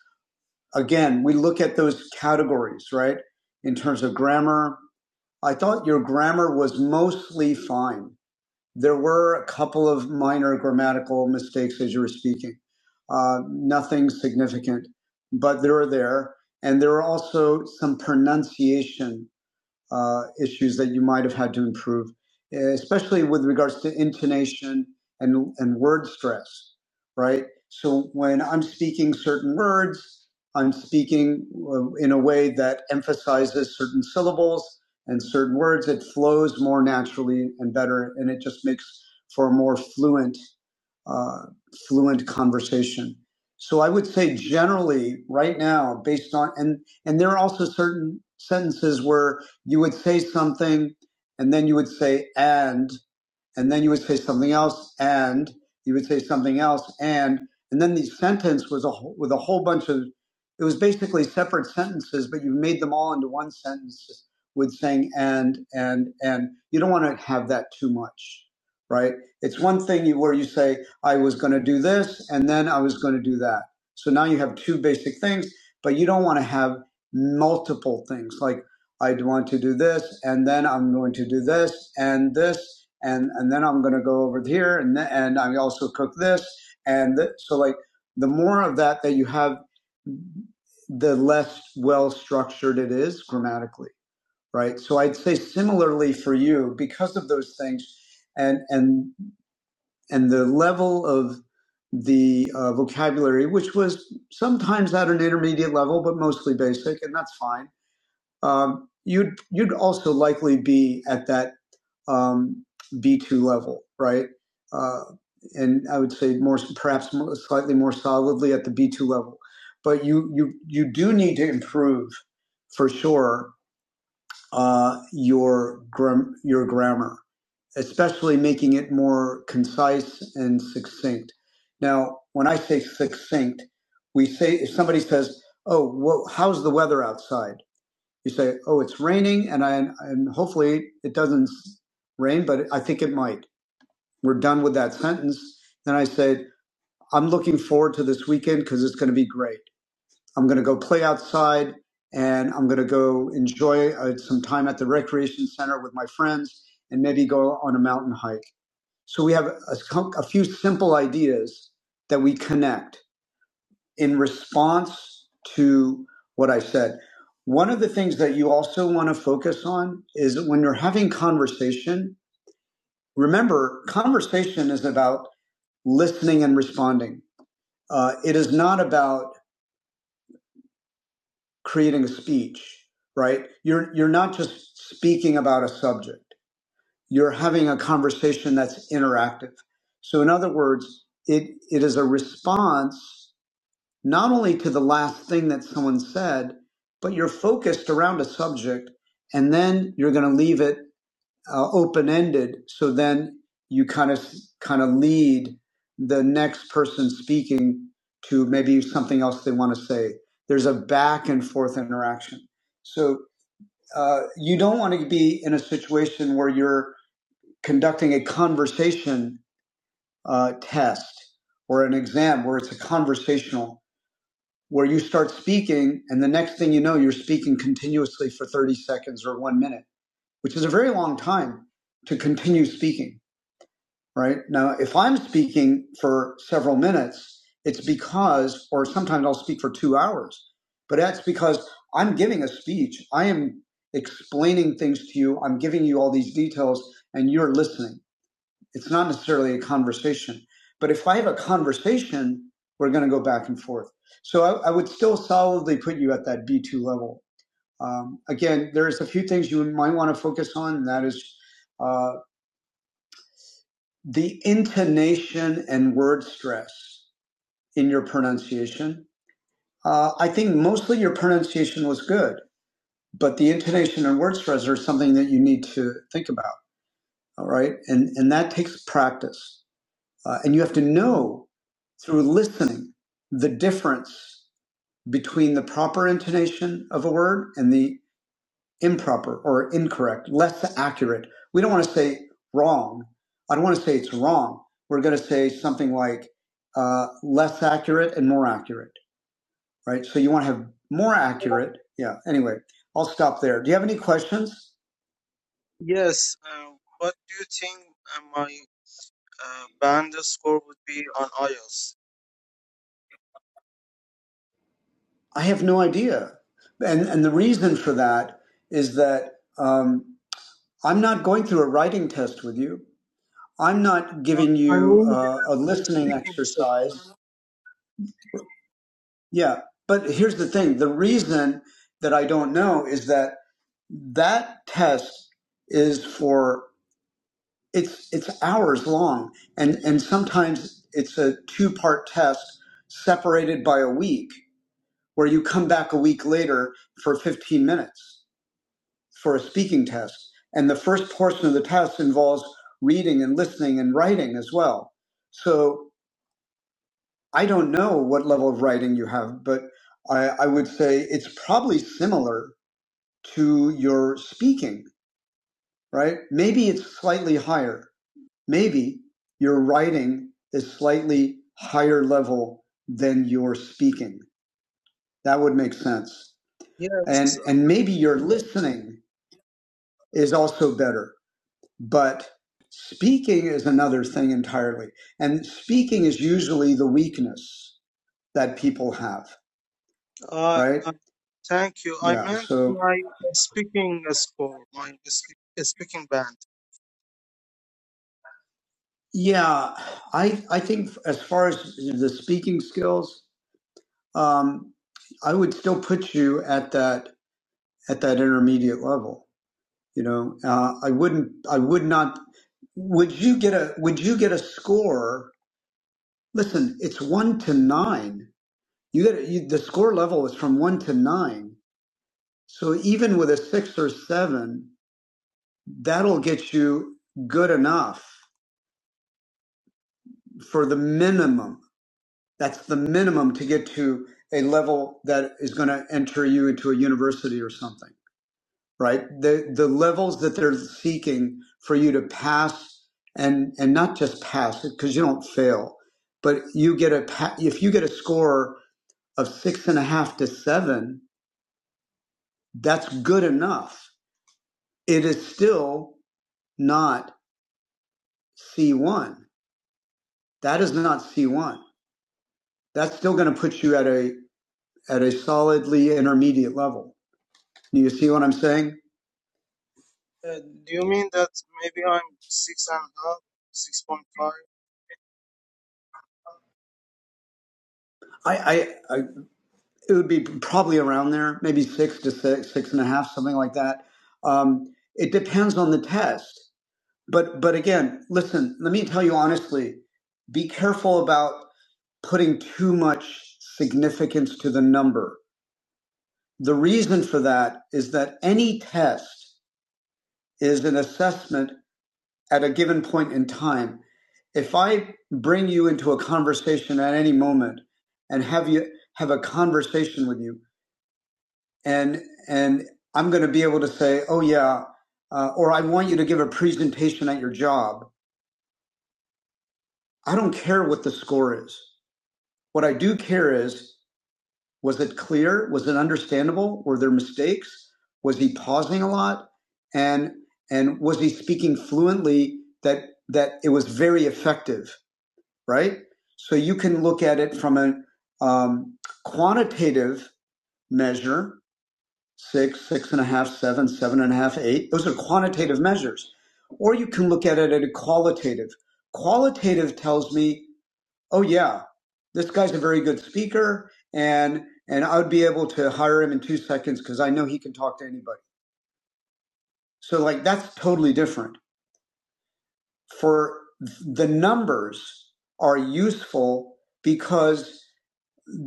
[SPEAKER 1] again, we look at those categories, right? In terms of grammar, I thought your grammar was mostly fine There were a couple of minor grammatical mistakes as you were speaking, uh, nothing significant, but they were there. And there were also some pronunciation uh, issues that you might have had to improve, especially with regards to intonation and, and word stress, right? So when I'm speaking certain words, I'm speaking uh, in a way that emphasizes certain syllables and certain words. It flows more naturally and better, and it just makes for a more fluent, uh, fluent conversation. So I would say generally right now, based on and and there are also certain sentences where you would say something and then you would say and and then you would say something else, and you would say something else, and and then the sentence was a whole, with a whole bunch of it was basically separate sentences, but you made them all into one sentence with saying and and and you don't want to have that too much, right? It's one thing you, where you say I was going to do this, and then I was going to do that. So now you have two basic things, but you don't want to have multiple things like I want to do this, and then I'm going to do this and this and and then I'm going to go over here, and th- and I also cook this, and th- so like the more of that that you have, the less well structured it is grammatically, right? So I'd say similarly for you because of those things, and and and the level of the uh, vocabulary, which was sometimes at an intermediate level, but mostly basic, and that's fine. Um, you'd you'd also likely be at that um, B2 level, right? Uh, and I would say more, perhaps more, slightly more solidly at the B2 level. But you, you, you do need to improve for sure uh, your, gram- your grammar, especially making it more concise and succinct. Now, when I say succinct, we say, if somebody says, Oh, well, how's the weather outside? You say, "Oh, it's raining," and I and hopefully it doesn't rain, but I think it might. We're done with that sentence. Then I say, "I'm looking forward to this weekend because it's going to be great. I'm going to go play outside." And I'm going to go enjoy uh, some time at the recreation center with my friends and maybe go on a mountain hike. So we have a, a few simple ideas that we connect in response to what I said, one of the things that you also want to focus on is that when you're having conversation, remember, conversation is about listening and responding. Uh, it is not about creating a speech, right? You're, you're not just speaking about a subject. You're having a conversation that's interactive. So in other words, it, it is a response not only to the last thing that someone said, but you're focused around a subject and then you're going to leave it uh, open ended. So then you kind of, kind of lead the next person speaking to maybe something else they want to say. There's a back and forth interaction. So uh, you don't want to be in a situation where you're conducting a conversation uh, test or an exam where it's a conversational where you start speaking and the next thing you know you're speaking continuously for 30 seconds or 1 minute which is a very long time to continue speaking right now if i'm speaking for several minutes it's because or sometimes i'll speak for 2 hours but that's because i'm giving a speech i am explaining things to you i'm giving you all these details and you're listening it's not necessarily a conversation. But if I have a conversation, we're going to go back and forth. So I, I would still solidly put you at that B2 level. Um, again, there's a few things you might want to focus on, and that is uh, the intonation and word stress in your pronunciation. Uh, I think mostly your pronunciation was good, but the intonation and word stress are something that you need to think about. All right. And, and that takes practice. Uh, and you have to know through listening the difference between the proper intonation of a word and the improper or incorrect, less accurate. We don't want to say wrong. I don't want to say it's wrong. We're going to say something like uh, less accurate and more accurate, right? So you want to have more accurate. Yeah. Anyway, I'll stop there. Do you have any questions?
[SPEAKER 5] Yes. Uh, what do you think uh, my uh, band score would be on IELTS?
[SPEAKER 1] I have no idea. And, and the reason for that is that um, I'm not going through a writing test with you. I'm not
[SPEAKER 5] Uh,
[SPEAKER 1] giving
[SPEAKER 5] I
[SPEAKER 1] you
[SPEAKER 5] mean
[SPEAKER 1] uh, a
[SPEAKER 5] the
[SPEAKER 1] listening
[SPEAKER 5] speaking section.
[SPEAKER 1] exercise. Yeah. But here's the thing the reason that I don't know is that that test is for it's it's hours long and and sometimes it's a two part test separated by a week where you come back a week later for 15 minutes for a speaking test. And the first portion of the test involves reading and listening and writing as well. So I don't know what level of writing you have, but I, I would say it's probably similar to your speaking, right? Maybe it's slightly higher. Maybe your writing is slightly higher level than your speaking. That would make sense. And,
[SPEAKER 5] Yes.
[SPEAKER 1] and maybe your listening is also better but speaking is another thing entirely. And speaking is usually the weakness that people have,
[SPEAKER 5] Uh,
[SPEAKER 1] right?
[SPEAKER 5] uh, thank you. I
[SPEAKER 1] Yeah.
[SPEAKER 5] meant
[SPEAKER 1] So
[SPEAKER 5] my speaking score, my spe- speaking band.
[SPEAKER 1] yeah, I I think as far as the speaking skills, um, I would still put you at that at that intermediate level. You know, uh, I wouldn't. I would not. Would you get a Would you get a score? Listen, it's one to nine. You get a, you, the score level is from one to nine So even with a six or seven, that'll get you good enough for the minimum. That's the minimum to get to a level that is going to enter you into a university or something, right? The the levels that they're seeking for you to pass and and not just pass it because you don't fail, but you get a pa- if you get a score of six and a half to seven, that's good enough. It is still not C one That is not C1. That's still going to put you at a at a solidly intermediate level. Do you see what I'm saying?
[SPEAKER 5] Uh, do you mean that maybe I'm six and a half, six point five?
[SPEAKER 1] I, I, I it would be probably around there, maybe six to six, six and a half, something like that. Um, it depends on the test. But but again, listen. Let me tell you honestly. Be careful about putting too much significance to the number. The reason for that is that any test is an assessment at a given point in time, if I bring you into a conversation at any moment and have you have a conversation with you, and and I'm going to be able to say, oh yeah, uh, or I want you to give a presentation at your job. I don't care what the score is. What I do care is, was it clear? Was it understandable? Were there mistakes? Was he pausing a lot? And and was he speaking fluently that that it was very effective? right? So you can look at it from a um, quantitative measure six, six and a half, seven, seven and a half, eight. Those are quantitative measures. Or you can look at it at a qualitative. Qualitative tells me, oh, yeah, this guy's a very good speaker and and I would be able to hire him in two seconds because I know he can talk to anybody. So like that's totally different. For the numbers are useful because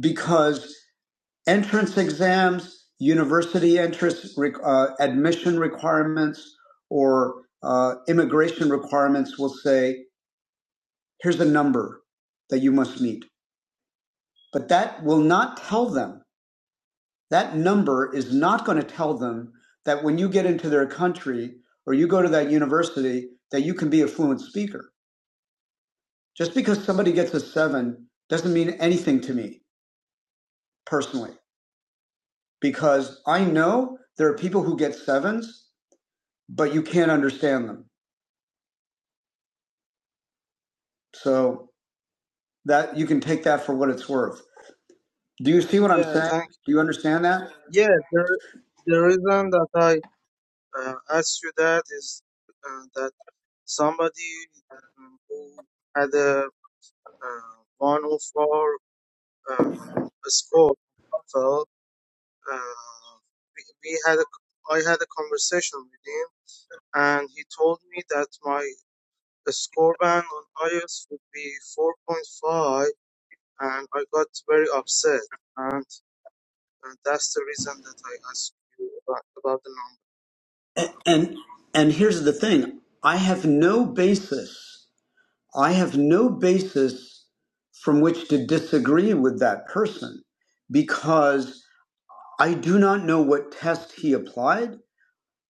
[SPEAKER 1] because entrance exams, university entrance uh, admission requirements, or uh, immigration requirements will say, here's a number that you must meet. But that will not tell them, that number is not going to tell them that when you get into their country or you go to that university, that you can be a fluent speaker. Just because somebody gets a seven doesn't mean anything to me personally, because I know there are people who get sevens but you can't understand them. So that you can take that for what it's worth. Do you see what I'm
[SPEAKER 5] Yeah,
[SPEAKER 1] saying?
[SPEAKER 5] thank
[SPEAKER 1] Do you understand that?
[SPEAKER 5] you. Yeah, the the reason that I uh, asked you that is uh, that somebody um, who had a uh, 104 uh, score felt uh, we, we had a, I had a conversation with him, and he told me that my score band on iOS would be 4.5 and I got very upset, and, and that's the reason that I asked you about, about the number.
[SPEAKER 1] A- And and here's the thing. I have no basis. I have no basis from which to disagree with that person because I do not know what test he applied.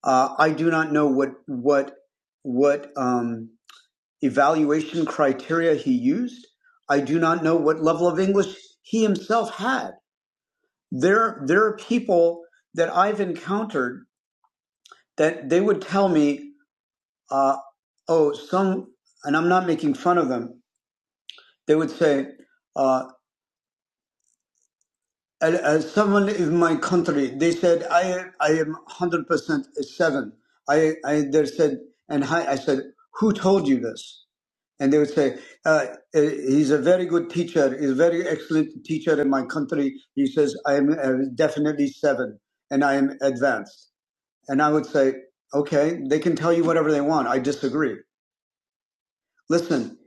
[SPEAKER 1] Uh, I do not know what what what um, evaluation criteria he used. I do not know what level of English he himself had. There, there are people that I've encountered that they would tell me, uh, oh, some, and I'm not making fun of them, they would say, uh, "As- someone in my country, they said, I, I am 100% a seven. I, I, they said, and hi, I said, who told you this? and they would say, uh, uh, "He's a very good teacher. He's a very excellent teacher in my country." He says, "I am uh, definitely seven, and I am advanced." And I would say, "Okay, they can tell you whatever they want. I disagree. Listen,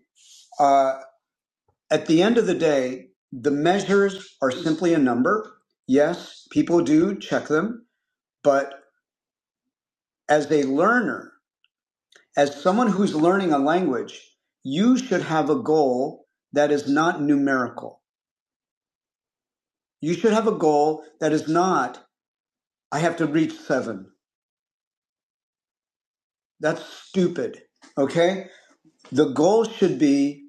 [SPEAKER 1] uh, at the end of the day, the measures are simply a number. Yes, people do check them, but as a learner, as someone who's learning a language, you should have a goal that is not numerical You should have a goal that is not, I have to reach seven. That's stupid. Okay? The goal should be,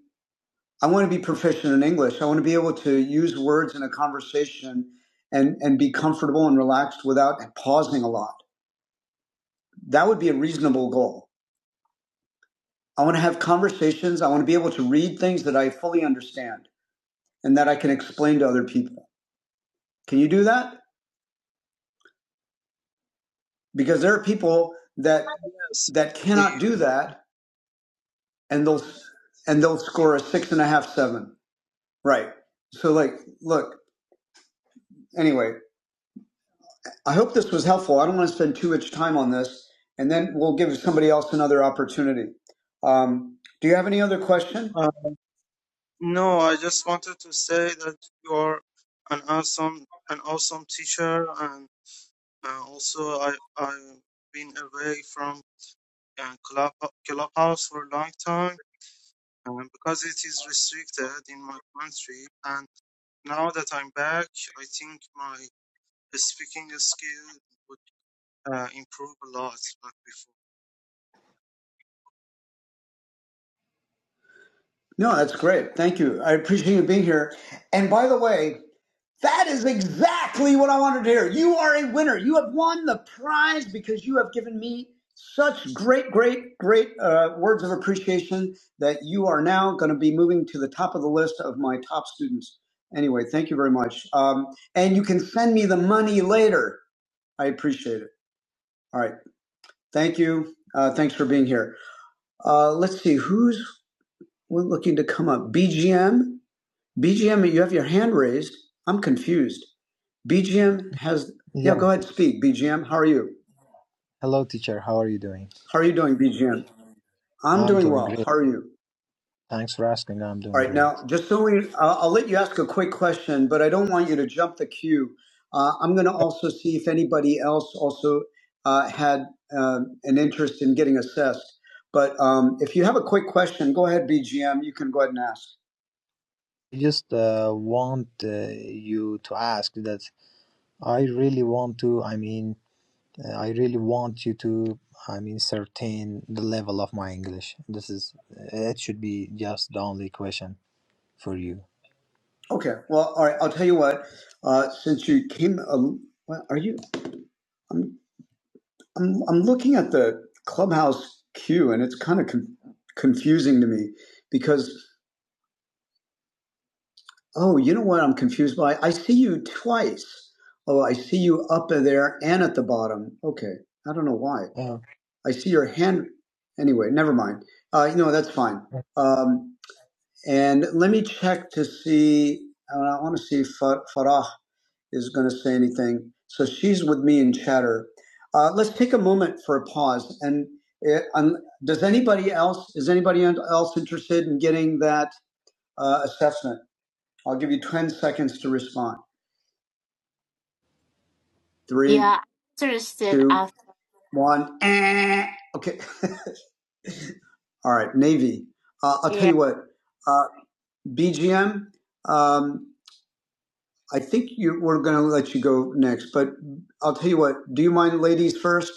[SPEAKER 1] I want to be proficient in English. I want to be able to use words in a conversation and, and be comfortable and relaxed without pausing a lot. That would be a reasonable goal. I want to have conversations. I want to be able to read things that I fully understand and that I can explain to other people. Can you do that? Because there are people that that
[SPEAKER 5] Secondly,
[SPEAKER 1] cannot do that and they'll and they'll score a six and a half seven right so like look anyway i hope this was helpful i don't want to spend too much time on this and then we'll give somebody else another opportunity um, do you have any other question
[SPEAKER 5] uh, no, I just wanted to say that you are an awesome, an awesome teacher, and uh, also I I've been away from uh, club clubhouse for a long time, and because it is restricted in my country, and now that I'm back, I think my speaking skill would uh, improve a lot, like before.
[SPEAKER 1] no that's great thank you i appreciate you being here and by the way That is exactly what I wanted to hear. You are a winner. You have won the prize because you have given me such great, great, great uh, words of appreciation that you are now going to be moving to the top of the list of my top students. Anyway, thank you very much. Um, and you can send me the money later. I appreciate it. All right. Thank you. Uh, thanks for being here. Uh, let's see who's looking to come up. BGM? BGM, you have your hand raised. I'm confused. BGM has, yeah,
[SPEAKER 9] Yeah.
[SPEAKER 1] go ahead, speak. BGM, how are you?
[SPEAKER 9] Hello, teacher. How are you doing?
[SPEAKER 1] How are you doing, BGM? I'm
[SPEAKER 9] I'm
[SPEAKER 1] doing
[SPEAKER 9] doing
[SPEAKER 1] well.
[SPEAKER 9] great.
[SPEAKER 1] How are you?
[SPEAKER 9] Thanks for asking. I'm
[SPEAKER 1] All
[SPEAKER 9] doing
[SPEAKER 1] right,
[SPEAKER 9] great.
[SPEAKER 1] now, just so we, I'll, I'll let you ask a quick question, but I don't want you to jump the queue. Uh, I'm going to also see if anybody else also uh, had um an interest in getting assessed. But um, if you have a quick question, go ahead, BGM. You can go ahead and ask.
[SPEAKER 9] I just uh, want uh, you to ask that I really want to, I mean, uh, I really want you to, I mean, certain the level of my English. This is, uh, it should be just the only question for you.
[SPEAKER 1] Okay. Well, all right. I'll tell you what. Uh, since you came, um, what, are you? I'm, I'm looking at the clubhouse queue and it's kind of con- confusing to me because oh you know what i'm confused by i see you twice oh i see you up there and at the bottom okay i don't know why
[SPEAKER 9] Oh,
[SPEAKER 1] i see your hand anyway never mind uh, no that's fine um, and let me check to see uh, i want to see Fa- farah is going to say anything. So she's with me in chatter. Uh, let's take a moment for a pause. And uh, um, does anybody else is anybody else interested in getting that uh, assessment? I'll give you ten seconds to respond. Three,
[SPEAKER 10] Yeah, interested
[SPEAKER 1] two,
[SPEAKER 10] after.
[SPEAKER 1] one. Okay. All right. Navy. Uh, I'll tell
[SPEAKER 10] Yeah.
[SPEAKER 1] you what. Uh, BGM. Um, I think you, we're going to let you go next, but I'll tell you what. Do you mind, ladies first?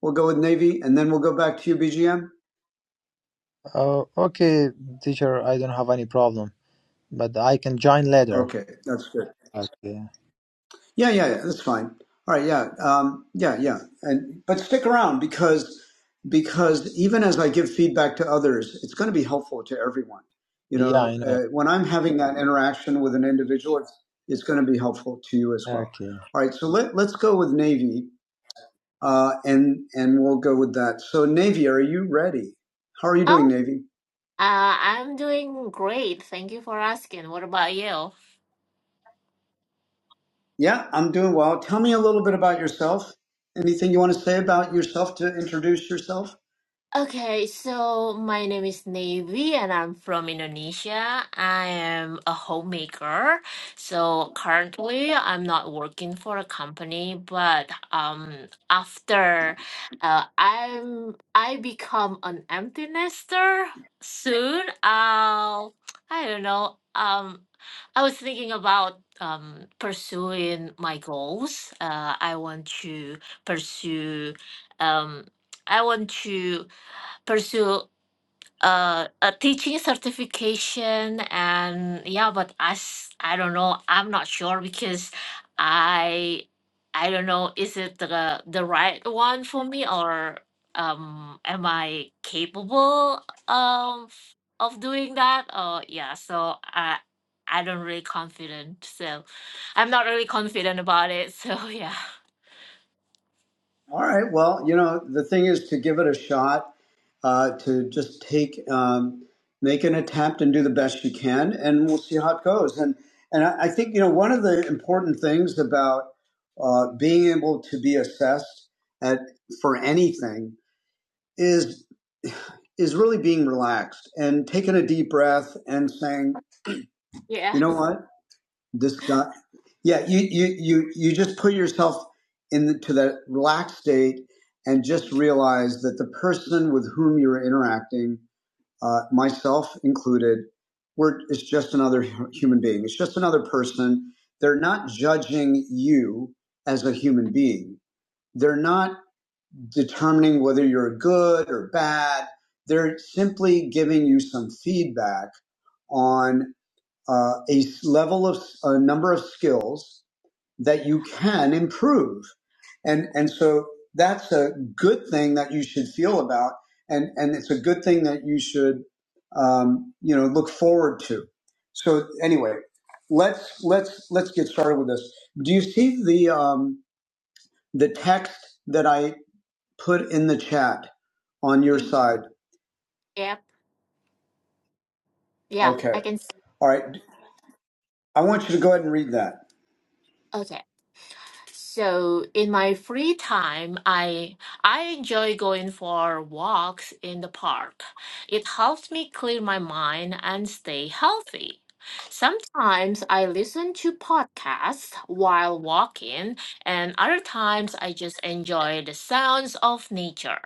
[SPEAKER 1] We'll go with Navy, and then we'll go back to you, BGM.
[SPEAKER 9] oh, okay, teacher. I don't have any problem, but I can join later.
[SPEAKER 1] Okay, that's good.
[SPEAKER 9] Okay.
[SPEAKER 1] Yeah, yeah, yeah, that's fine. All right, yeah, um, yeah, yeah, and but stick around because because even as I give feedback to others, it's going to be helpful to everyone. You
[SPEAKER 9] Yeah,
[SPEAKER 1] know,
[SPEAKER 9] I know.
[SPEAKER 1] uh, when I'm having that interaction with an individual, it's, it's going to be helpful to you as well.
[SPEAKER 9] Okay.
[SPEAKER 1] All right, so let let's go with Navy, uh, and and we'll go with that. So Navy, are you ready? How are you doing,
[SPEAKER 10] Oh,
[SPEAKER 1] Navy?
[SPEAKER 10] uh, I'm doing great. Thank you for asking. What about you?
[SPEAKER 1] Yeah, I'm doing well. Tell me a little bit about yourself. Anything you want to say about yourself to introduce yourself?
[SPEAKER 10] Okay, so my name is Navy and I'm from Indonesia. I am a homemaker. So currently I'm not working for a company, but um after uh, I'm I become an empty nester soon. I'll I don't know. Um I was thinking about um pursuing my goals. Uh I want to pursue um I want to pursue uh, a teaching certification and yeah but I s- i don't know i'm not sure because i i don't know is it the the right one for me or um am i capable of of doing that or yeah so i i don't really confident so i'm not really confident about it so yeah
[SPEAKER 1] All right. Well, you know, the thing is to give it a shot, uh, to just take, um, make an attempt and do the best you can, and we'll see how it goes. And and I I think you know one of the important things about uh, being able to be assessed at for anything is is really being relaxed and taking a deep breath and saying, you
[SPEAKER 10] yeah
[SPEAKER 1] know what, this guy, yeah, you you you you just put yourself into that relaxed state and just realize that the person with whom you're interacting, uh, myself included, we're it's just another human being. It's just another person. They're not judging you as a human being. They're not determining whether you're good or bad. They're simply giving you some feedback on uh, a s- level of a number of skills that you can improve, and and so that's a good thing that you should feel about, and and it's a good thing that you should um, you know look forward to. So anyway, let's let's let's get started with this. Do you see the um, the text that I put in the chat on your
[SPEAKER 10] mhm,
[SPEAKER 1] side.
[SPEAKER 10] yep yeah
[SPEAKER 1] Okay.
[SPEAKER 10] i can see
[SPEAKER 1] All right. I want you to go ahead and read that.
[SPEAKER 10] okay. So in my free time, I I enjoy going for walks in the park. It helps me clear my mind and stay healthy. Sometimes I listen to podcasts while walking, and other times I just enjoy the sounds of nature.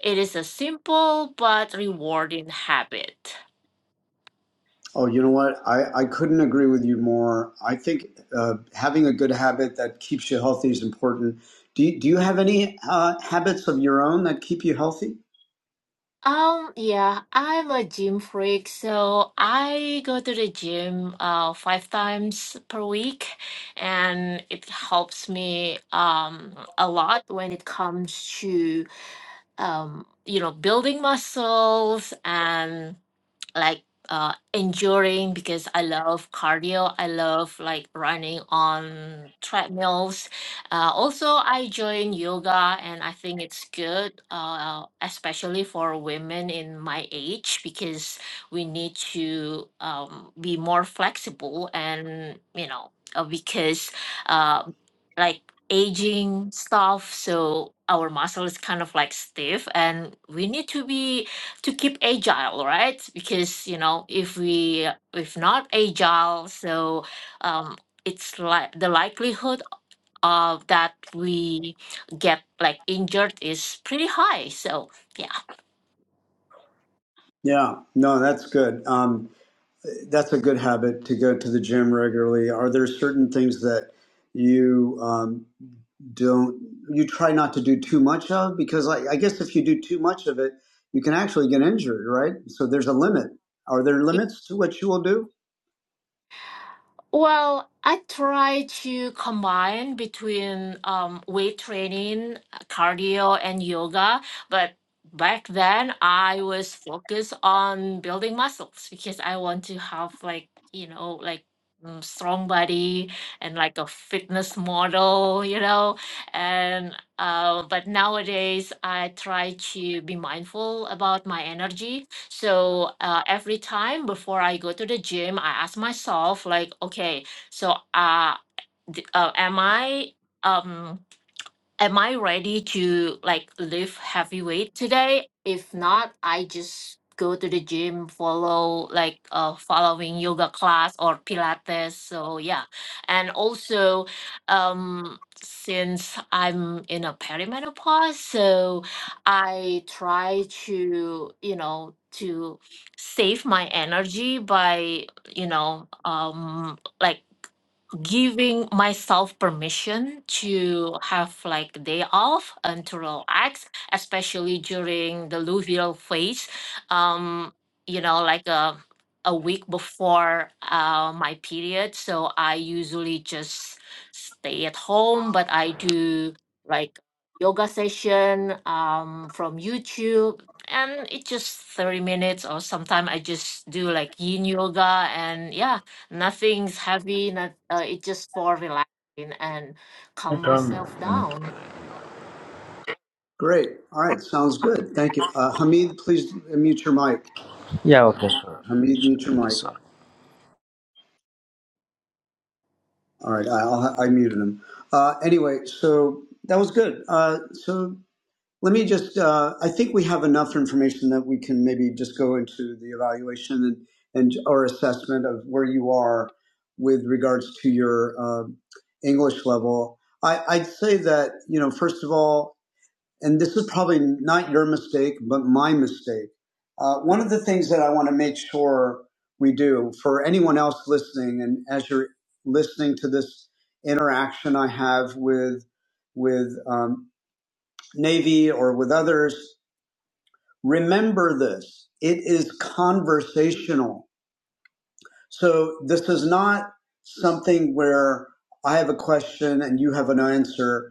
[SPEAKER 10] It is a simple but rewarding habit.
[SPEAKER 1] Oh, you know what? I, I couldn't agree with you more. I think uh, having a good habit that keeps you healthy is important. Do you, do you have any uh, habits of your own that keep you healthy?
[SPEAKER 10] Um, yeah, I'm a gym freak, so I go to the gym uh five times per week, and it helps me um a lot when it comes to um you know building muscles and like uh enduring because I love cardio. I love like running on treadmills. Uh, also, I join yoga and I think it's good, uh, especially for women in my age because we need to um, be more flexible and you know uh, because uh, like aging stuff so our muscle is kind of like stiff and we need to be to keep agile right because you know if we if not agile so um it's like the likelihood of that we get like injured is pretty high so yeah
[SPEAKER 1] Yeah, no, that's good. Um, that's a good habit to go to the gym regularly. Are there certain things that you um, don't you try not to do too much of? Because I, I guess if you do too much of it, you can actually get injured, right? So there's a limit. Are there limits to what you will do?
[SPEAKER 10] Well, I try to combine between um, weight training, cardio, and yoga. But back then, I was focused on building muscles because I want to have like, you know, like mm, strong body and like a fitness model, you know. And uh, but nowadays, I try to be mindful about my energy so uh, every time before I go to the gym, I ask myself like, okay, so uh, d- uh am I um am I ready to like lift heavy weight today? If not, I just go to the gym, follow like uh following yoga class or Pilates. So yeah. And also um since I'm in a perimenopause, so I try to, you know, to save my energy by, you know, um like giving myself permission to have like day off and to relax, especially during the luteal phase. Um, you know, like a a week before uh, my period, so I usually just stay at home, but I do like yoga session um, from YouTube. And it's just 30 minutes, or sometimes I just do like yin yoga. And yeah, Nothing's heavy. Not, uh, it's just for relaxing and calm myself down.
[SPEAKER 1] Great. All right. Sounds good. Thank you. Uh, Hamid, please mute your mic.
[SPEAKER 11] Yeah, okay.
[SPEAKER 1] Hamid, mute your mic. All right. I, I'll, I muted him. Uh, anyway, so that was good. Uh, so Let me just, uh, I think we have enough information that we can maybe just go into the evaluation and, and our assessment of where you are with regards to your um English level. I, I'd say that, you know, first of all, and this is probably not your mistake, but my mistake. Uh, one of the things that I want to make sure we do for anyone else listening, and as you're listening to this interaction I have with with um, Navy or with others, remember this. It is conversational. So this is not something where I have a question and you have an answer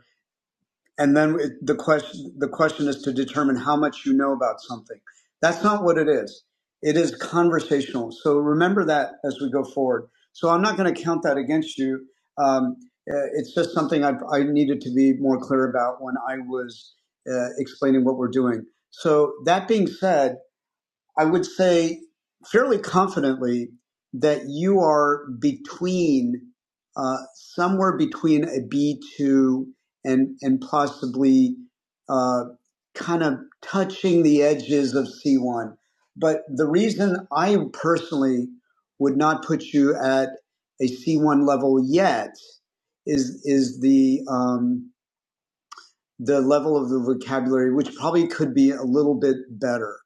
[SPEAKER 1] and then it, the question the question is to determine how much you know about something that's not what it is it is conversational so remember that as we go forward so i'm not going to count that against you um, uh, it's just something I've, i needed to be more clear about when i was uh, explaining what we're doing so that being said I would say fairly confidently that you are between uh, somewhere between a B two and and possibly uh, kind of touching the edges of C one. But the reason I personally would not put you at a C one level yet is is the um, the level of the vocabulary, which probably could be a little bit better.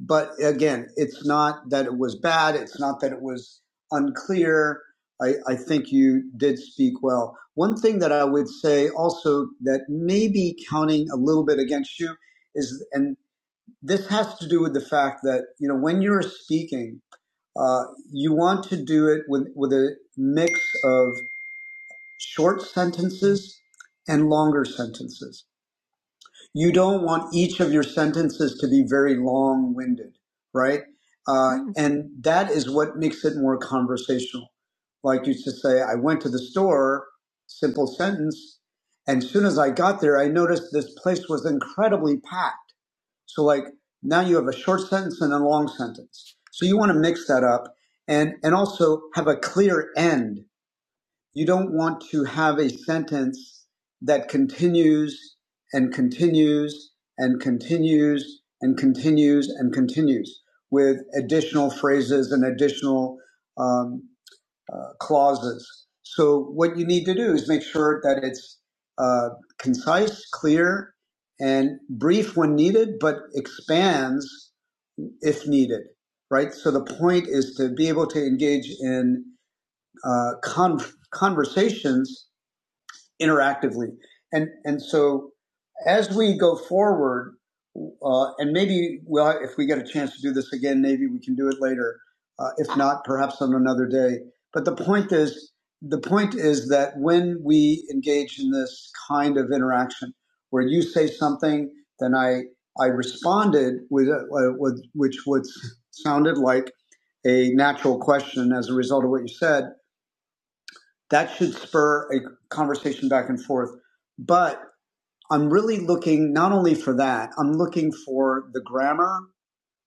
[SPEAKER 1] But again, it's not that it was bad. It's not that it was unclear. I, I think you did speak well. One thing that I would say also that may be counting a little bit against you is, and this has to do with the fact that, you know, when you're speaking, uh, you want to do it with, with a mix of short sentences and longer sentences you don't want each of your sentences to be very long winded, right? Uh,
[SPEAKER 10] Mm.
[SPEAKER 1] and that is what makes it more conversational. Like you to say, I went to the store, simple sentence. And as soon as I got there, I noticed this place was incredibly packed. So, like, now you have a short sentence and a long sentence. So, you want to mix that up and, and also have a clear end you don't want to have a sentence that continues and continues and continues and continues and continues with additional phrases and additional um, uh, clauses. So what you need to do is make sure that it's uh, concise, clear, and brief when needed, but expands if needed. Right. So the point is to be able to engage in uh, con- conversations interactively. And and so as we go forward, uh, and maybe well, if we get a chance to do this again, maybe we can do it later. Uh, if not, perhaps on another day. But the point is, the point is that when we engage in this kind of interaction, where you say something, then I I responded with, uh, with which would sounded like a natural question as a result of what you said, that should spur a conversation back and forth. But I'm really looking not only for that, I'm looking for the grammar,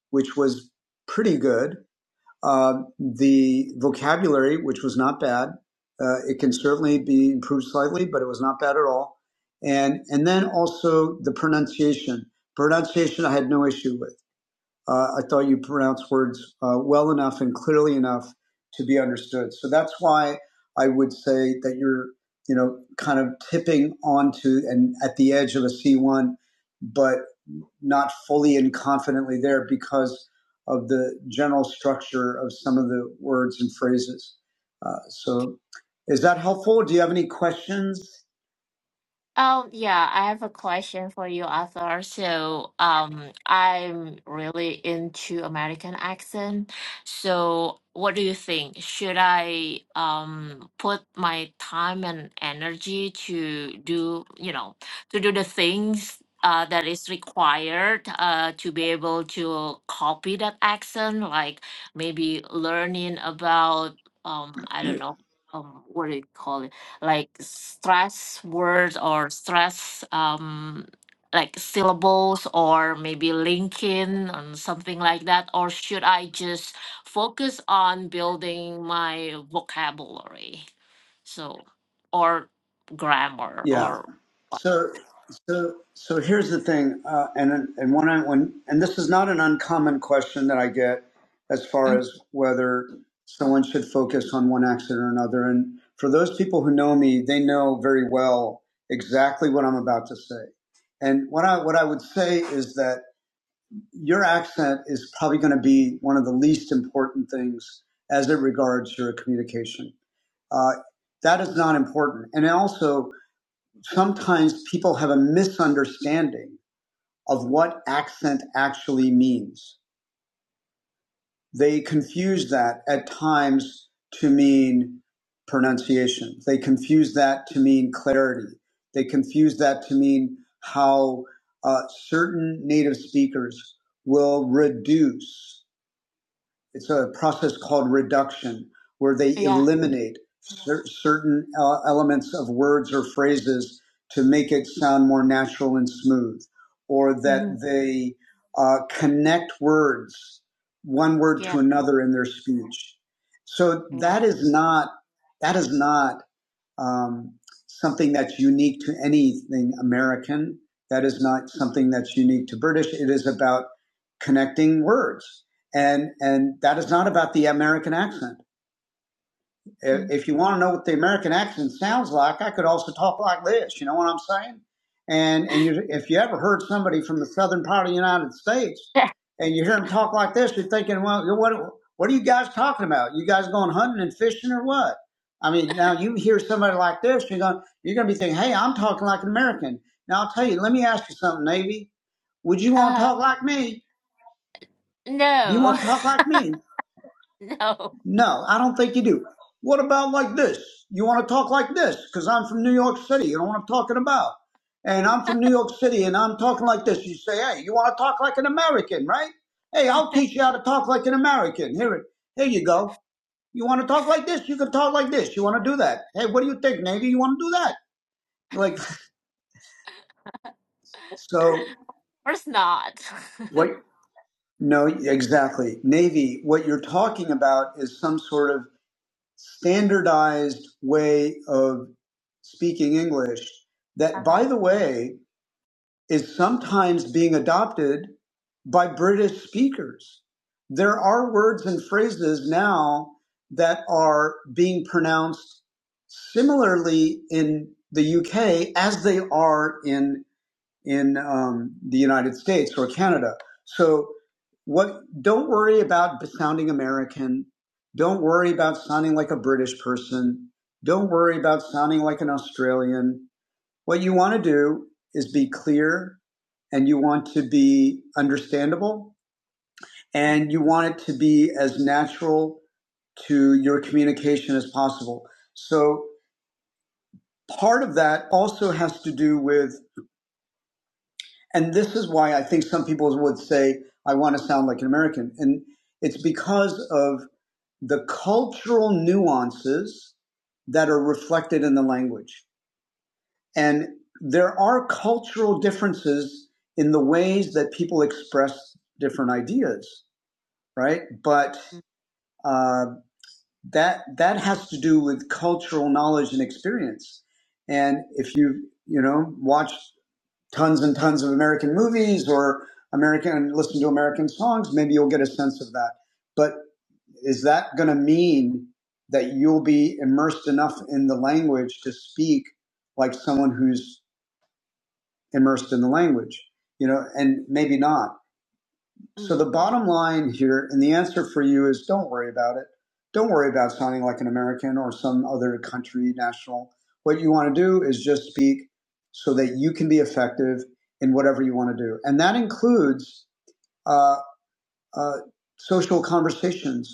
[SPEAKER 1] which was pretty good, uh, the vocabulary, which was not bad. Uh, it can certainly be improved slightly, but it was not bad at all. And, and then also the pronunciation. Pronunciation I had no issue with uh, I thought you pronounced words uh, well enough and clearly enough to be understood. So that's why I would say that you're, you know, kind of tipping onto and at the edge of a C1, but not fully and confidently there because of the general structure of some of the words and phrases. Uh, so is that helpful? Do you have any questions?
[SPEAKER 10] Um, yeah, I have a question for you, Arthur. So, um, I'm really into American accent. So, what do you think? Should I um put my time and energy to do, you know, to do the things uh that is required uh to be able to copy that accent, like maybe learning about um I don't know, um what do you call it? like stress words or stress um like syllables or maybe linking and something like that or should i just focus on building my vocabulary so or grammar
[SPEAKER 1] Yeah.
[SPEAKER 10] or what
[SPEAKER 1] So, so, so here's the thing, uh, and and when I when and this is not an uncommon question that I get as far
[SPEAKER 10] Mm,
[SPEAKER 1] as whether someone should focus on one accident or another. And for those people who know me, they know very well exactly what I'm about to say. And what I what I would say is that your accent is probably going to be one of the least important things as it regards your communication. Uh, that is not important. And also, sometimes people have a misunderstanding of what accent actually means. They confuse that at times to mean pronunciation. They confuse that to mean clarity. They confuse that to mean how uh, certain native speakers will reduce it's a process called reduction, where they
[SPEAKER 10] yeah
[SPEAKER 1] eliminate cer- certain uh, elements of words or phrases to make it sound more natural and smooth, or that
[SPEAKER 10] hmm
[SPEAKER 1] they uh, connect words, one word
[SPEAKER 10] yeah
[SPEAKER 1] to another in their speech. So
[SPEAKER 10] yeah
[SPEAKER 1] that is not that is not um, something that's unique to anything American. That is not something that's unique to British. It is about connecting words, and and that is not about the American accent. If
[SPEAKER 10] mm.
[SPEAKER 1] you want to know what the American accent sounds like, I could also talk like this. You know what I'm saying? And and you, if you ever heard somebody from the southern part of the United States, and you hear them talk like this, you're thinking, well, what what are you guys talking about? You guys going hunting and fishing or what? I mean, now you hear somebody like this, you're going you're going to be thinking, hey, I'm talking like an American. Now I'll tell you, let me ask you something, Navy. Would you want to
[SPEAKER 10] uh,
[SPEAKER 1] talk like me? Do you
[SPEAKER 10] no
[SPEAKER 1] want to talk like me?
[SPEAKER 10] no
[SPEAKER 1] No, I don't think you do. What about like this? You want to talk like this? Because I'm from New York City. You know what I'm talking about? And I'm from New York City and I'm talking like this. You say, hey, you want to talk like an American, right? Hey, I'll teach you how to talk like an American. Here it, here you go. You want to talk like this? You can talk like this. You want to do that? Hey, what do you think, Navy? You want to do that? Like, so
[SPEAKER 10] of course not
[SPEAKER 1] what? No, exactly. Navy, what you're talking about is some sort of standardized way of speaking English that,
[SPEAKER 10] uh-huh.
[SPEAKER 1] by the way, is sometimes being adopted by British speakers. There are words and phrases now that are being pronounced similarly in the UK as they are in in um, the United States or Canada. So, what? Don't worry about sounding American. Don't worry about sounding like a British person. Don't worry about sounding like an Australian. What you want to do is be clear, and you want to be understandable,
[SPEAKER 10] mm
[SPEAKER 1] and you want it to be as natural to your communication as possible. So, part of that also has to do with And this is why I think some people would say, I want to sound like an American. And it's because of the cultural nuances that are reflected in the language. And there are cultural differences in the ways that people express different ideas, right? But
[SPEAKER 10] mm
[SPEAKER 1] uh, that that has to do with cultural knowledge and experience. And if you you know watch tons and tons of American movies or American and listen to American songs, maybe you'll get a sense of that. But is that going to mean that you'll be immersed enough in the language to speak like someone who's immersed in the language? You know, and maybe not. So
[SPEAKER 10] mm
[SPEAKER 1] the bottom line here, and the answer for you is don't worry about it. Don't worry about sounding like an American or some other country national. What you want to do is just speak so that you can be effective in whatever you want to do. And that includes uh, uh, social conversations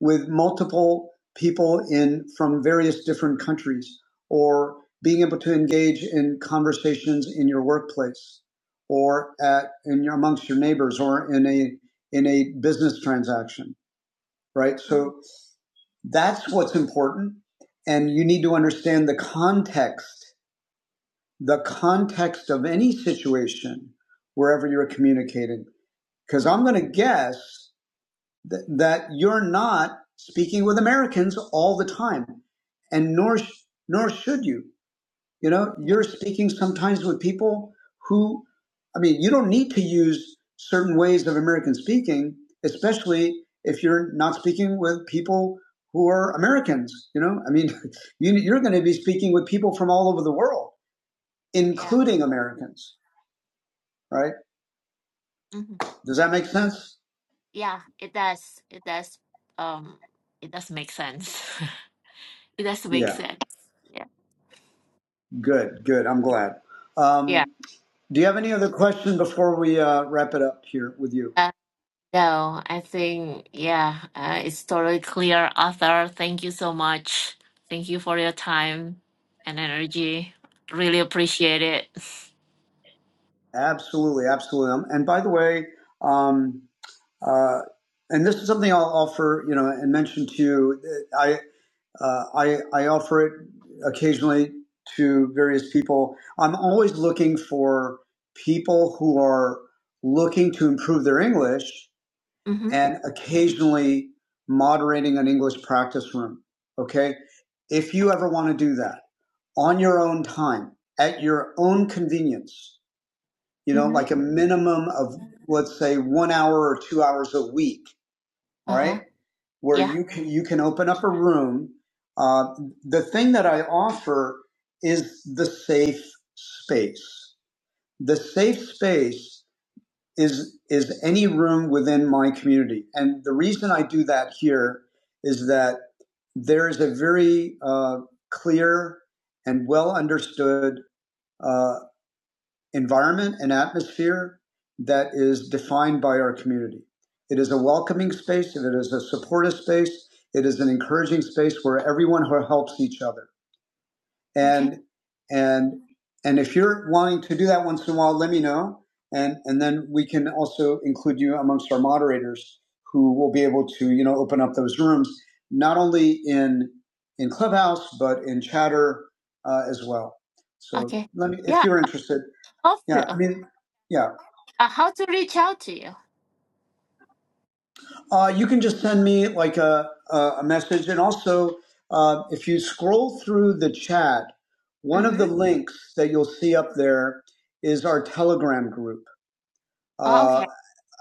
[SPEAKER 1] with multiple people in from various different countries or being able to engage in conversations in your workplace or at in your, amongst your neighbors or in a in a business transaction right
[SPEAKER 10] mm,
[SPEAKER 1] so that's what's important and you need to understand the context the context of any situation wherever you're communicating because
[SPEAKER 10] mm.
[SPEAKER 1] i'm going to guess th- that you're not speaking with Americans all the time, and nor sh- nor should you. You know,
[SPEAKER 10] Yeah,
[SPEAKER 1] you're speaking sometimes with people who, I mean, you don't need to use certain ways of American speaking, especially if you're not speaking with people who are Americans. You know, I mean, you, you're going to be speaking with people from all over the world,
[SPEAKER 10] yeah,
[SPEAKER 1] including Americans. Right?
[SPEAKER 10] hmm
[SPEAKER 1] Does that make sense?
[SPEAKER 10] Yeah, it does. It does. Um, it does make sense. It does make
[SPEAKER 1] Yeah.
[SPEAKER 10] sense. Yeah,
[SPEAKER 1] Good. Good. I'm glad. Um,
[SPEAKER 10] yeah.
[SPEAKER 1] Do you have any other question before we uh, wrap it up here with you?
[SPEAKER 10] Uh, no, I think yeah, uh, it's totally clear, Arthur. Thank you so much. Thank you for your time and energy. Really appreciate it.
[SPEAKER 1] Absolutely, absolutely. Um, and by the way, um, uh, and this is something I'll offer, you know, and mention to you. uh, I uh, I, I offer it occasionally to various people. I'm always looking for people who are looking to improve their English
[SPEAKER 10] Mm-hmm.
[SPEAKER 1] and occasionally moderating an English practice room. Okay, if you ever want to do that. on your own time, at your own convenience, you know,
[SPEAKER 10] Mm-hmm.
[SPEAKER 1] like a minimum of let's say one hour or two hours a week, all
[SPEAKER 10] Uh-huh.
[SPEAKER 1] right, where
[SPEAKER 10] Yeah.
[SPEAKER 1] you can you can open up a room. Uh, the thing that I offer is the safe space. The safe space is is any room within my community, and the reason I do that here is that there is a very uh, clear and well understood uh, environment and atmosphere that is defined by our community. It is a welcoming space, it is a supportive space, it is an encouraging space where everyone who helps each other.
[SPEAKER 10] Okay.
[SPEAKER 1] And and and if you're wanting to do that once in a while, let me know. And and then we can also include you amongst our moderators who will be able to, you know, open up those rooms, not only in in Clubhouse, but in chatter uh, as well. So
[SPEAKER 10] Okay.
[SPEAKER 1] let me if
[SPEAKER 10] Yeah.
[SPEAKER 1] you're interested.
[SPEAKER 10] How
[SPEAKER 1] Yeah,
[SPEAKER 10] to
[SPEAKER 1] I
[SPEAKER 10] uh,
[SPEAKER 1] mean, yeah.
[SPEAKER 10] how to reach out to you?
[SPEAKER 1] Uh, you can just send me like a a, a message, and also uh, if you scroll through the chat, one of the
[SPEAKER 10] Mm-hmm.
[SPEAKER 1] links that you'll see up there is our Telegram group.
[SPEAKER 10] Oh,
[SPEAKER 1] Uh,
[SPEAKER 10] okay.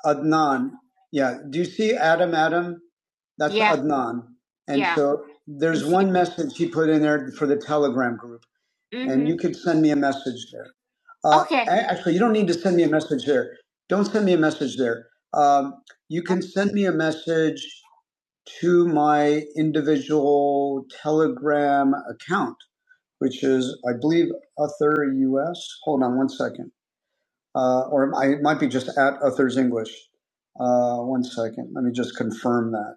[SPEAKER 1] Adnan, yeah. Do you see Adam? Adam, that's
[SPEAKER 10] Yeah.
[SPEAKER 1] Adnan. And
[SPEAKER 10] Yeah.
[SPEAKER 1] so
[SPEAKER 10] Can
[SPEAKER 1] there's
[SPEAKER 10] see.
[SPEAKER 1] one message he put in there for the Telegram group. and
[SPEAKER 10] Mm-hmm.
[SPEAKER 1] you can send me a message there. Uh,
[SPEAKER 10] Okay.
[SPEAKER 1] a- actually, you don't need to send me a message there. Don't send me a message there. Um, you can send me a message to my individual Telegram account, which is, I believe, Uther US. Hold on one second. Uh, or I, it might be just at Uther's English. Uh, one second. Let me just confirm that.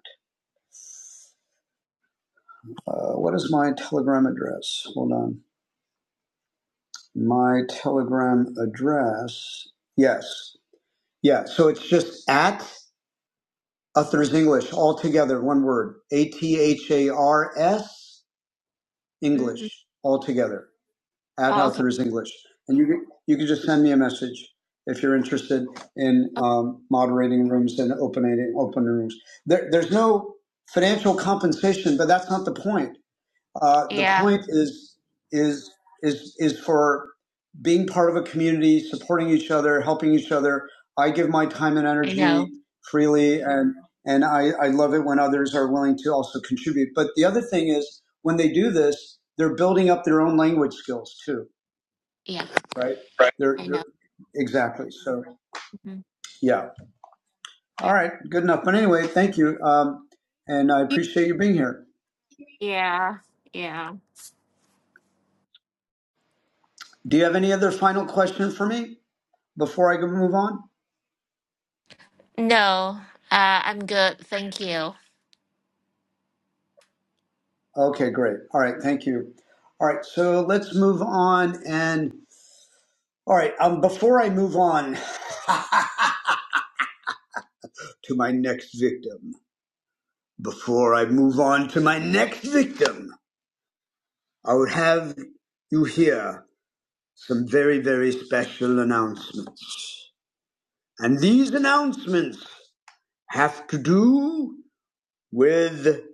[SPEAKER 1] Uh, what is my Telegram address? Hold on. My Telegram address. Yes. Yeah, so it's just at Uthers English, all together, one word. A T H A R S
[SPEAKER 10] hmm
[SPEAKER 1] English, all together. At
[SPEAKER 10] Oh, okay.
[SPEAKER 1] Uthers English. And you, can- you can just send me a message if you're interested in
[SPEAKER 10] Okay.
[SPEAKER 1] um, moderating rooms and opening open rooms. There, there's no financial compensation, but that's not the point. Uh, the
[SPEAKER 10] Yeah,
[SPEAKER 1] point is is is is for being part of a community, supporting each other, helping each other. I give my time and
[SPEAKER 10] I
[SPEAKER 1] energy
[SPEAKER 10] know.
[SPEAKER 1] freely, and and I, I love it when others are willing to also contribute. But the other thing is when they do this, they're building up their own language skills too,
[SPEAKER 10] Yeah,
[SPEAKER 1] right?
[SPEAKER 10] Right.
[SPEAKER 1] They're,
[SPEAKER 10] I
[SPEAKER 1] they're
[SPEAKER 10] know.
[SPEAKER 1] exactly so.
[SPEAKER 10] hmm
[SPEAKER 1] Yeah. All
[SPEAKER 10] Yeah.
[SPEAKER 1] right. Good enough. But anyway, thank you, um, and I appreciate you being here.
[SPEAKER 10] Yeah. Yeah.
[SPEAKER 1] Do you have any other final question for me before I can move on?
[SPEAKER 10] No, uh, I'm good. Thank you.
[SPEAKER 1] Okay, great. All right, thank you. All right, so let's move on. And all right, um, before I move on to my next victim, before I move on to my next victim, I would have you hear some very, very special announcements. And these announcements have to do with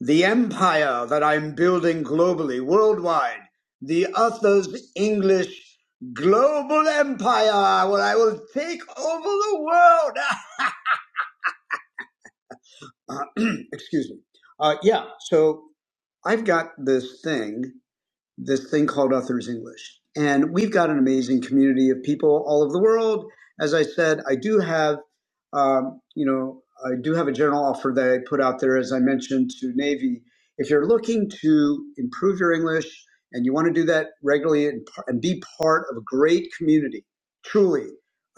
[SPEAKER 1] the empire that I'm building globally, worldwide, the Others English global empire, where I will take over the world. Ah, Excuse me. Uh, yeah, so I've got this thing this thing called Authors English. And we've got an amazing community of people all over the world. As I said, I do have, um, you know, I do have a general offer that I put out there, as I mentioned to Navy. If you're looking to improve your English and you want to do that regularly and, par- and be part of a great community, truly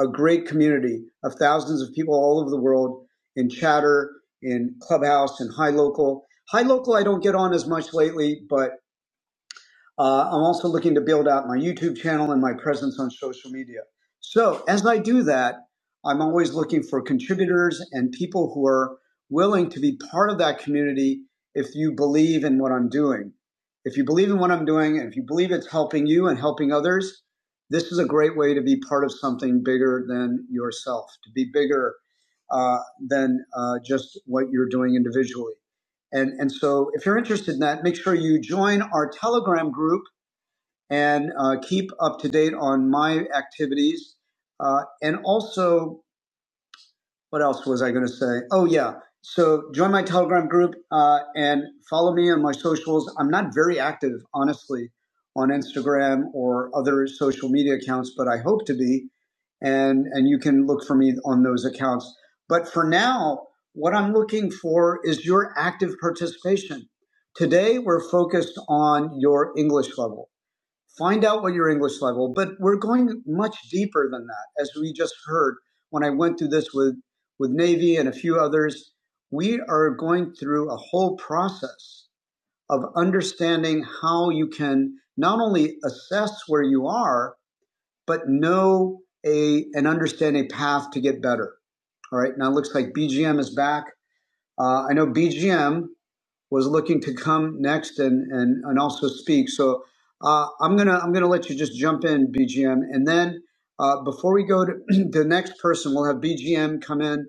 [SPEAKER 1] a great community of thousands of people all over the world in chatter, in clubhouse, in high local. High local, I don't get on as much lately, but uh, I'm also looking to build out my YouTube channel and my presence on social media. So as I do that, I'm always looking for contributors and people who are willing to be part of that community if you believe in what I'm doing. If you believe in what I'm doing, and if you believe it's helping you and helping others, this is a great way to be part of something bigger than yourself, to be bigger uh, than uh, just what you're doing individually. And, and so if you're interested in that, make sure you join our Telegram group and uh, keep up to date on my activities. Uh, and also, what else was I going to say? Oh, yeah. So join my Telegram group uh, and follow me on my socials. I'm not very active, honestly, on Instagram or other social media accounts, but I hope to be and and you can look for me on those accounts. But for now, what I'm looking for is your active participation. Today, we're focused on your English level Find out what your English level, but we're going much deeper than that. As we just heard when I went through this with, with Navy and a few others, we are going through a whole process of understanding how you can not only assess where you are, but know a and understand a path to get better. All right, now it looks like BGM is back. Uh, I know BGM was looking to come next and and and also speak. So uh, I'm gonna I'm gonna let you just jump in, BGM, and then uh, before we go to the next person, we'll have BGM come in,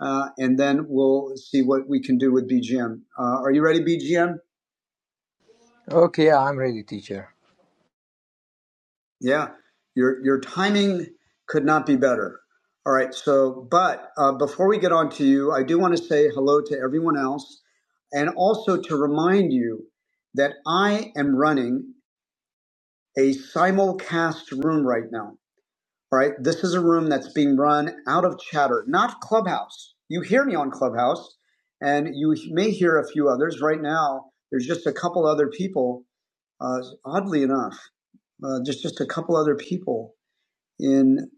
[SPEAKER 1] uh, and then we'll see what we can do with BGM. Uh, are you ready, BGM?
[SPEAKER 9] Okay, I'm ready, teacher.
[SPEAKER 1] Yeah, your your timing could not be better. All right. So, but uh, before we get on to you, I do want to say hello to everyone else, and also to remind you that I am running. a simulcast room right now. All right. This is a room that's being run out of chatter, not Clubhouse. You hear me on Clubhouse, and you may hear a few others. Right now, there's just a couple other people, uh, oddly enough, uh, just, just a couple other people in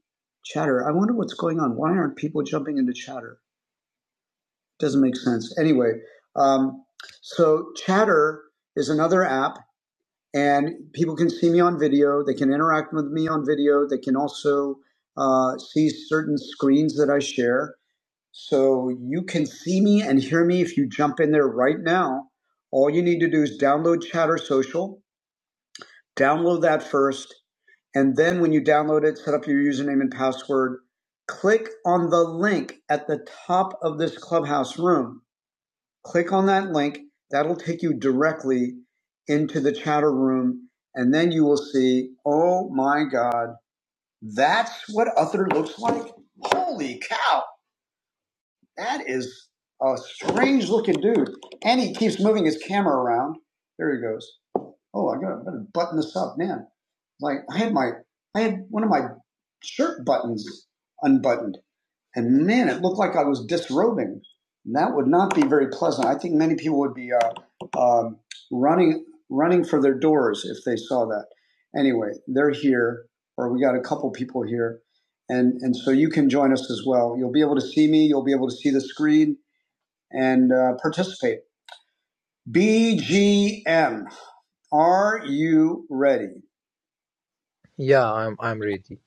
[SPEAKER 1] chatter. I wonder what's going on. Why aren't people jumping into chatter? Doesn't make sense. Anyway, um, so chatter is another app and people can see me on video. They can interact with me on video. They can also uh, see certain screens that I share. So you can see me and hear me if you jump in there right now. All you need to do is download Chatter Social, download that first, and then when you download it, set up your username and password. Click on the link at the top of this clubhouse room click on that link. That'll take you directly into the chatter room. And then you will see, oh my God, that's what Uther looks like. Holy cow. That is a strange looking dude. And he keeps moving his camera around. There he goes. Oh, I gotta, I gotta button this up, man. Like I had my, I had one of my shirt buttons unbuttoned. And man, it looked like I was disrobing. And that would not be very pleasant. I think many people would be uh, um, running running for their doors if they saw that. Anyway, they're here, or we got a couple people here, and and so you can join us as well. You'll be able to see me. You'll be able to see the screen and uh, participate. BGM. Are you ready?
[SPEAKER 9] Yeah, I'm I'm ready.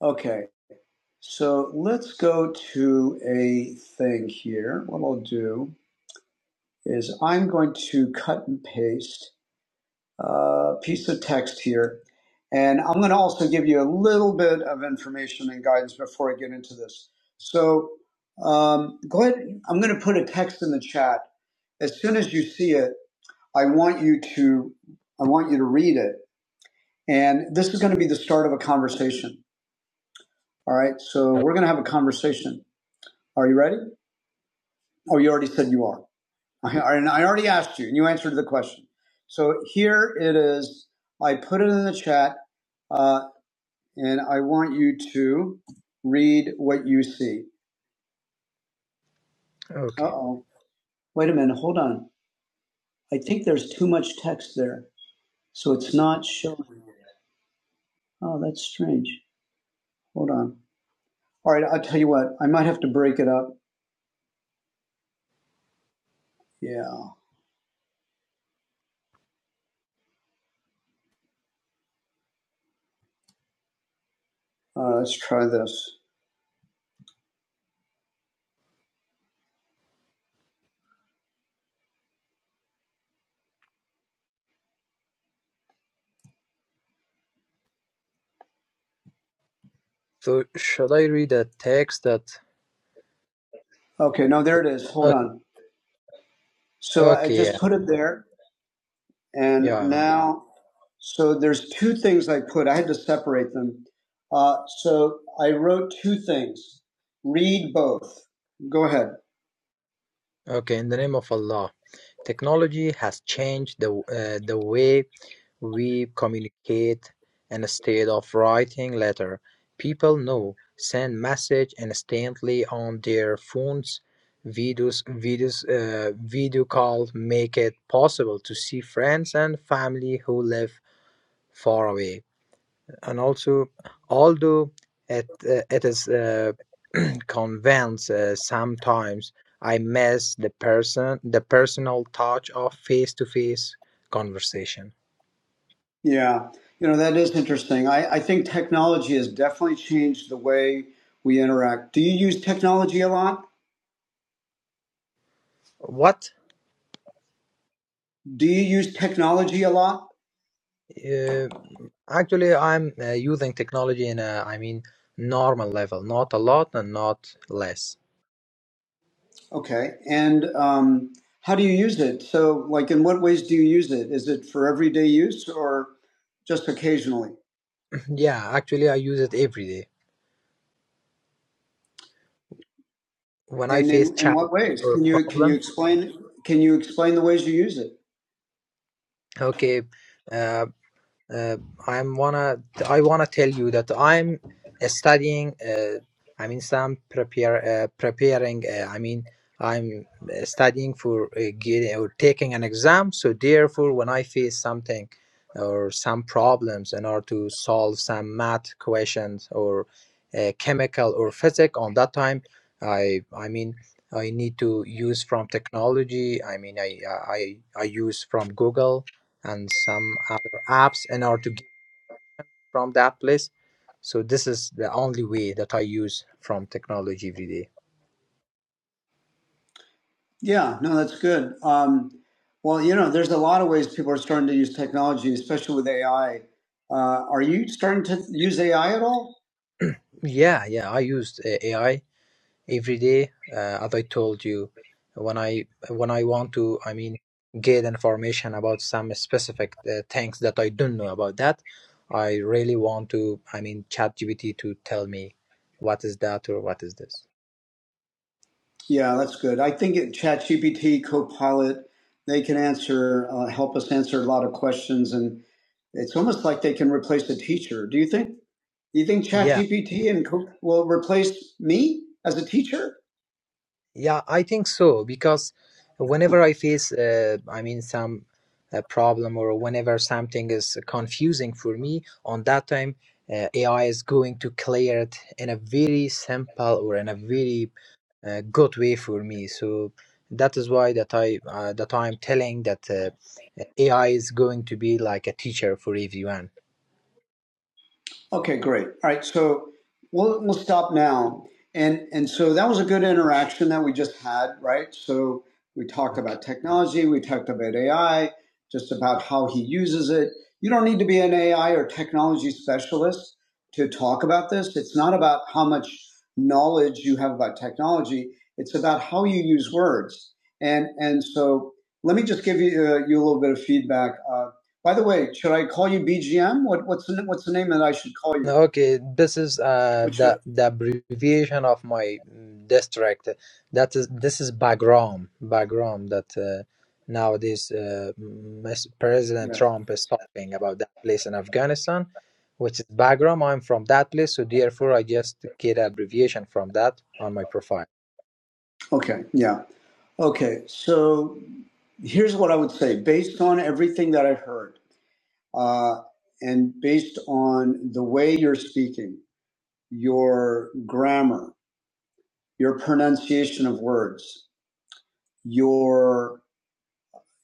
[SPEAKER 1] Okay, so let's go to a thing here. What I'll do. is I'm going to cut and paste a piece of text here. And I'm going to also give you a little bit of information and guidance before I get into this. So um, go ahead. I'm going to put a text in the chat. As soon as you see it, I want you to I want you to read it. And this is going to be the start of a conversation. All right. So
[SPEAKER 9] O-
[SPEAKER 1] we're going to have a conversation. Are you ready? Oh, you already said you are. I, and I already asked you, and you answered the question. So here it is. I put it in the chat, uh, and I want you to read what you see. Uh
[SPEAKER 9] Okay.
[SPEAKER 1] oh. Wait a minute. Hold on. I think there's too much text there. So it's not showing. Oh, that's strange. Hold on. All right. I'll tell you what. I might have to break it up. Yeah. Uh, let's try this.
[SPEAKER 9] So should I read a text that
[SPEAKER 1] Okay. No, there it is. Hold
[SPEAKER 9] okay,
[SPEAKER 1] on. So I
[SPEAKER 9] okay, yeah.
[SPEAKER 1] just put it there. And
[SPEAKER 9] Yeah.
[SPEAKER 1] now, so there's two things I put. I had to separate them. Uh, so I wrote two things. Read both. Go ahead.
[SPEAKER 9] Okay, in the name of Allah. Technology has changed the w- uh, the way we communicate instead of writing letter. People now send message instantly on their phones. Videos, videos, uh, video call make it possible to see friends and family who live far away. and also although it, uh, it is uh, convinced uh, sometimes i miss the person the personal touch of face-to-face conversation
[SPEAKER 1] Yeah. You know, that is interesting. I, I think technology has definitely changed the way we interact. Do you use technology a lot?
[SPEAKER 9] what
[SPEAKER 1] Do you use technology a lot?
[SPEAKER 9] uh, actually i'm uh, using technology in a i mean normal level not a lot and not less
[SPEAKER 1] Okay. And um, how do you use it? So, like, in what ways do you use it? Is it for everyday use or just occasionally?
[SPEAKER 9] yeah actually i use it every day when i
[SPEAKER 1] And
[SPEAKER 9] face
[SPEAKER 1] in, in
[SPEAKER 9] challenge
[SPEAKER 1] what ways?
[SPEAKER 9] or
[SPEAKER 1] Can you can you
[SPEAKER 9] problem
[SPEAKER 1] explain can you explain the ways you use it?
[SPEAKER 9] okay uh, uh, I'm wanna I wanna tell you that I'm uh, studying. Uh, I mean, some prepare uh, preparing. Uh, I mean, I'm uh, studying for uh, getting or taking an exam. So therefore, when I face something or some problems in order to solve some math questions or uh, chemical or physics, on that time, I I mean. I need to use from technology. I mean, I I, I I use from Google and some other apps in order to get from that place. So this is the only way that I use from technology every day.
[SPEAKER 1] Yeah, no, that's good. Um, well, you know, there's a lot of ways people are starting to use technology, especially with AI. Uh, are you starting to use AI at all?
[SPEAKER 9] Yeah, yeah, I used uh, AI every day. Uh, as I told you, when I when I want to, I mean, get information about some specific uh, things that I don't know about that, I really want to, I mean, ChatGPT to tell me what is that or what is this.
[SPEAKER 1] Yeah, that's good. I think it, ChatGPT, Copilot, they can answer, uh, help us answer a lot of questions, and it's almost like they can replace a teacher. Do you think? Do you think
[SPEAKER 9] Yeah.
[SPEAKER 1] ChatGPT and will replace me as a teacher?
[SPEAKER 9] Yeah, I think so because whenever I face, uh, I mean, some uh, problem or whenever something is confusing for me, on that time, uh, AI is going to clear it in a very simple or in a very uh, good way for me. So that is why that I uh, that I'm telling that uh, AI is going to be like a teacher for everyone.
[SPEAKER 1] Okay, great. All right, so we'll we'll stop now. And and so that was a good interaction that we just had, right? So we talked
[SPEAKER 9] Okay.
[SPEAKER 1] about technology, we talked about AI, just about how he uses it. You don't need to be an AI or technology specialist to talk about this. It's not about how much knowledge you have about technology. It's about how you use words. And and so let me just give you uh, you a little bit of feedback. Uh, by the way, should I call you BGM? What, what's the what's the name that I should call you?
[SPEAKER 9] Okay, this is uh,
[SPEAKER 1] What should?
[SPEAKER 9] the the abbreviation of my mm, district. That is this is Bagram, Bagram that uh, nowadays uh, Ms. President
[SPEAKER 1] Yeah.
[SPEAKER 9] Trump is talking about that place in Afghanistan, which is Bagram. I'm from that place, so therefore I just get abbreviation from that on my profile.
[SPEAKER 1] Okay. Yeah. Okay. So here's what I would say, based on everything that I heard, uh, and based on the way you're speaking, your grammar, your pronunciation of words, your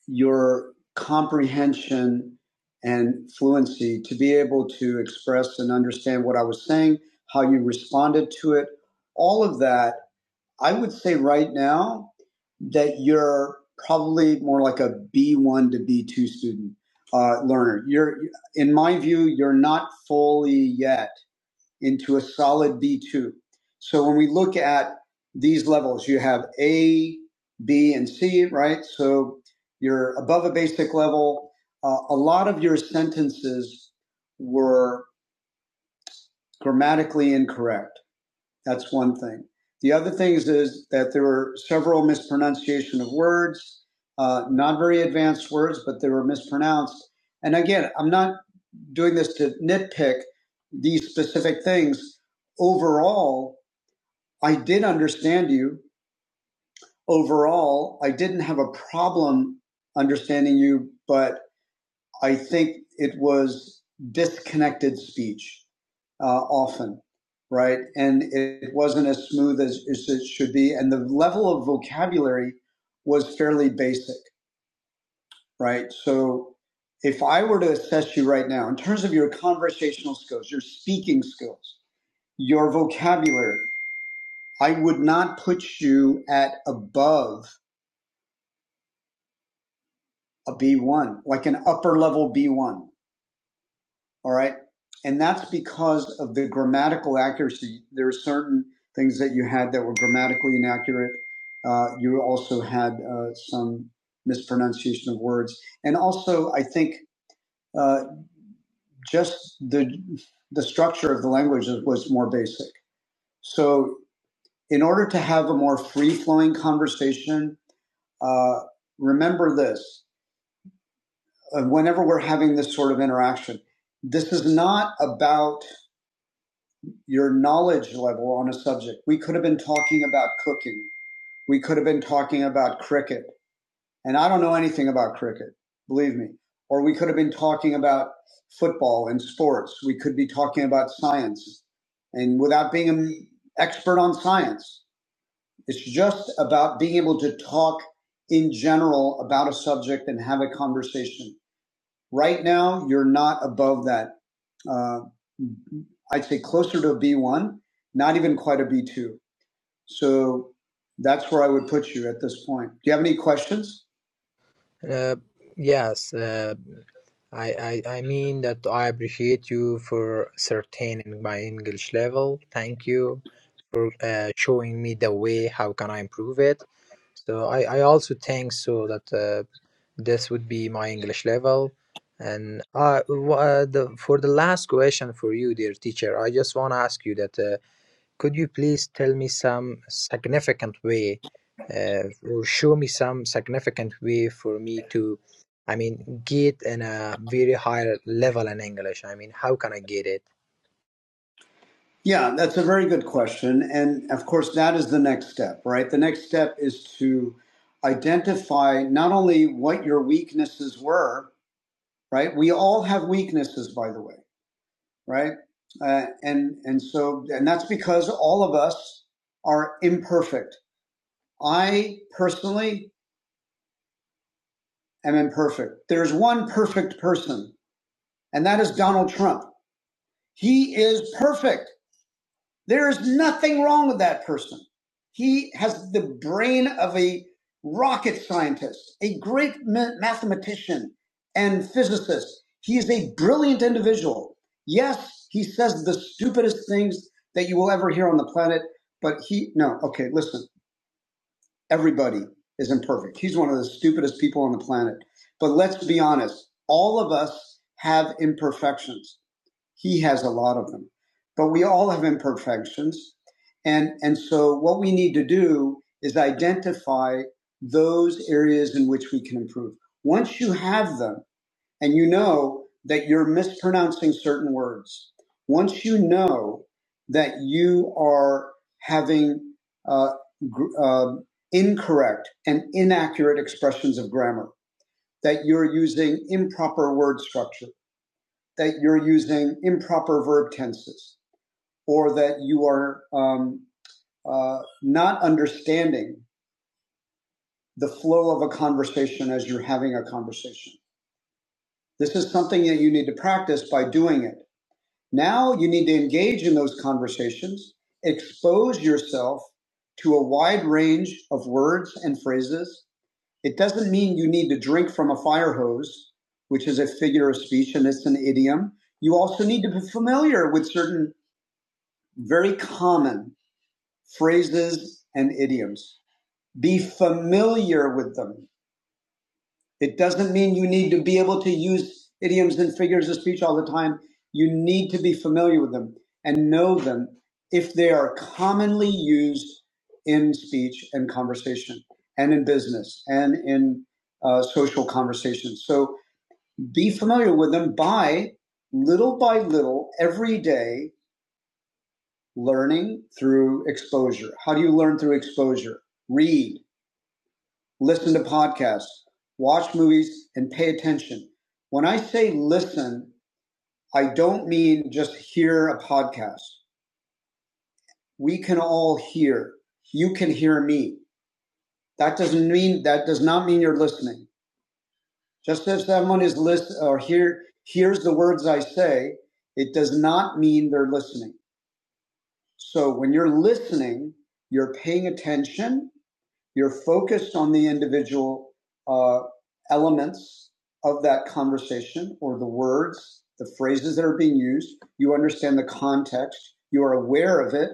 [SPEAKER 1] your comprehension and fluency to be able to express and understand what I was saying, how you responded to it, all of that I would say right now that you're probably more like a B1 to B2 student uh, learner. You're, in my view, you're not fully yet into a solid B2. So when we look at these levels, you have A, B, and C, right? So you're above a basic level. Uh, a lot of your sentences were grammatically incorrect that's one thing. The other things is is that there were several mispronunciation of words, uh, not very advanced words, but they were mispronounced. And again, I'm not doing this to nitpick these specific things. Overall, I did understand you. Overall, I didn't have a problem understanding you, but. I think it was disconnected speech uh, often, right? And it wasn't as smooth as, as it should be. And the level of vocabulary was fairly basic, right? So if I were to assess you right now, in terms of your conversational skills, your speaking skills, your vocabulary, I would not put you at above a B1, like an upper level B1 All right. And that's because of the grammatical accuracy. There are certain things that you had that were grammatically inaccurate. Uh, you also had uh, some mispronunciation of words. And also, I think uh, just the, the structure of the language was more basic. So, in order to have a more free flowing conversation, uh, remember this uh, whenever we're having this sort of interaction, this is not about your knowledge level on a subject. We could have been talking about cooking. We could have been talking about cricket. And I don't know anything about cricket, believe me. Or we could have been talking about football and sports. We could be talking about science. And without being an expert on science, it's just about being able to talk in general about a subject and have a conversation. Right now, you're not above that. Uh, I'd say closer to a B1, not even quite a B2 So that's where I would put you at this point. Do you have any questions?
[SPEAKER 9] Uh, yes, uh, I, I I mean that I appreciate you for certaining my English level. Thank you for uh, showing me the way. How can I improve it? So I, I also think so that uh, this would be my English level. And uh, w- uh, the, for the last question for you, dear teacher, I just want to ask you that. Uh, could you please tell me some significant way uh, or show me some significant way for me to, I mean, get in a very high level in English? I mean, how can I get it?
[SPEAKER 1] Yeah, that's a very good question. And of course, that is the next step, right? The next step is to identify not only what your weaknesses were, right? We all have weaknesses, by the way, right? Uh, and and so and that's because all of us are imperfect. I personally am imperfect. There's one perfect person, and that is Donald Trump. He is perfect. There is nothing wrong with that person. He has the brain of a rocket scientist, a great mathematician and physicist. He is a brilliant individual. Yes, he says the stupidest things that you will ever hear on the planet, but he, no, okay, listen, everybody is imperfect. He's one of the stupidest people on the planet. But let's be honest, all of us have imperfections. He has a lot of them. But we all have imperfections. And, and so what we need to do is identify those areas in which we can improve. Once you have them and you know that you're mispronouncing certain words, once you know that you are having uh, gr- uh, incorrect and inaccurate expressions of grammar, that you're using improper word structure, that you're using improper verb tenses or that you are um, uh, not understanding the flow of a conversation as you're having a conversation. This is something that you need to practice by doing it. Now you need to engage in those conversations, expose yourself to a wide range of words and phrases. It doesn't mean you need to drink from a fire hose, which is a figure of speech and it's an idiom. You also need to be familiar with certain very common phrases and idioms. Be familiar with them. It doesn't mean you need to be able to use idioms and figures of speech all the time. You need to be familiar with them and know them if they are commonly used in speech and conversation and in business and in uh, social conversations. So be familiar with them by little by little every day learning through exposure. How do you learn through exposure? Read, listen to podcasts, watch movies, and pay attention. When I say listen, I don't mean just hear a podcast. We can all hear. You can hear me. That doesn't mean that does not mean you're listening. Just as someone is listen or hear hears the words I say, it does not mean they're listening. So when you're listening, you're paying attention You're focused on the individual uh, elements of that conversation or the words, the phrases that are being used. You understand the context. You are aware of it.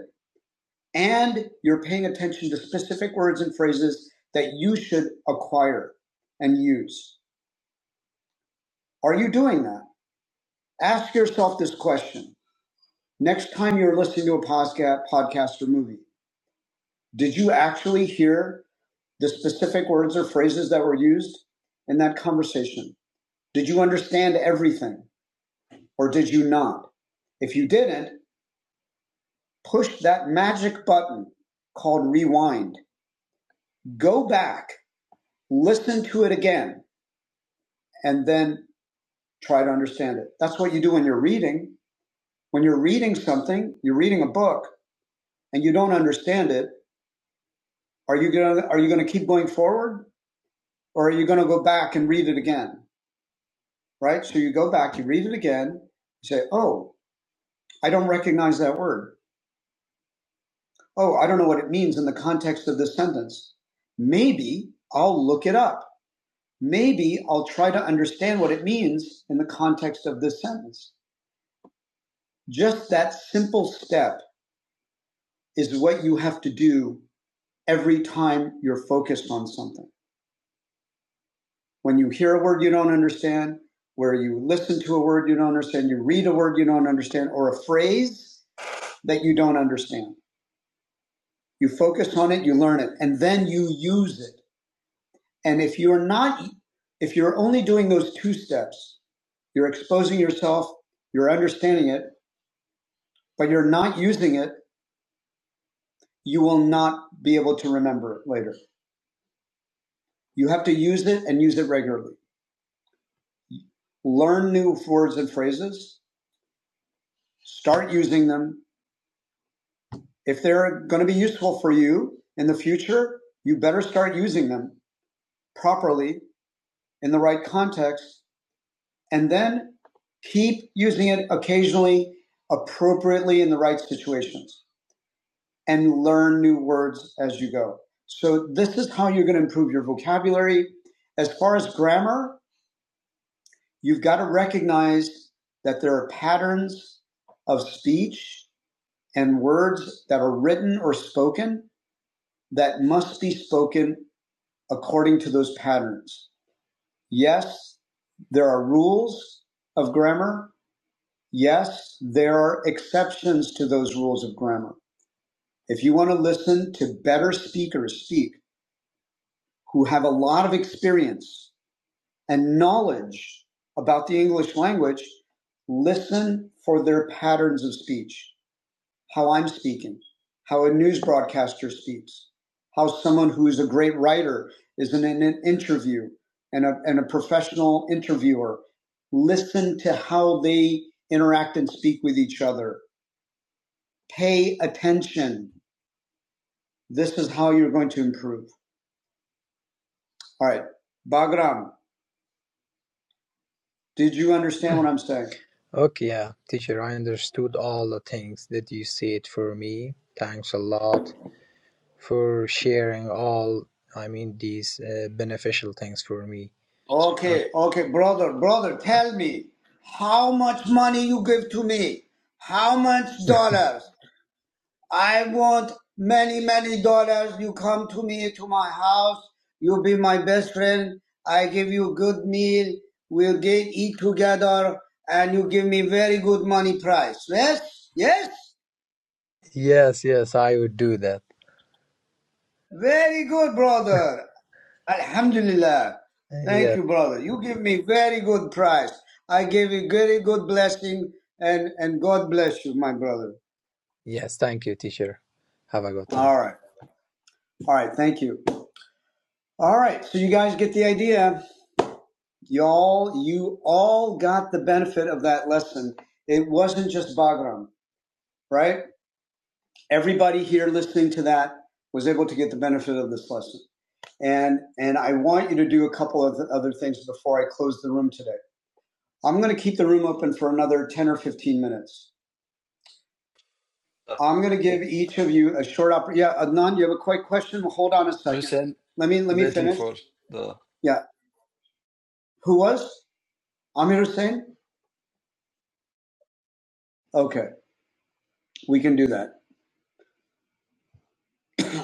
[SPEAKER 1] And you're paying attention to specific words and phrases that you should acquire and use. Are you doing that? Ask yourself this question. Next time you're listening to a posca- podcast or movie, did you actually hear the specific words or phrases that were used in that conversation? Did you understand everything or did you not? If you didn't, push that magic button called rewind. Go back, listen to it again, and then try to understand it. That's what you do when you're reading. When you're reading something, you're reading a book and you don't understand it, are you going to are you going to keep going forward or are you going to go back and read it again? Right? So you go back, you read it again, you say, "Oh, I don't recognize that word." oh, I don't know what it means in the context of this sentence. Maybe I'll look it up. Maybe I'll try to understand what it means in the context of this sentence. Just that simple step is what you have to do every time you're focused on something. When you hear a word you don't understand, where you listen to a word you don't understand, you read a word you don't understand, or a phrase that you don't understand. You focus on it, you learn it, and then you use it. And if you're not, if you're only doing those two steps, you're exposing yourself, you're understanding it, but you're not using it, you will not be able to remember it later. You have to use it and use it regularly. Learn new words and phrases, start using them. If they're going to be useful for you in the future, you better start using them properly in the right context and then keep using it occasionally appropriately in the right situations and learn new words as you go. So this is how you're going to improve your vocabulary. As far as grammar, you've got to recognize that there are patterns of speech and words that are written or spoken that must be spoken according to those patterns. Yes, there are rules of grammar. Yes, there are exceptions to those rules of grammar. If you want to listen to better speakers speak, who have a lot of experience and knowledge about the English language, listen for their patterns of speech, how I'm speaking, how a news broadcaster speaks, how someone who is a great writer is in an, interview and a, and a professional interviewer. Listen to how they interact and speak with each other. Pay attention. This is how you're going to improve. All right. Bagram, did you understand what I'm saying?
[SPEAKER 9] Okay, yeah, teacher, I understood all the things that you said for me. Thanks a lot for sharing all, I mean, these uh, beneficial things for me. And
[SPEAKER 1] Okay, okay, brother, brother, tell me how much money you give to me? How much dollars? I want many, many dollars. You come to me to my house. You be my best friend. I give you good meal. We'll get eat together, and you give me very good money price. Yes, yes,
[SPEAKER 9] yes, yes, I would do that.
[SPEAKER 1] very good, brother. Alhamdulillah. Thank
[SPEAKER 9] Yes,
[SPEAKER 1] you, brother. You give me very good price. I give you very good blessing and, and God bless you, my brother.
[SPEAKER 9] yes, thank you, teacher. Have a good time.
[SPEAKER 1] All right. All right. Thank you. All right. So you guys get the idea. Y'all, you all got the benefit of that lesson. It wasn't just Bagram, right? Everybody here listening to that was able to get the benefit of this lesson. And, and I want you to do a couple of other things before I close the room today. I'm going to keep the room open for another 10 or 15 minutes.
[SPEAKER 6] Uh,
[SPEAKER 1] I'm going to give each of you a short opportunity. Yeah, Adnan, you have a quick question. Well, Hold on a second.
[SPEAKER 6] Hussein,
[SPEAKER 1] Let me let me
[SPEAKER 6] waiting
[SPEAKER 1] finish.
[SPEAKER 6] for the
[SPEAKER 1] Yeah, who was Amir Hussein? Okay, we can do that.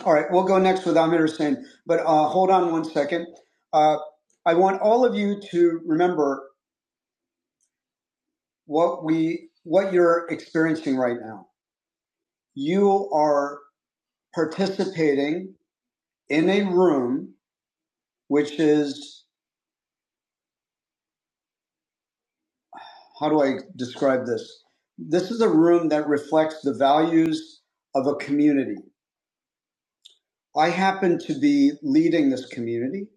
[SPEAKER 1] All right, we'll go next with Amir Hussein. But uh, hold on one second. Uh, I want all of you to remember what we what you're experiencing right now. You are participating in a room which is how do I describe this? This is a room that reflects the values of a community. I happen to be leading this community,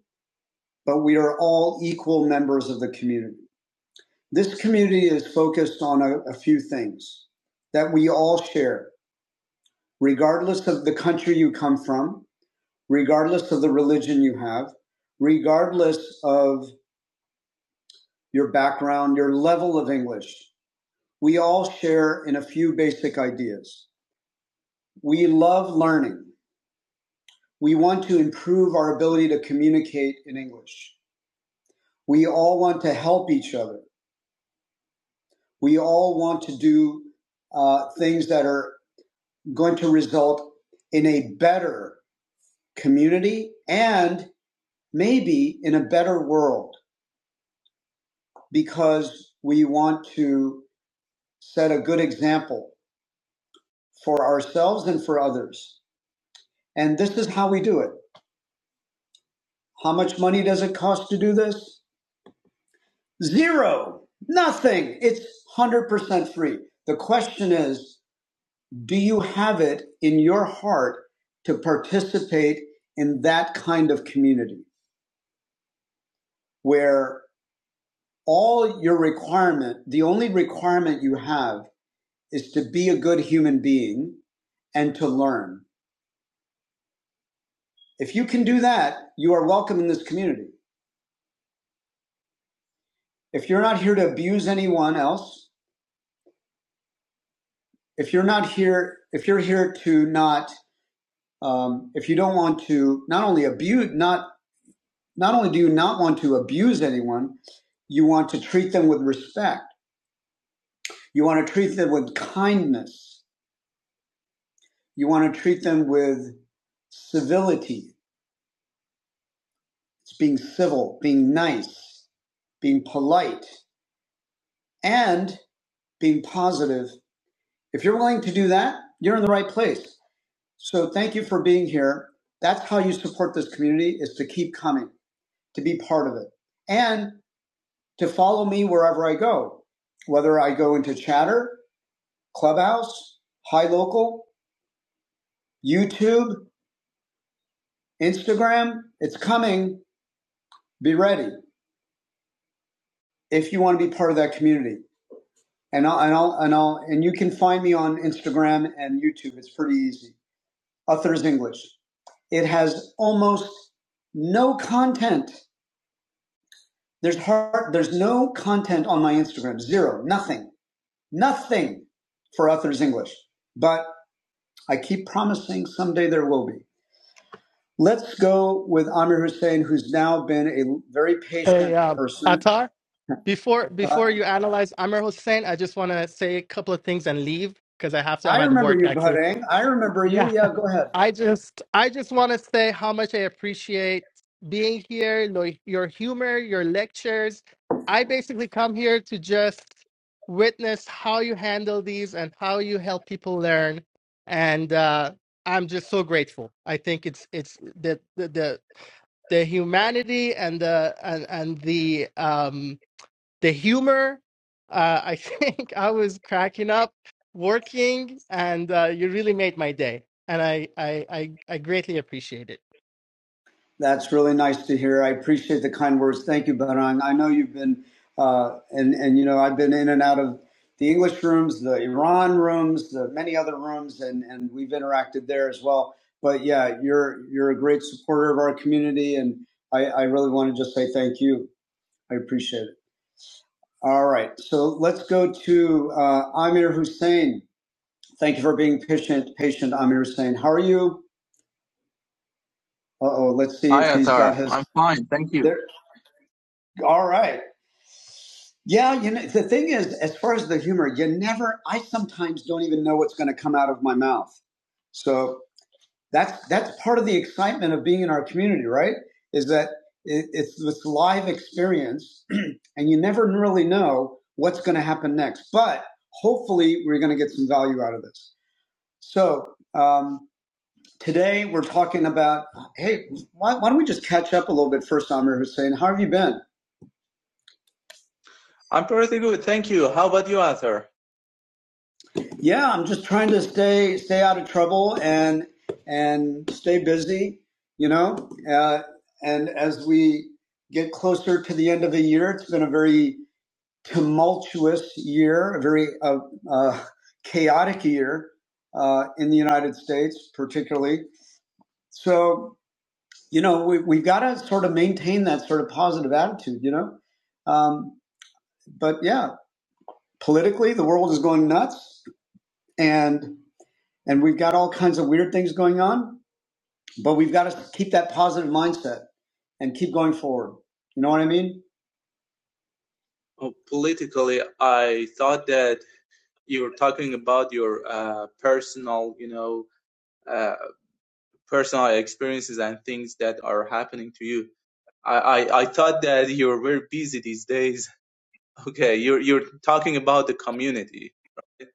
[SPEAKER 1] but we are all equal members of the community. This community is focused on a, a few things that we all share, regardless of the country you come from, regardless of the religion you have, regardless of your background, your level of English. We all share in a few basic ideas. We love learning. We want to improve our ability to communicate in English. We all want to help each other. We all want to do uh, things that are going to result in a better community and maybe in a better world because we want to set a good example for ourselves and for others. And this is how we do it. How much money does it cost to do this? Zero. Nothing. It's 100% free. The question is, do you have it in your heart to participate in that kind of community where all your requirement, the only requirement you have is to be a good human being and to learn. If you can do that, you are welcome in this community. If you're not here to abuse anyone else, if you're not here, if you're here to not um, if you don't want to not only abuse not not only do you not want to abuse anyone you want to treat them with respect you want to treat them with kindness you want to treat them with civility it's being civil being nice being polite and being positive if you're willing to do that you're in the right place so thank you for being here that's how you support this community is to keep coming to be part of it and to follow me wherever I go, whether I go into Chatter, Clubhouse, High Local, YouTube, Instagram. It's coming. Be ready if you want to be part of that community. And I'll, and I'll, and I'll, and you can find me on Instagram and YouTube. It's pretty easy. Uthers English. It has almost no content. There's hard, there's no content on my Instagram. Zero. Nothing. Nothing for Uthers English. But I keep promising someday there will be. Let's go with Amir Hussein, who's now been a very
[SPEAKER 12] Hey,
[SPEAKER 1] patient
[SPEAKER 12] uh,
[SPEAKER 1] person.
[SPEAKER 12] Atar, before
[SPEAKER 1] Uh,
[SPEAKER 12] before you analyze Amr Hossein. I just want to say a couple of things and leave because I have to. I'm
[SPEAKER 1] I
[SPEAKER 12] at
[SPEAKER 1] remember
[SPEAKER 12] work
[SPEAKER 1] you,
[SPEAKER 12] actually.
[SPEAKER 1] Barang. I remember
[SPEAKER 12] Yeah.
[SPEAKER 1] you. Yeah, go ahead.
[SPEAKER 12] I just I just want to say how much I appreciate being here, lo- your humor, your lectures. I basically come here to just witness how you handle these and how you help people learn. And uh, I'm just so grateful. I think it's it's the the the, the humanity and the and and the um the humor uh, i think i was cracking up working and uh, you really made my day and I, I i i greatly appreciate it
[SPEAKER 1] That's really nice to hear. I appreciate the kind words. Thank you, Barang. I know you've been, uh, and, and you know, I've been in and out of the English rooms, the Iran rooms, the many other rooms, and, and we've interacted there as well. But yeah, you're you're a great supporter of our community, and I, I really want to just say thank you. I appreciate it. All right. So let's go to uh, Amir Hussein. Thank you for being patient, patient Amir Hussein. How are you? Uh oh. Let's see if
[SPEAKER 13] Hi,
[SPEAKER 1] he's got
[SPEAKER 13] Arthur.
[SPEAKER 1] his.
[SPEAKER 13] I'm fine, thank you.
[SPEAKER 1] There. All right. Yeah. You know, the thing is, as far as the humor, you never. I sometimes don't even know what's going to come out of my mouth. So that's that's part of the excitement of being in our community, right? Is that it, it's this live experience, and you never really know what's going to happen next. But hopefully, we're going to get some value out of this. So um, today we're talking about. Hey, why, why don't we just catch up a little bit first, Amir Hussein? How have you been?
[SPEAKER 13] I'm pretty good, thank you. How about you, Arthur?
[SPEAKER 1] Yeah, I'm just trying to stay stay out of trouble and and stay busy. You know, uh, and as we get closer to the end of the year, it's been a very tumultuous year, a very uh, uh, chaotic year uh, in the United States, particularly. So you know we, we've got to sort of maintain that sort of positive attitude you know um, but yeah politically the world is going nuts and and we've got all kinds of weird things going on but we've got to keep that positive mindset and keep going forward you know what i mean
[SPEAKER 13] Oh, Politically, I thought that you were talking about your uh, personal, you know, uh, personal experiences and things that are happening to you. I, I, I thought that you were very busy these days. Okay, you're you're talking about the community. right?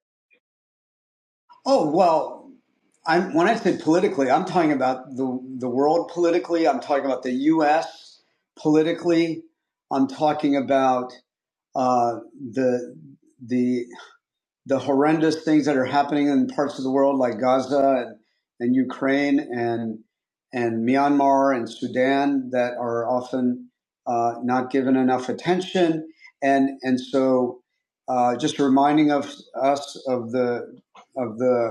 [SPEAKER 1] oh well I'm, when I said politically, I'm talking about the the world politically. I'm talking about the U.S. politically. I'm talking about uh, the the the horrendous things that are happening in parts of the world like Gaza and, and Ukraine and and Myanmar and Sudan that are often uh, not given enough attention and and so uh, just reminding of us of the of the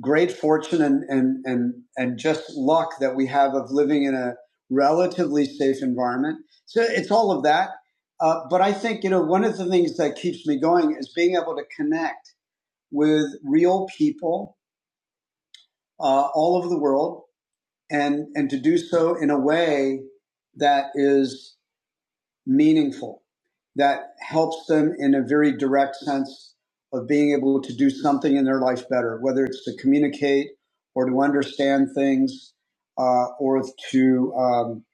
[SPEAKER 1] great fortune and, and, and, and just luck that we have of living in a relatively safe environment. So it's all of that. Uh, but I think, you know, one of the things that keeps me going is being able to connect with real people uh, all over the world and, and to do so in a way that is meaningful that helps them in a very direct sense of being able to do something in their life better, whether it's to communicate or to understand things uh, or to, um,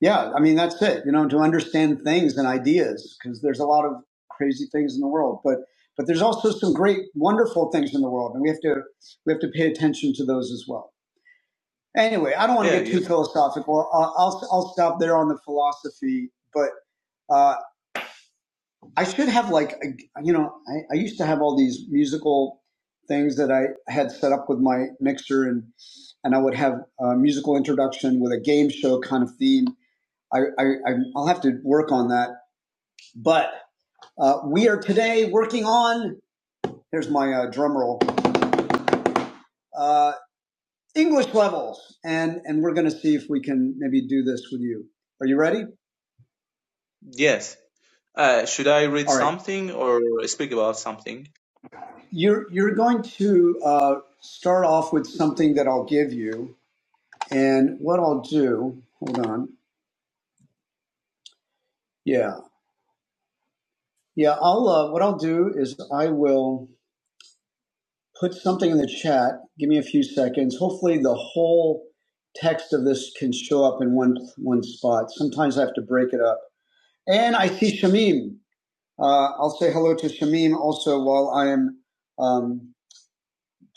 [SPEAKER 1] yeah, I mean, that's it, you know, to understand things and ideas because there's a lot of crazy things in the world. But but there's also some great, wonderful things in the world, and we have to we have to pay attention to those as well. Anyway, I don't want to
[SPEAKER 13] Yeah,
[SPEAKER 1] get
[SPEAKER 13] you
[SPEAKER 1] too
[SPEAKER 13] know.
[SPEAKER 1] philosophical. I'll I'll, I'll stop there on the philosophy, but uh, I should have like you know I, I used to have all these musical things that I had set up with my mixer and and I would have a musical introduction with a game show kind of theme. I, I I'll have to work on that. But uh, we are today working on. Here's my uh, drum roll. Uh, English levels, and and we're going to see if we can maybe do this with you. Are you ready?
[SPEAKER 13] Yes. Uh, should I read
[SPEAKER 1] All right.
[SPEAKER 13] something or speak about something?
[SPEAKER 1] You're you're going to uh, start off with something that I'll give you And what I'll do, hold on. Yeah. Yeah, I'll, uh, what I'll do is I will put something in the chat. Give me a few seconds. Hopefully the whole text of this can show up in one, one spot. Sometimes I have to break it up. And I see Shamim. Uh, I'll say hello to Shamim also while I am, um,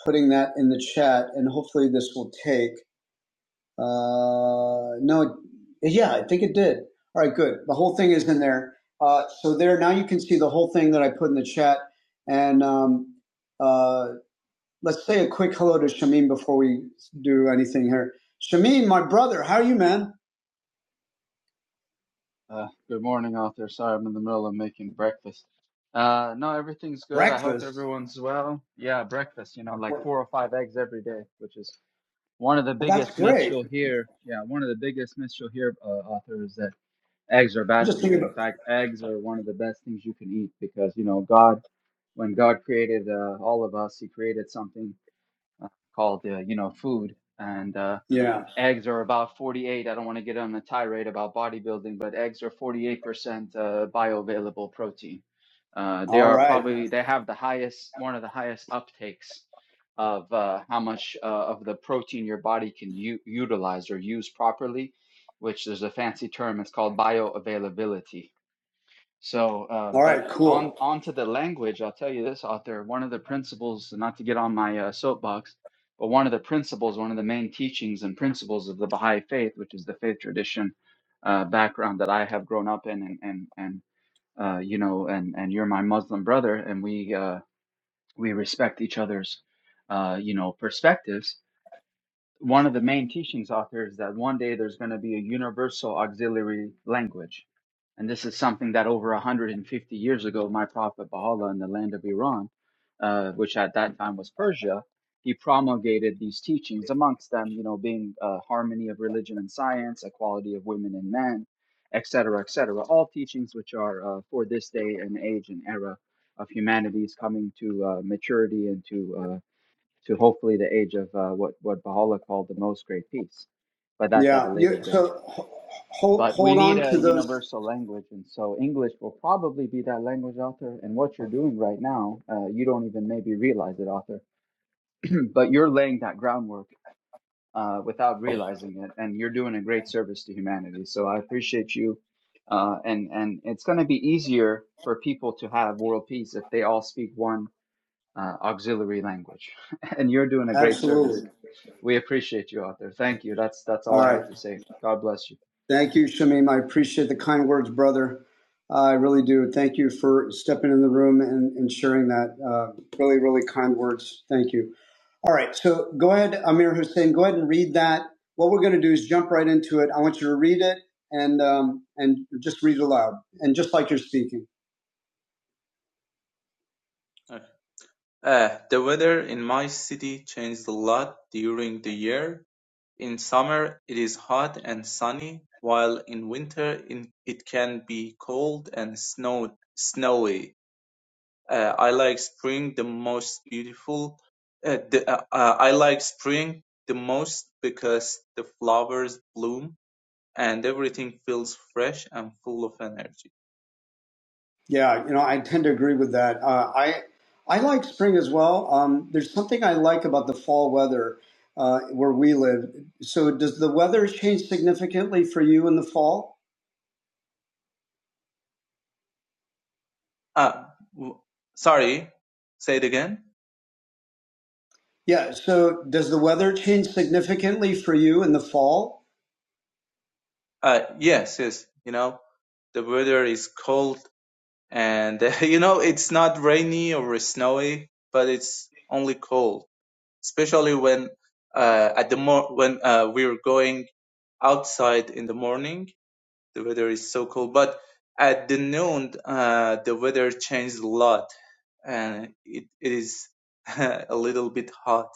[SPEAKER 1] putting that in the chat and hopefully this will take. Uh, no, yeah, I think it did. All right, good. The whole thing is in there. Uh, so there, now you can see the whole thing that I put in the chat. And um, uh, let's say a quick hello to Shamim before we do anything here. Shamim, my brother, how are you, man?
[SPEAKER 14] Uh, good morning out there. Sorry, I'm in the middle of making breakfast. Uh, no, everything's good. I hope
[SPEAKER 1] Breakfast.
[SPEAKER 14] everyone's well. Yeah, breakfast, you know, like
[SPEAKER 1] Well,
[SPEAKER 14] four or five eggs every day, which is one of the
[SPEAKER 1] that's
[SPEAKER 14] biggest myths
[SPEAKER 1] great.
[SPEAKER 14] you'll hear. Yeah, one of the biggest myths you'll hear, uh, author, is that eggs are
[SPEAKER 1] I'm
[SPEAKER 14] bad
[SPEAKER 1] just
[SPEAKER 14] for
[SPEAKER 1] thinking
[SPEAKER 14] you. In
[SPEAKER 1] about.
[SPEAKER 14] fact, eggs are one of the best things you can eat because, you know, God, when God created uh, all of us, He created something uh, called, uh, you know, food. And uh,
[SPEAKER 1] Yeah.
[SPEAKER 14] eggs are about 48. I don't want to get on a tirade about bodybuilding, but eggs are 48% uh, bioavailable protein. Uh, they
[SPEAKER 1] All
[SPEAKER 14] are
[SPEAKER 1] right.
[SPEAKER 14] probably they have the highest one of the highest uptakes of uh, how much uh, of the protein your body can u- utilize or use properly, which there's a fancy term. It's called bioavailability so, uh,
[SPEAKER 1] All
[SPEAKER 14] but
[SPEAKER 1] right.
[SPEAKER 14] on
[SPEAKER 1] Cool.
[SPEAKER 14] onto the language, I'll tell you this author. One of the principles, not to get on my uh, soapbox, but one of the principles, one of the main teachings and principles of the Baha'i faith, which is the faith tradition uh, background that I have grown up in, and and and uh, you know, and and you're my Muslim brother, and we uh, we respect each other's uh, you know perspectives one of the main teachings out there is that one day there's going to be a universal auxiliary language. And this is something that over 150 years ago, my prophet Baha'u'llah in the land of Iran, uh, which at that time was Persia, he promulgated these teachings, amongst them, you know, being uh, harmony of religion and science, equality of women and men, et cetera, et cetera. All teachings which are uh, for this day and age and era of humanity's coming to uh, maturity and to uh, to hopefully the age of uh, what what Baha'u'llah called the most great peace, but that's at
[SPEAKER 1] Yeah.
[SPEAKER 14] a later
[SPEAKER 1] You,
[SPEAKER 14] date.
[SPEAKER 1] so ho hold
[SPEAKER 14] But we
[SPEAKER 1] hold
[SPEAKER 14] need
[SPEAKER 1] on to
[SPEAKER 14] a
[SPEAKER 1] those.
[SPEAKER 14] universal language, and so English will probably be that language, author. And what you're doing right now, uh, you don't even maybe realize it, author, but you're laying that groundwork uh, without realizing it, and you're doing a great service to humanity. So I appreciate you, uh, and and it's going to be easier for people to have world peace if they all speak one uh, auxiliary language, and you're doing a great service
[SPEAKER 1] Absolutely.
[SPEAKER 14] we appreciate you out there. Thank you. That's that's all
[SPEAKER 1] All
[SPEAKER 14] I
[SPEAKER 1] right.
[SPEAKER 14] have to say. God bless you.
[SPEAKER 1] Thank you, Shamim. I appreciate the kind words, brother. Uh, I really do. Thank you for stepping in the room and, and sharing that. Uh, really, really kind words. Thank you. All right. So go ahead, Amir Hussein. Go ahead and read that. What we're going to do is jump right into it. I want you to read it and um, and just read it aloud and just like you're speaking.
[SPEAKER 13] Uh, Uh, The weather in my city changes a lot during the year. In summer, it is hot and sunny, while in winter, in- it can be cold and snow snowy. Uh, I like spring the most beautiful. uh, the- uh, uh, I like spring the most because the flowers bloom and everything feels fresh and full of energy.
[SPEAKER 1] Yeah, you know, I tend to agree with that. Uh, I I like spring as well. Um, there's something I like about the fall weather uh, where we live. So, does the weather change significantly for you in the fall?
[SPEAKER 13] Ah, w- sorry, say it again.
[SPEAKER 1] Yeah. So, does the weather change significantly for you in the fall?
[SPEAKER 13] Uh, yes, yes. You know, the weather is cold, and you know it's not rainy or snowy, but it's only cold. Especially when uh, at the mor- when uh, we're going outside in the morning, the weather is so cold. But at the noon, uh, the weather changed a lot, and it, it is a little bit hot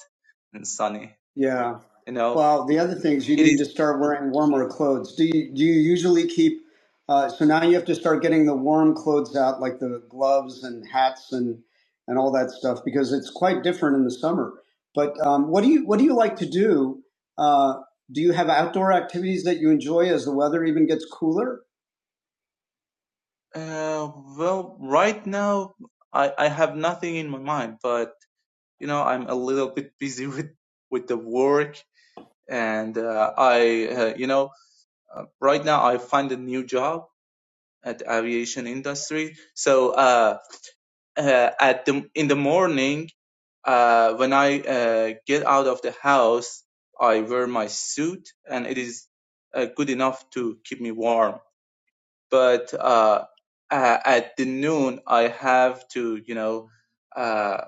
[SPEAKER 13] and sunny.
[SPEAKER 1] Yeah.
[SPEAKER 13] You know,
[SPEAKER 1] Well, the other thing is you
[SPEAKER 13] it
[SPEAKER 1] need
[SPEAKER 13] is.
[SPEAKER 1] to start wearing warmer clothes. Do you do you usually keep? Uh, so now you have to start getting the warm clothes out, like the gloves and hats and and all that stuff, because it's quite different in the summer. But um, what do you what do you like to do? Uh, do you have outdoor activities that you enjoy as the weather even gets cooler?
[SPEAKER 13] Uh, well, right now I, I have nothing in my mind, but you know I'm a little bit busy with with the work, and uh, I uh, you know uh, right now I find a new job at the aviation industry. So uh, uh at the in the morning uh when I uh, get out of the house, I wear my suit, and it is uh, good enough to keep me warm but uh, uh, at the noon I have to, you know, uh,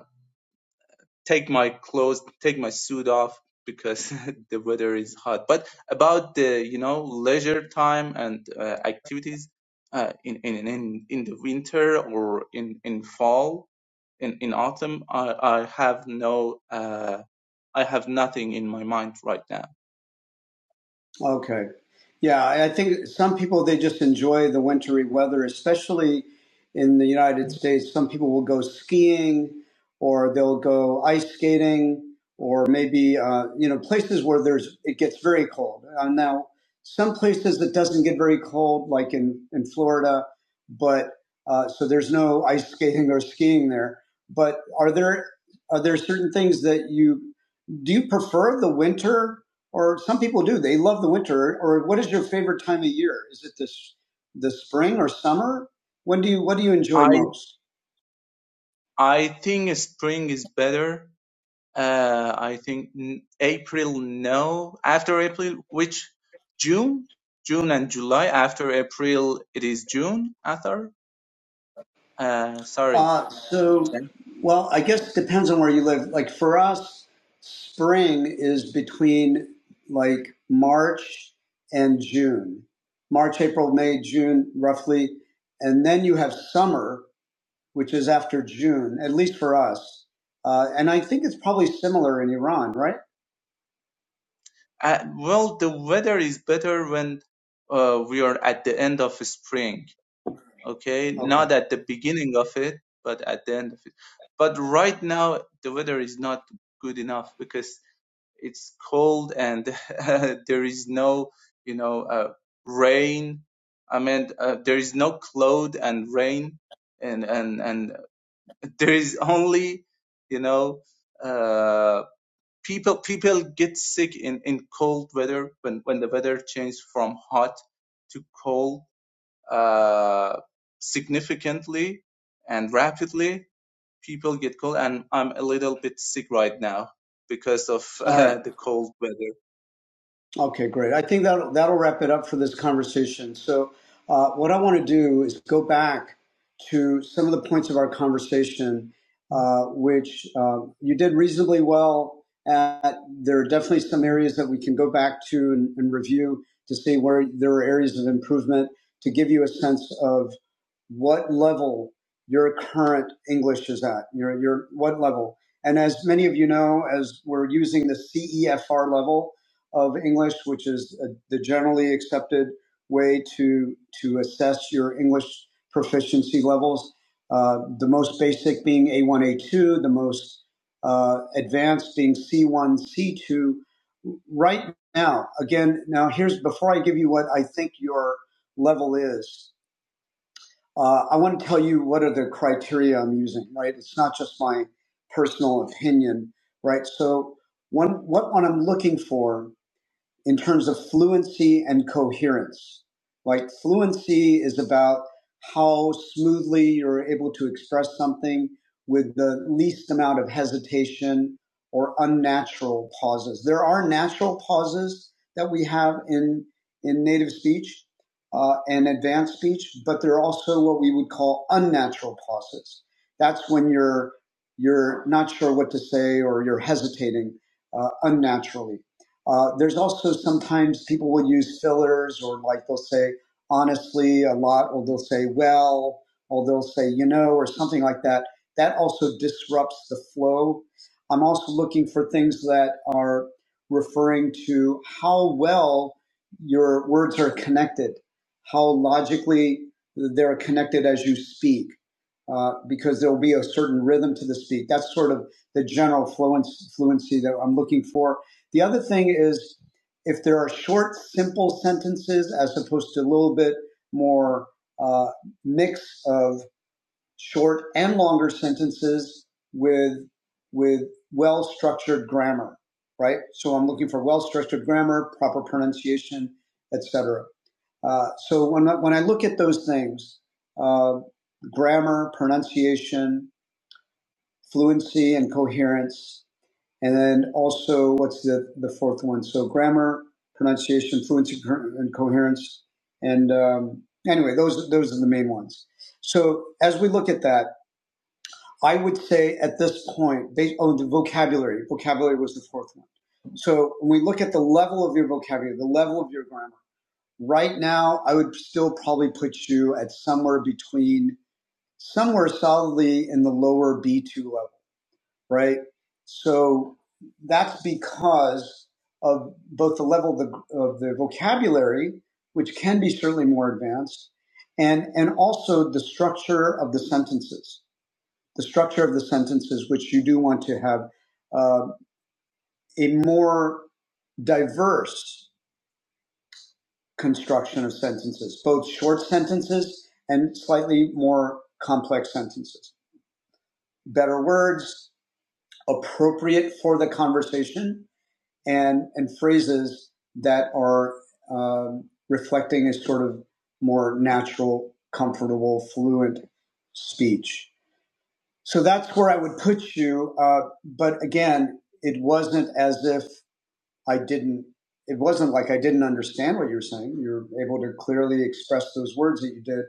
[SPEAKER 13] take my clothes, take my suit off because the weather is hot. But about the, you know, leisure time and uh, activities uh, in, in in in the winter or in in fall in in autumn, I I have no uh, I have nothing in my mind right now.
[SPEAKER 1] Okay. Yeah, I think some people they just enjoy the wintry weather, especially in the United States. Some people will go skiing or they'll go ice skating or maybe uh, you know places where there's it gets very cold. Uh, now, some places it doesn't get very cold like in in Florida, but uh, so there's no ice skating or skiing there. But are there are there certain things that you do you prefer the winter or some people do. They love the winter. Or what is your favorite time of year? Is it this the spring or summer? When do you what do you enjoy
[SPEAKER 13] I
[SPEAKER 1] most?
[SPEAKER 13] I think spring is better Uh, I think April, no. After April, which June? June and July. After April, it is June, Athar. Uh, sorry.
[SPEAKER 1] Uh, so, well, I guess it depends on where you live. Like for us, spring is between like March and June. March, April, May, June, roughly. And then you have summer, which is after June, at least for us. Uh, and I think it's probably similar in Iran, right?
[SPEAKER 13] Uh, well, the weather is better when uh, we are at the end of spring, okay?
[SPEAKER 1] Okay.
[SPEAKER 13] Not at the beginning of it, but at the end of it. But right now, the weather is not good enough because. it's cold and there is no you know uh, rain i mean uh, there is no cloud and rain and and and there is only you know uh people people get sick in in cold weather when when the weather changes from hot to cold uh significantly and rapidly people get cold and i'm a little bit sick right now because of
[SPEAKER 1] All right.
[SPEAKER 13] uh, the cold weather
[SPEAKER 1] Okay, great. I think that that'll wrap it up for this conversation. So, uh, what I want to do is go back to some of the points of our conversation, uh, which uh, you did reasonably well at. There are definitely some areas that we can go back to and, and review to see where there are areas of improvement to give you a sense of what level your current English is at. Your, your what level? And as many of you know, as we're using the CEFR level, of English, which is uh, the generally accepted way to to assess your English proficiency levels. Uh, the most basic being A1, A2, the most uh, advanced being C1, C2. Right now, again, now here's before I give you what I think your level is. Uh, I want to tell you what are the criteria I'm using. Right, it's not just my personal opinion. Right, so one what what I'm looking for in terms of fluency and coherence. Like fluency is about how smoothly you're able to express something with the least amount of hesitation or unnatural pauses. There are natural pauses that we have in in native speech uh, and advanced speech, but there are also what we would call unnatural pauses. That's when you're you're not sure what to say or you're hesitating uh, unnaturally uh, there's also sometimes people will use fillers or like they'll say honestly a lot, or they'll say well, or they'll say you know, or something like that. That also disrupts the flow. I'm also looking for things that are referring to how well your words are connected, how logically they're connected as you speak, uh, because there will be a certain rhythm to the speak. That's sort of the general fluency, fluency that I'm looking for the other thing is if there are short, simple sentences as opposed to a little bit more uh, mix of short and longer sentences with with well structured grammar, right? So I'm looking for well structured grammar, proper pronunciation, etc. Uh, so when I, when I look at those things, uh, grammar, pronunciation, fluency, and coherence, and then also, what's the, the fourth one? So grammar, pronunciation, fluency, and coherence. And um, anyway, those those are the main ones. So as we look at that, I would say at this point, based on the vocabulary, vocabulary was the fourth one. So when we look at the level of your vocabulary, the level of your grammar, right now, I would still probably put you at somewhere between somewhere solidly in the lower B2 level right? So that's because of both the level of the, of the vocabulary, which can be certainly more advanced, and, and also the structure of the sentences. The structure of the sentences, which you do want to have uh, a more diverse construction of sentences, both short sentences and slightly more complex sentences. Better words, appropriate for the conversation, and and phrases that are um, reflecting a sort of more natural, comfortable, fluent speech. So that's where I would put you. Uh, but again, it wasn't as if I didn't. It wasn't like I didn't understand what you were saying. You were able to clearly express those words that you did,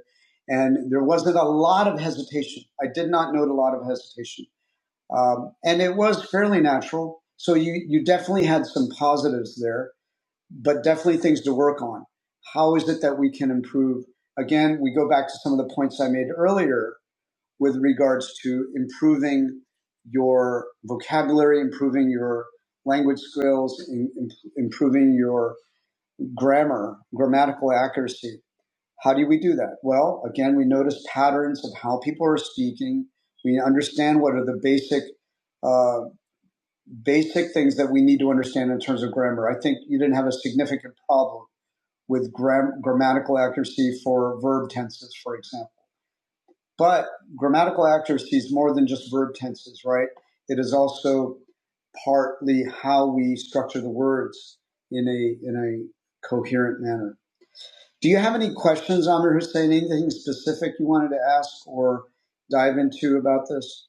[SPEAKER 1] and there wasn't a lot of hesitation. I did not note a lot of hesitation, um, and it was fairly natural. So you you definitely had some positives there but definitely things to work on. How is it that we can improve? Again, we go back to some of the points I made earlier with regards to improving your vocabulary, improving your language skills, in, in- improving your grammar, grammatical accuracy. How do we do that? Well, again, we notice patterns of how people are speaking. We understand what are the basic uh, basic things that we need to understand in terms of grammar. I think you didn't have a significant problem with gram- grammatical accuracy for verb tenses, for example. But grammatical accuracy is more than just verb tenses, right? It is also partly how we structure the words in a in a coherent manner. Do you have any questions, Amir Hussein? Anything specific you wanted to ask or dive into about this?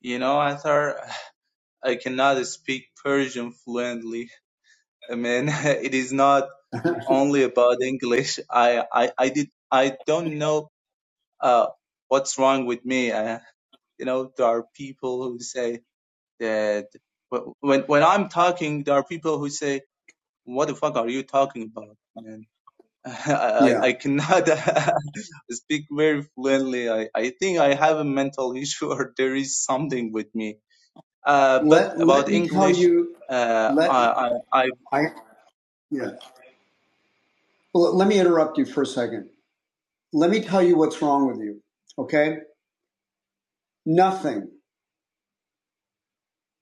[SPEAKER 13] You know, Atar, I cannot speak Persian fluently. I mean, it is not only about English. I, I, I did, I don't know, uh, what's wrong with me. Uh, you know, there are people who say that wh- when, when I'm talking, there are people who say, what the fuck are you talking about, man? I, I
[SPEAKER 1] yeah.
[SPEAKER 13] I cannot speak very fluently. I, I think I have a mental issue or there is something with me Uh, but
[SPEAKER 1] Let let
[SPEAKER 13] about
[SPEAKER 1] me tell
[SPEAKER 13] English,
[SPEAKER 1] you.
[SPEAKER 13] uh,
[SPEAKER 1] Let
[SPEAKER 13] I, I, I,
[SPEAKER 1] I yeah. Well, let me interrupt you for a second. Let me tell you what's wrong with you. Okay. Nothing.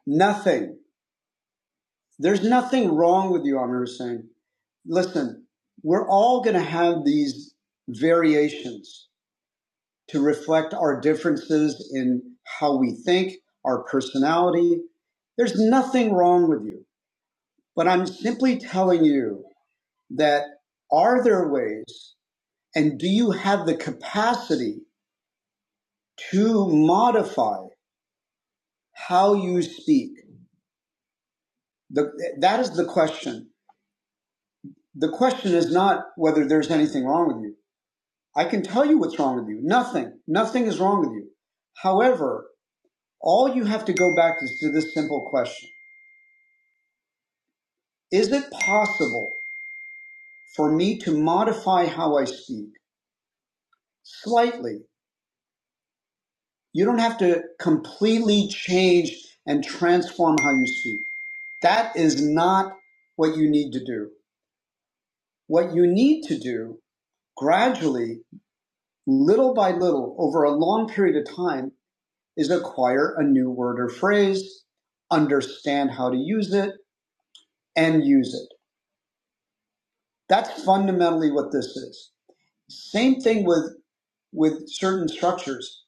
[SPEAKER 1] Nothing. There's nothing wrong with you, Amir Hussein. Listen, we're all going to have these variations to reflect our differences in how we think, our personality. There's nothing wrong with you. But I'm simply telling you that are there ways and do you have the capacity to modify how you speak? The, that is the question. The question is not whether there's anything wrong with you. I can tell you what's wrong with you. Nothing. Nothing is wrong with you. However, all you have to go back is to this simple question. Is it possible for me to modify how I speak slightly? You don't have to completely change and transform how you speak. That is not what you need to do. What you need to do gradually, little by little, over a long period of time, is acquire a new word or phrase, understand how to use it, and use it. That's fundamentally what this is. Same thing with, with certain structures.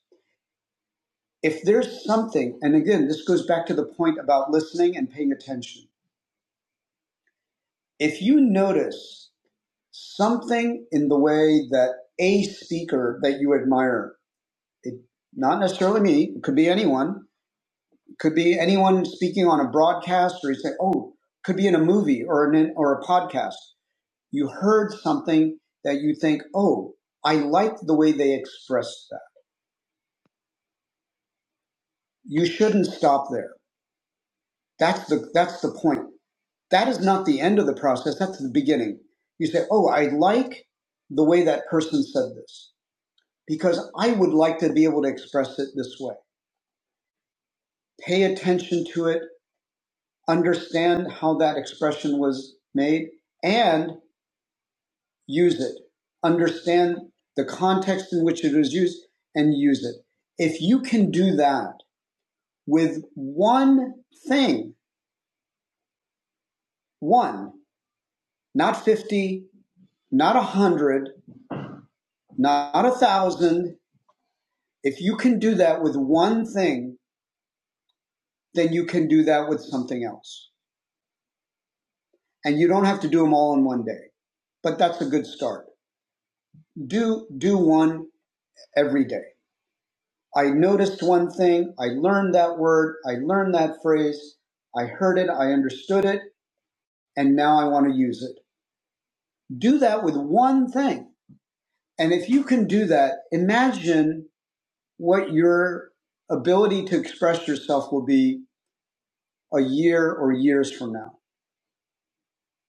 [SPEAKER 1] If there's something, and again, this goes back to the point about listening and paying attention. If you notice something in the way that a speaker that you admire, it, not necessarily me, it could be anyone, Could be anyone speaking on a broadcast, or you say, "Oh, could be in a movie or an or a podcast." You heard something that you think, "Oh, I like the way they expressed that." You shouldn't stop there. That's the that's the point. That is not the end of the process. That's the beginning. You say, "Oh, I like the way that person said this because I would like to be able to express it this way." Pay attention to it. Understand how that expression was made, and use it. Understand the context in which it was used and use it. If you can do that with one thing, one, not 50, not a 100, not a 1,000, if you can do that with one thing, then you can do that with something else. And you don't have to do them all in one day, but that's a good start. Do, do one every day. I noticed one thing, I learned that word, I learned that phrase, I heard it, I understood it, and now I want to use it. Do that with one thing. And if you can do that, imagine what your ability to express yourself will be a year or years from now.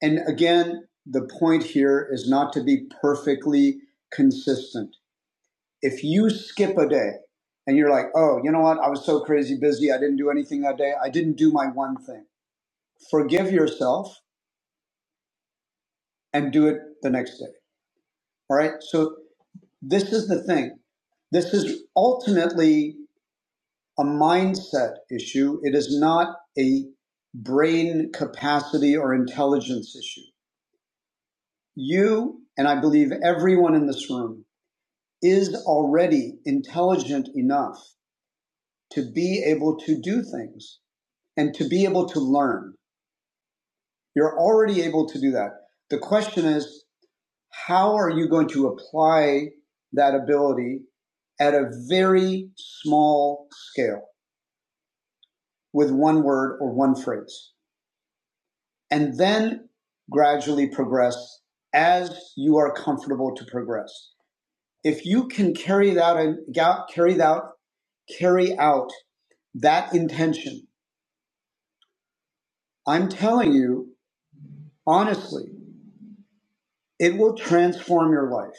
[SPEAKER 1] And again, the point here is not to be perfectly consistent. If you skip a day and you're like, oh, you know what? I was so crazy busy. I didn't do anything that day. I didn't do my one thing forgive yourself and do it the next day. All right. So this is the thing. This is ultimately a mindset issue. It is not a brain capacity or intelligence issue. You, and I believe everyone in this room, is already intelligent enough to be able to do things and to be able to learn. You're already able to do that. The question is, how are you going to apply that ability at a very small scale with one word or one phrase, and then gradually progress as you are comfortable to progress. If you can carry that out, carry out, carry out that intention, I'm telling you honestly, it will transform your life.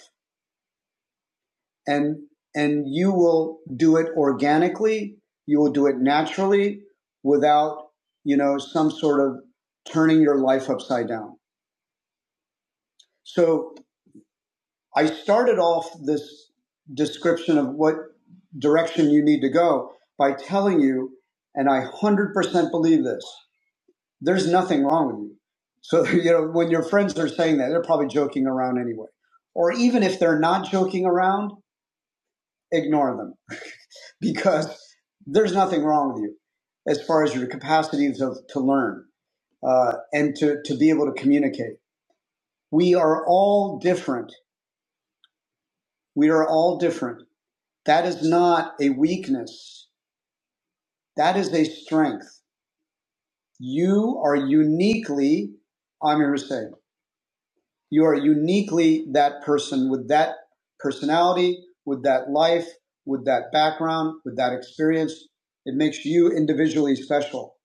[SPEAKER 1] and and you will do it organically you will do it naturally without you know some sort of turning your life upside down so i started off this description of what direction you need to go by telling you and i 100% believe this there's nothing wrong with you so you know when your friends are saying that they're probably joking around anyway or even if they're not joking around ignore them because there's nothing wrong with you as far as your capacities of to learn uh, and to, to be able to communicate. We are all different. We are all different. That is not a weakness. That is a strength. You are uniquely Amir Hussein. You are uniquely that person with that personality, with that life, with that background, with that experience. It makes you individually special.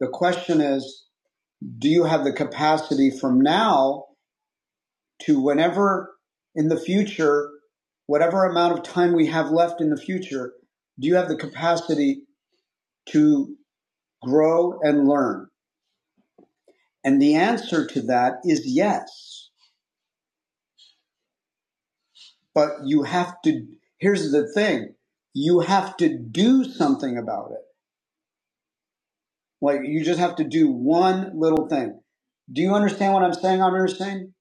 [SPEAKER 1] The question is, do you have the capacity from now to whenever in the future, whatever amount of time we have left in the future, do you have the capacity to grow and learn? And the answer to that is yes. But you have to, here's the thing, you have to do something about it. Like you just have to do one little thing. Do you understand what I'm saying, I'm understanding.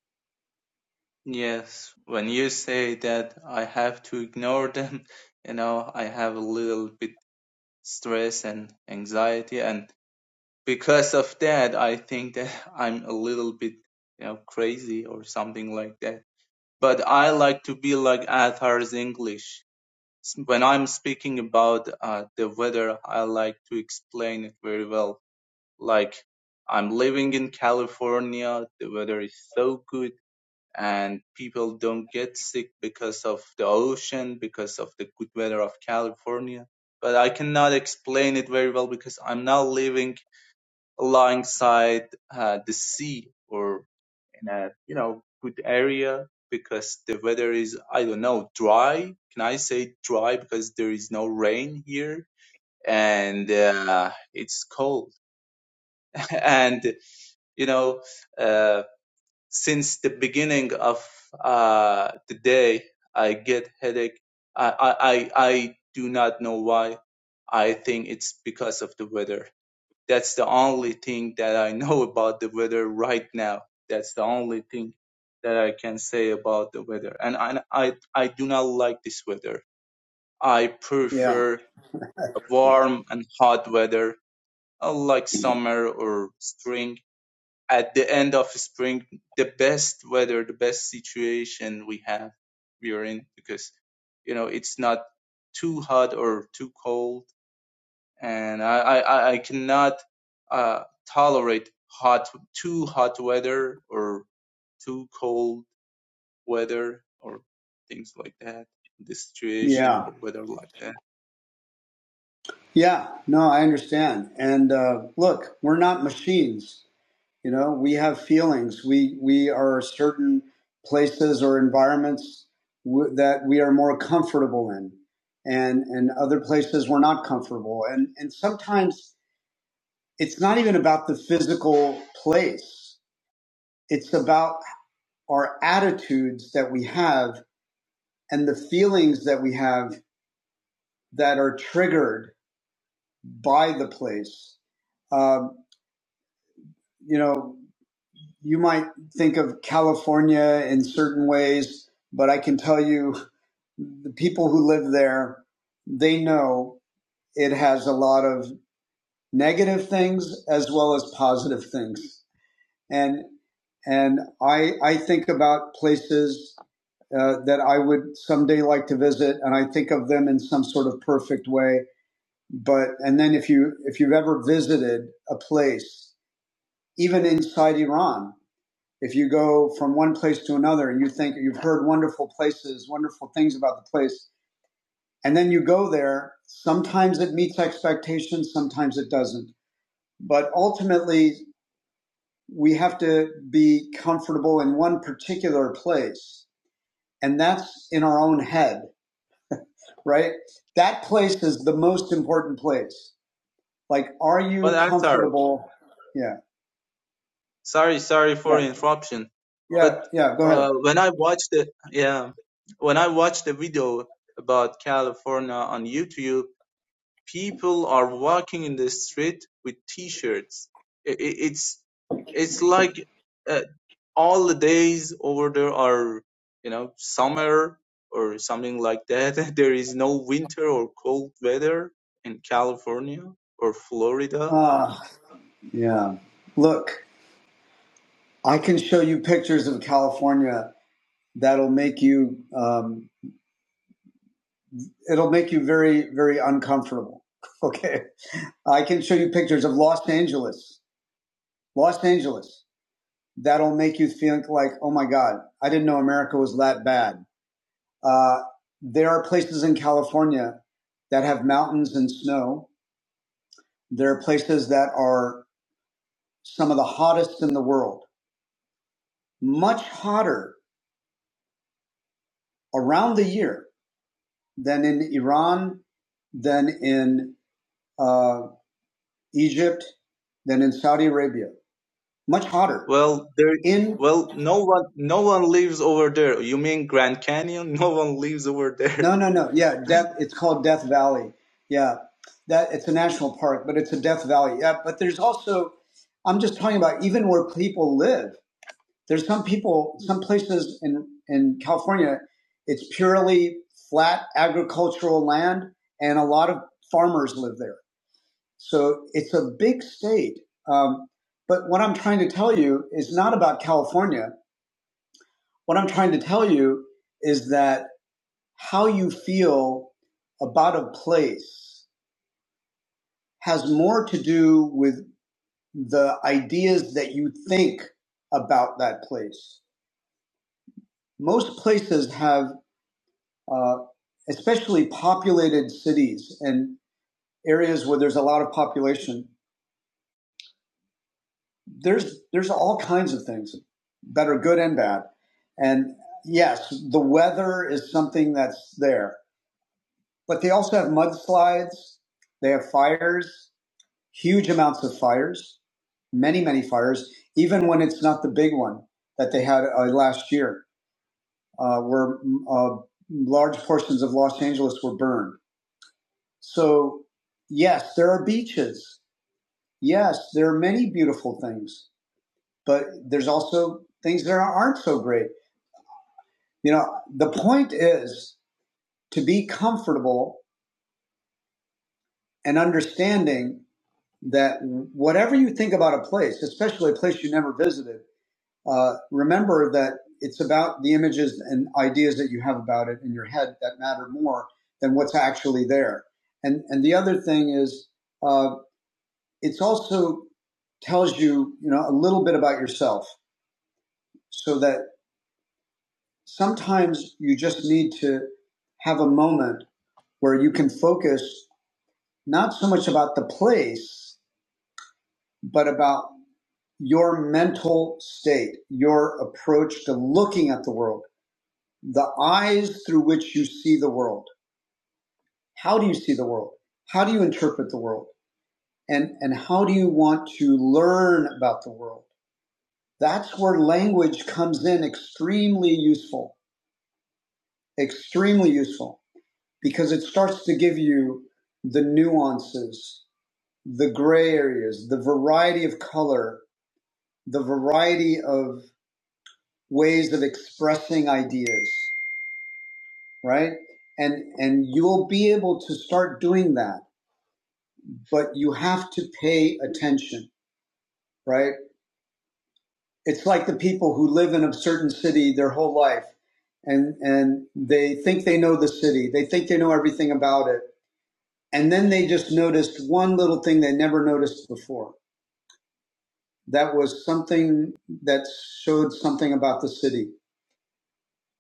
[SPEAKER 13] yes, when you say that I have to ignore them, you know, I have a little bit stress and anxiety, and because of that, I think that I'm a little bit, you know, crazy or something like that. But I like to be like Athar's English. S- When I'm speaking about uh, the weather, I like to explain it very well Like, I'm living in California, the weather is so good, and people don't get sick because of the ocean, because of the good weather of California. But I cannot explain it very well because I'm now living alongside uh, the sea or in a, you know, good area because the weather is, I don't know, dry. Can I say dry because there is no rain here? And uh, it's cold. and you know uh, since the beginning of uh, the day i get headache I, I i do not know why i think it's because of the weather that's the only thing that i know about the weather right now that's the only thing that i can say about the weather and i i, I do not like this weather i
[SPEAKER 1] Yeah,
[SPEAKER 13] prefer warm and hot weather uh, like summer or spring at the end of spring, the best weather, the best situation we have, we are in because, you know, it's not too hot or too cold. And I, I, I cannot, uh, tolerate hot, too hot weather or too cold weather or things like that, this situation
[SPEAKER 1] yeah,
[SPEAKER 13] or weather like that.
[SPEAKER 1] yeah. No, I understand. And uh, look, we're not machines. You know, we have feelings. We we are certain places or environments w- that we are more comfortable in, and and other places we're not comfortable. And and sometimes it's not even about the physical place. It's about our attitudes that we have and the feelings that we have that are triggered by the place. Um, you know, you might think of California in certain ways, but I can tell you the people who live there, they know it has a lot of negative things as well as positive things. And and I I think about places uh, that I would someday like to visit, and I think of them in some sort of perfect way. But and then if you if you've ever visited a place, even inside Iran, if you go from one place to another and you think you've heard wonderful places, wonderful things about the place, and then you go there, sometimes it meets expectations, sometimes it doesn't. But ultimately, we have to be comfortable in one particular place, and that's in our own head, right? That place is the most important place. Like, are
[SPEAKER 13] But
[SPEAKER 1] you
[SPEAKER 13] I'm sorry.
[SPEAKER 1] comfortable? Yeah,
[SPEAKER 13] Sorry, sorry for
[SPEAKER 1] yeah,
[SPEAKER 13] interruption.
[SPEAKER 1] yeah,
[SPEAKER 13] But
[SPEAKER 1] yeah. Go ahead.
[SPEAKER 13] uh, when I watched the yeah, when I watched the video about California on YouTube, people are walking in the street with T-shirts. I i it's it's like uh, all the days over there are you know summer or something like that. there is no winter or cold weather in California or Florida.
[SPEAKER 1] Ah, uh, yeah. Look, I can show you pictures of California that'll make you um, it'll make you very very uncomfortable. Okay, I can show you pictures of Los Angeles, Los Angeles that'll make you think like, oh my God, I didn't know America was that bad. Uh, there are places in California that have mountains and snow. There are places that are some of the hottest in the world, much hotter around the year than in Iran, than in uh, Egypt than in Saudi Arabia. Much hotter.
[SPEAKER 13] Well, there.
[SPEAKER 1] In
[SPEAKER 13] Well, no one, no one lives over there. You mean Grand Canyon? No one lives over there.
[SPEAKER 1] no, no, no. Yeah, Death. It's called Death Valley. Yeah, that it's a national park, but it's a Death Valley. Yeah, but there's also. I'm just talking about even where people live. There's some people, some places in in California, it's purely flat agricultural land, and a lot of farmers live there. So it's a big state. Um, but what I'm trying to tell you is not about California What I'm trying to tell you is that how you feel about a place has more to do with the ideas that you think about that place. Most places have, uh, especially populated cities and areas where there's a lot of population. There's there's all kinds of things that are good and bad, and yes, the weather is something that's there but they also have mudslides. They have fires, huge amounts of fires, many, many fires, even when it's not the big one that they had uh, last year, uh, where uh, large portions of Los Angeles were burned. So, yes, there are beaches. Yes, there are many beautiful things, but there's also things that aren't so great. You know, the point is to be comfortable and understanding that whatever you think about a place, especially a place you never visited, uh, remember that it's about the images and ideas that you have about it in your head that matter more than what's actually there. And and the other thing is, uh, it's also tells you you know a little bit about yourself, so that sometimes you just need to have a moment where you can focus not so much about the place, but about your mental state, your approach to looking at the world, the eyes through which you see the world. How do you see the world? How do you interpret the world? And, and how do you want to learn about the world? That's where language comes in extremely useful, extremely useful, because it starts to give you the nuances, the gray areas, the variety of color, the variety of ways of expressing ideas right? And and you'll be able to start doing that, but you have to pay attention, right? It's like the people who live in a certain city their whole life and and they think they know the city. They think they know everything about it. And then they just noticed one little thing they never noticed before. That was something that showed something about the city.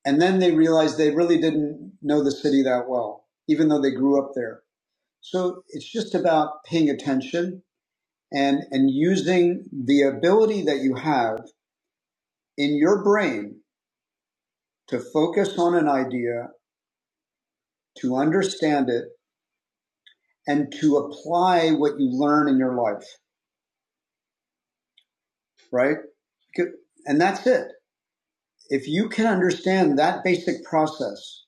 [SPEAKER 1] And then they realized they really didn't know the city that well, even though they grew up there. So it's just about paying attention and and using the ability that you have in your brain to focus on an idea to understand it and to apply what you learn in your life right and that's it if you can understand that basic process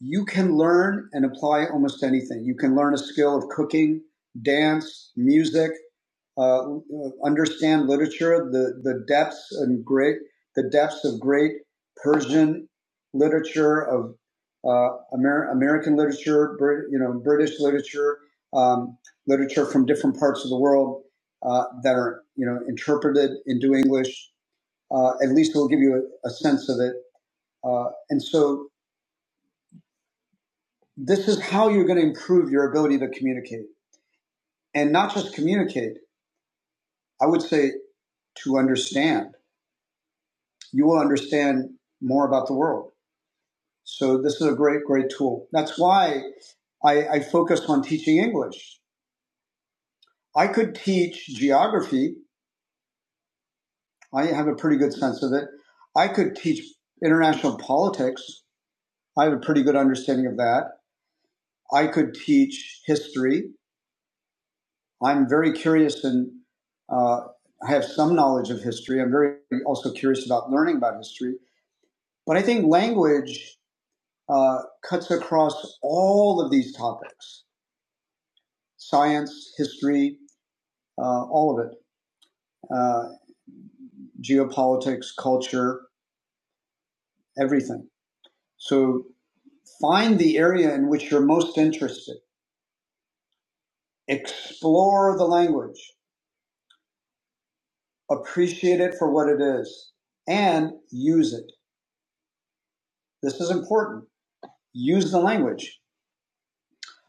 [SPEAKER 1] you can learn and apply almost anything you can learn a skill of cooking dance music uh, understand literature, the, the depths and great, the depths of great Persian literature, of uh, Amer- American literature, Brit- you know, British literature, um, literature from different parts of the world uh, that are, you know, interpreted into English. Uh, at least it will give you a, a sense of it. Uh, and so this is how you're going to improve your ability to communicate and not just communicate. I would say to understand you will understand more about the world. So this is a great, great tool. That's why I, I focused on teaching English. I could teach geography. I have a pretty good sense of it. I could teach international politics. I have a pretty good understanding of that. I could teach history. I'm very curious and uh, I have some knowledge of history. I'm very also curious about learning about history. But I think language uh, cuts across all of these topics. science, history, uh, all of it, uh, geopolitics, culture, everything. So find the area in which you're most interested, explore the language, appreciate it for what it is, and use it. This is important. Use the language.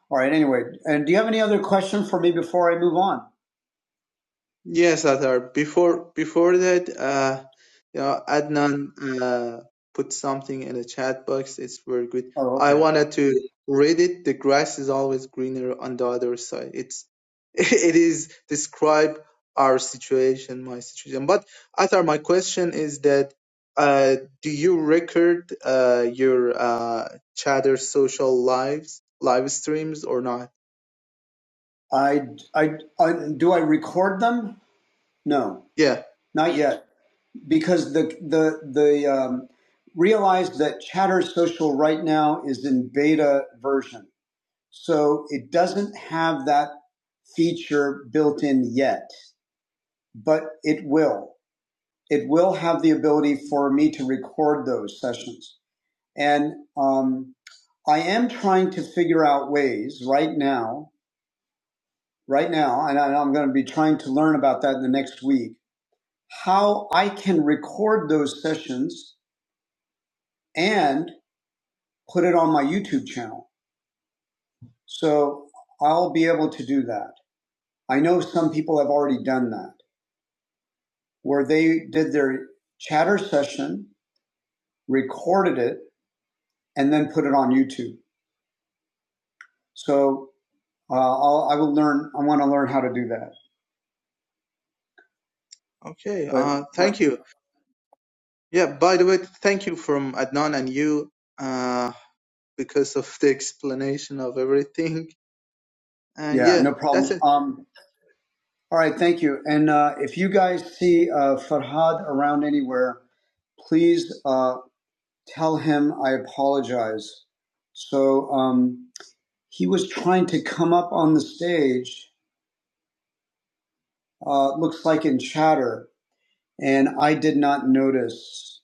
[SPEAKER 1] All right. Anyway, and do you have any other question for me before I move on?
[SPEAKER 13] Yes, Atar. Before before that, uh, you know, Adnan uh, put something in the chat box. It's very good.
[SPEAKER 1] Oh,
[SPEAKER 13] I
[SPEAKER 1] okay.
[SPEAKER 13] wanted to read it. The grass is always greener on the other side. It's it is describe our situation, my situation. But Atar, my question is that uh, do you record uh, your uh, chatter social lives, live streams or not?
[SPEAKER 1] I, I, I do I record them? No,
[SPEAKER 13] Yeah.
[SPEAKER 1] not yet. because the the the um, realized that Chatter Social right now is in beta version, so it doesn't have that feature built in yet, but it will. It will have the ability for me to record those sessions, and um, I am trying to figure out ways right now. Right now, and I- am going to be trying to learn about that in the next week. How I can record those sessions and put it on my YouTube channel. So I'll be able to do that. I know some people have already done that, where they did their chatter session, recorded it, and then put it on YouTube. So uh, I'll, I will learn. I want to learn how to do that.
[SPEAKER 13] Okay.
[SPEAKER 1] But
[SPEAKER 13] Uh,
[SPEAKER 1] right,
[SPEAKER 13] thank you. Yeah, by the way, thank you from Adnan and you uh, because of the explanation of everything. And
[SPEAKER 1] yeah,
[SPEAKER 13] yeah,
[SPEAKER 1] no
[SPEAKER 13] that's
[SPEAKER 1] problem.
[SPEAKER 13] it.
[SPEAKER 1] Um, all right, thank you. And uh, if you guys see uh, Farhad around anywhere, please uh, tell him I apologize. So. Um, he was trying to come up on the stage, uh, looks like in chatter, and I did not notice.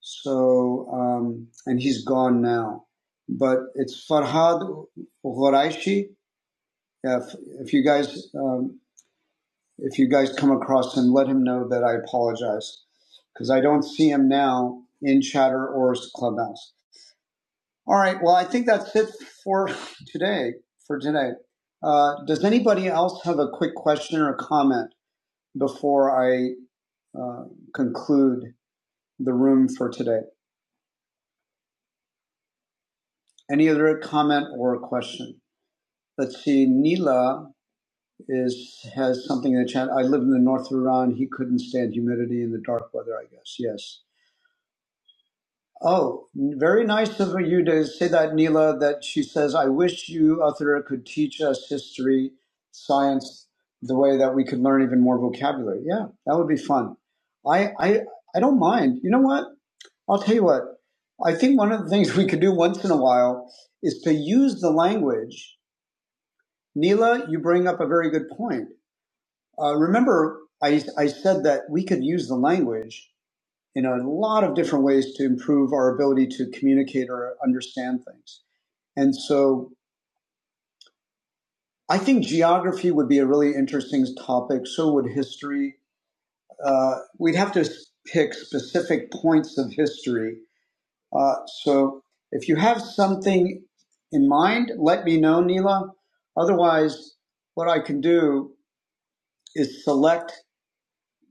[SPEAKER 1] So, um, and he's gone now. But it's Farhad Horaishi. If, if you guys, um, if you guys come across him, let him know that I apologize because I don't see him now in chatter or clubhouse. All right. Well, I think that's it for today. For today, uh, does anybody else have a quick question or comment? before I uh, conclude the room for today. Any other comment or question? Let's see. Neela is has something in the chat. I live in the north of Iran. He couldn't stand humidity in the dark weather. I guess yes. Oh, very nice of you to say that, Neela. That she says, I wish you, Uthra, could teach us history, science, the way that we could learn even more vocabulary. Yeah, that would be fun. I, I, I don't mind. You know what? I'll tell you what, I think one of the things we could do once in a while is to use the language. Neela, you bring up a very good point. Uh, remember, I, I said that we could use the language in a lot of different ways to improve our ability to communicate or understand things. And so I think geography would be a really interesting topic. So would history. Uh, we'd have to pick specific points of history Uh, so if you have something in mind, let me know, Neela. Otherwise, what I can do is select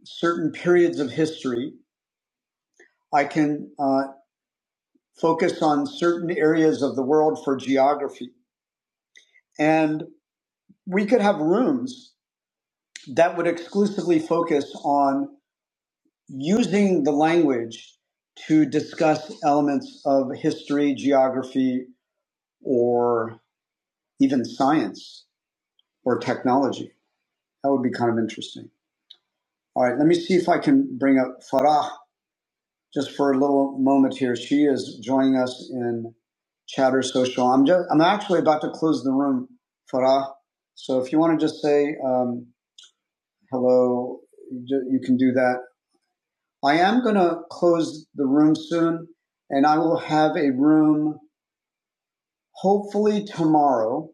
[SPEAKER 1] certain periods of history. I can uh, focus on certain areas of the world for geography. And we could have rooms that would exclusively focus on using the language to discuss elements of history, geography, or even science or technology. That would be kind of interesting. All right, let me see if I can bring up Farah just for a little moment here. She is joining us in Chatter Social. I'm just, I'm actually about to close the room, Farah. So if you want to just say um, hello, you can do that. I am going to close the room soon, and I will have a room hopefully tomorrow.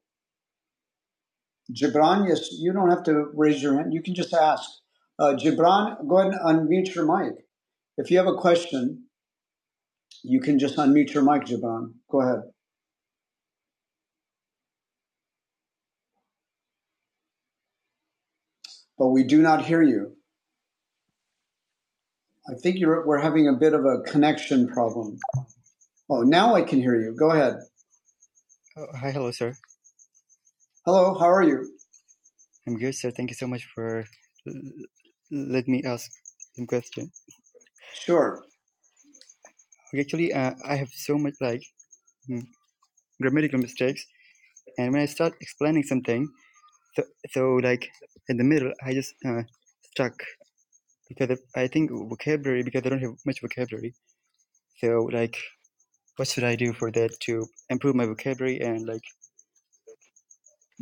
[SPEAKER 1] Gibran, yes, you don't have to raise your hand. You can just ask. Uh, Gibran, go ahead and unmute your mic. If you have a question, You can just unmute your mic, Jabon. Go ahead. But we do not hear you. I think you're, we're having a bit of a connection problem. Oh, now I can hear you. Go ahead.
[SPEAKER 15] Uh, Hi, hello, sir.
[SPEAKER 1] Hello, how are you?
[SPEAKER 15] I'm good, sir. Thank you so much for l- let me ask some question.
[SPEAKER 1] Sure.
[SPEAKER 15] Okay, actually, uh, I have so much like mm, grammatical mistakes, and when I start explaining something, so, so like in the middle, I just uh, stuck because of, I think vocabulary because I don't have much vocabulary. So like, what should I do for that to improve my vocabulary and like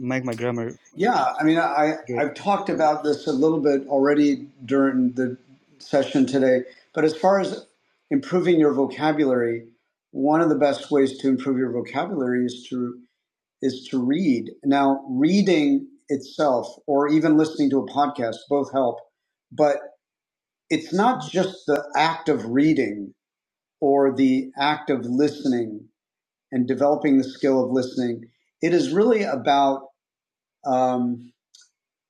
[SPEAKER 15] make my grammar
[SPEAKER 1] Yeah, I mean, I,
[SPEAKER 15] good?
[SPEAKER 1] I've talked about this a little bit already during the session today, but as far as improving your vocabulary, one of the best ways to improve your vocabulary is to is to read. Now, reading itself or even listening to a podcast both help, but it's not just the act of reading or the act of listening and developing the skill of listening. It is really about um,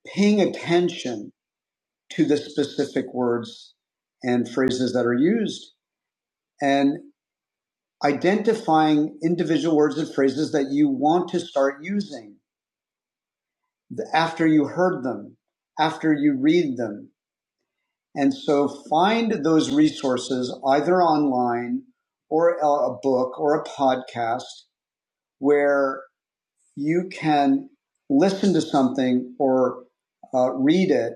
[SPEAKER 1] paying attention to the specific words and phrases that are used and identifying individual words and phrases that you want to start using after you heard them, after you read them, And so find those resources either online or a book or a podcast where you can listen to something or uh, read it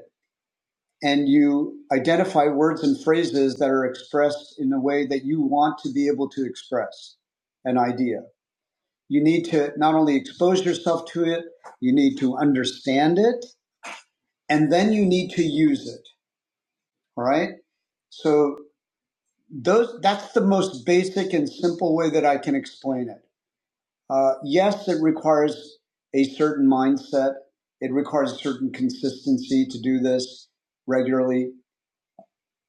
[SPEAKER 1] and you identify words and phrases that are expressed in a way that you want to be able to express an idea. You need to not only expose yourself to it, you need to understand it, and then you need to use it. All right. So those that's the most basic and simple way that I can explain it. Uh, yes, it requires a certain mindset. It requires a certain consistency to do this regularly,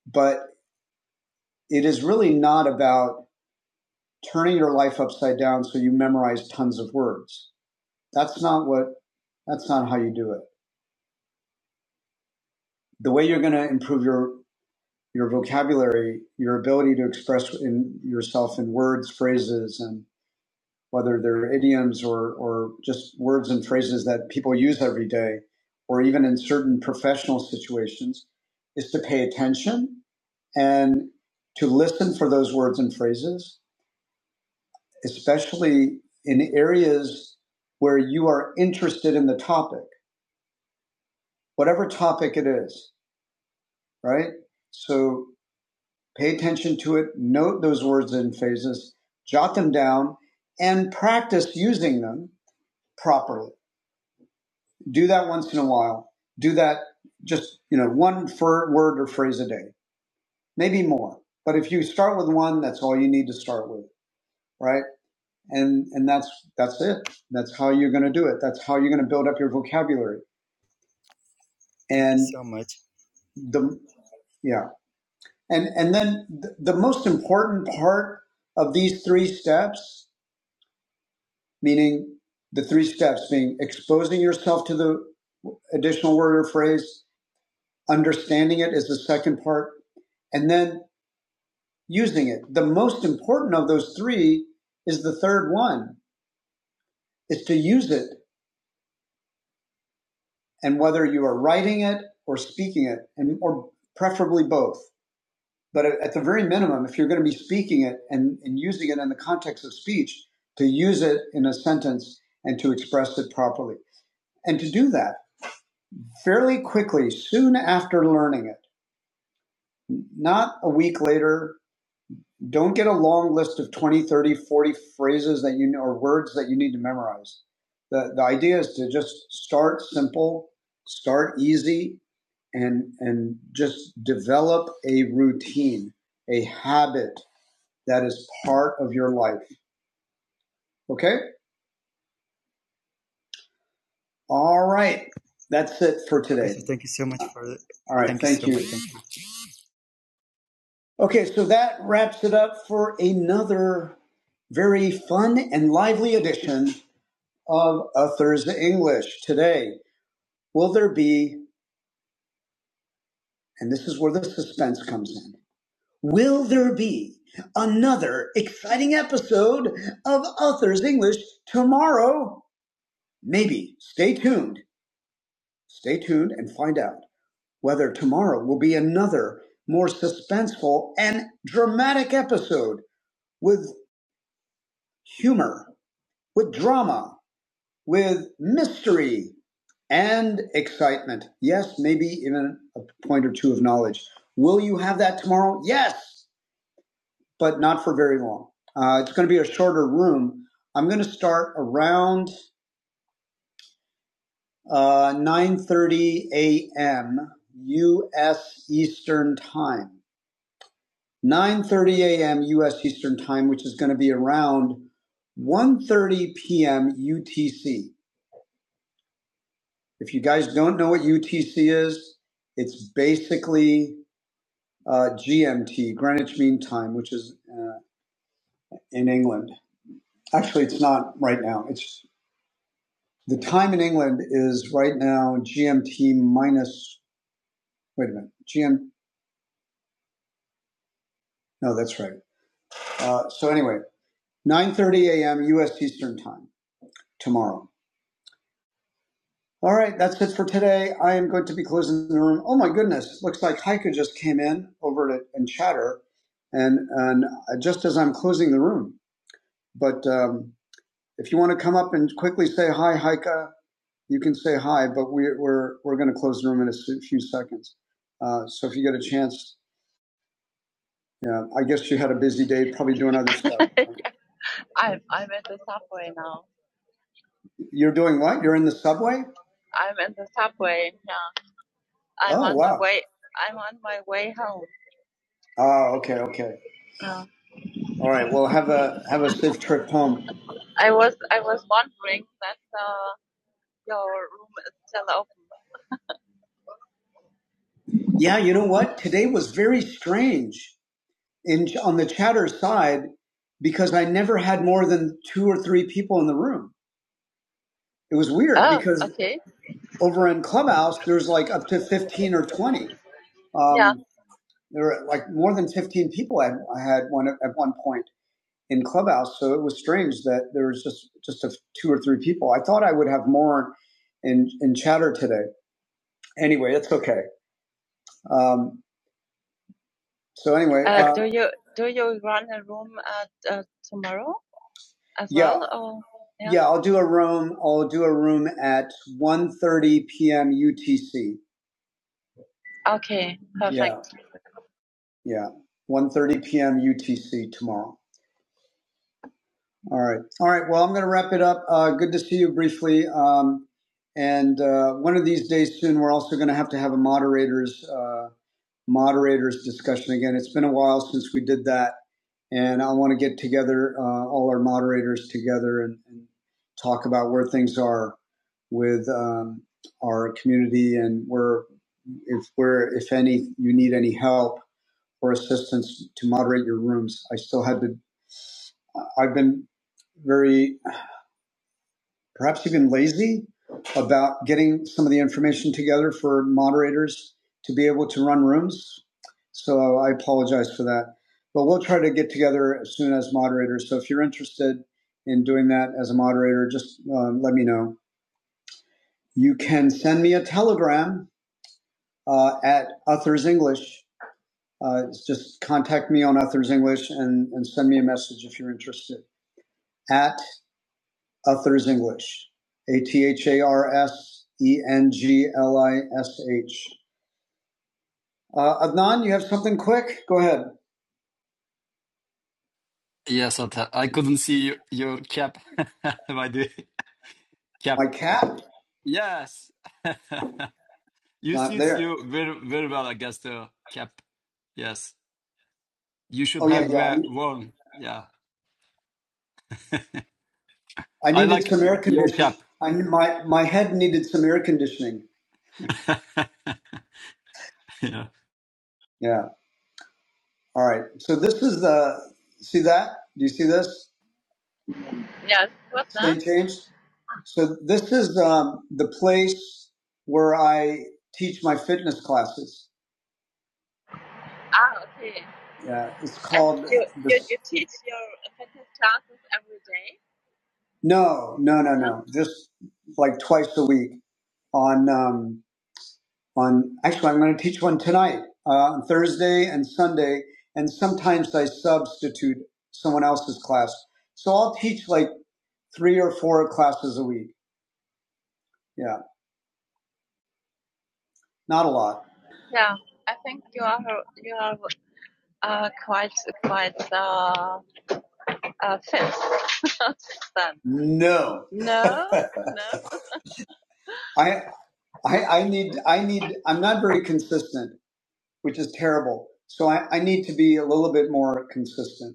[SPEAKER 1] but it is really not about turning your life upside down so you memorize tons of words. That's not what that's not how you do it. The way you're going to improve your your vocabulary, your ability to express in yourself in words, phrases, and whether they're idioms or, or just words and phrases that people use every day, or even in certain professional situations, is to pay attention and to listen for those words and phrases, especially in areas where you are interested in the topic, whatever topic it is, right? So pay attention to it, note those words and phrases, jot them down, and practice using them properly Do that once in a while. Do that just, you know, one for word or phrase a day, maybe more. But if you start with one, that's all you need to start with, right? And and that's that's it. That's how you're going to do it. That's how you're going to build up your vocabulary.
[SPEAKER 15] Thank you
[SPEAKER 1] And
[SPEAKER 15] so much.
[SPEAKER 1] the yeah. And and then the, the most important part of these three steps, meaning the three steps being exposing yourself to the additional word or phrase, understanding it is the second part, and then using it. The most important of those three is the third one, is to use it. And whether you are writing it or speaking it, and or preferably both. But at the very minimum, if you're going to be speaking it and, and using it in the context of speech, to use it in a sentence and to express it properly. And to do that fairly quickly, soon after learning it, not a week later, Don't get a long list of 20, 30, 40 phrases that you know, or words that you need to memorize. The, the idea is to just start simple, start easy, and, and just develop a routine, a habit that is part of your life. Okay? All right. That's it for
[SPEAKER 15] Okay,
[SPEAKER 1] today.
[SPEAKER 15] so thank you so much for
[SPEAKER 1] All right.
[SPEAKER 15] thank you
[SPEAKER 1] Thank
[SPEAKER 15] so much.
[SPEAKER 1] you.
[SPEAKER 15] Thank you.
[SPEAKER 1] Okay. So that wraps it up for another very fun and lively edition of A Thursday English today. Will there be, and this is where the suspense comes in, will there be another exciting episode of Authors English tomorrow? Maybe. Stay tuned. Stay tuned and find out whether tomorrow will be another more suspenseful and dramatic episode with humor, with drama, with mystery, and excitement. Yes, maybe even a point or two of knowledge. Will you have that tomorrow? Yes. but not for very long. Uh, it's going to be a shorter room. I'm going to start around uh, 9:30 a.m. U.S. Eastern Time. 9:30 a.m. U.S. Eastern Time, which is going to be around 1:30 p.m. UTC. If you guys don't know what UTC is, it's basically uh, GMT, Greenwich Mean Time, which is uh, in England. Actually, it's not right now. It's The time in England is right now GMT minus. Wait a minute, GM. No, that's right. Uh, so anyway, 9:30 a.m. U.S. Eastern Time tomorrow. All right, that's it for today. I am going to be closing the room. Oh my goodness, looks like Heike just came in over to and chatter, and and just as I'm closing the room. But um, if you want to come up and quickly say hi, Heike, you can say hi. But we, we're we're going to close the room in a few seconds. Uh, so if you get a chance Yeah, I guess you had a busy day, probably doing other stuff. You're doing what? You're in the subway? Oh, okay, okay. All right. Well, have a have a safe trip home. Yeah, you know what? Today was very strange in on the chatter side because I never had more than two or three people in the room. It was weird. Over in Clubhouse, there's like up to fifteen or twenty. Uh, there were like more than fifteen people. I, I had one at at one point. in Clubhouse. So it was strange that there was just just a, two or three people. I thought I would have more in in chatter today. Anyway, it's okay. Um, so anyway, yeah, I'll do a room. I'll do a room at one thirty p.m. UTC. Yeah, one thirty p.m. UTC tomorrow. All right. All right. Well, I'm going to wrap it up. Uh, good to see you briefly. Um, and uh, one of these days soon, we're also going to have to have a moderators uh, moderators discussion again. It's been a while since we did that. and I want to get together uh, all our moderators together and, and talk about where things are with um, our community and where if where if any you need any help or assistance to moderate your rooms. I still had to. I've been very perhaps even lazy about getting some of the information together for moderators to be able to run rooms. So I apologize for that. But we'll try to get together as soon as moderators. So if you're interested in doing that as a moderator, just uh, let me know. You can send me a telegram uh, at Uthers English. Uh, just contact me on Uthers English and, and send me a message if you're interested. At Others English, A T H A R S E N G L I S H. Uh, Adnan, you have something quick? Go ahead.
[SPEAKER 6] Yes, Atta. I couldn't see your, your cap. My dear cap.
[SPEAKER 1] My cat?
[SPEAKER 6] Yes. you
[SPEAKER 1] Not
[SPEAKER 6] suits
[SPEAKER 1] there.
[SPEAKER 6] you very very well, I guess the cap. Yes. You should
[SPEAKER 1] Oh, yeah,
[SPEAKER 6] have
[SPEAKER 1] yeah.
[SPEAKER 6] wear, worn. Yeah.
[SPEAKER 1] I
[SPEAKER 6] I
[SPEAKER 1] needed
[SPEAKER 6] like
[SPEAKER 1] some air
[SPEAKER 6] your
[SPEAKER 1] conditioning.
[SPEAKER 6] cap.
[SPEAKER 1] I, my, my head needed some air conditioning.
[SPEAKER 6] yeah.
[SPEAKER 1] Yeah. All right. So this is the, see that? Do you see this, James? So this is um, the place where I teach my fitness classes. Yeah. It's No, no, no, no. Just like twice a week on um, on. Actually, I'm going to teach one tonight uh, on Thursday and Sunday, and sometimes I substitute someone else's class. So I'll teach like three or four classes a week. Yeah, not a lot. No, I I, I need I need. I'm not very consistent, which is terrible. So I, I need to be a little bit more consistent.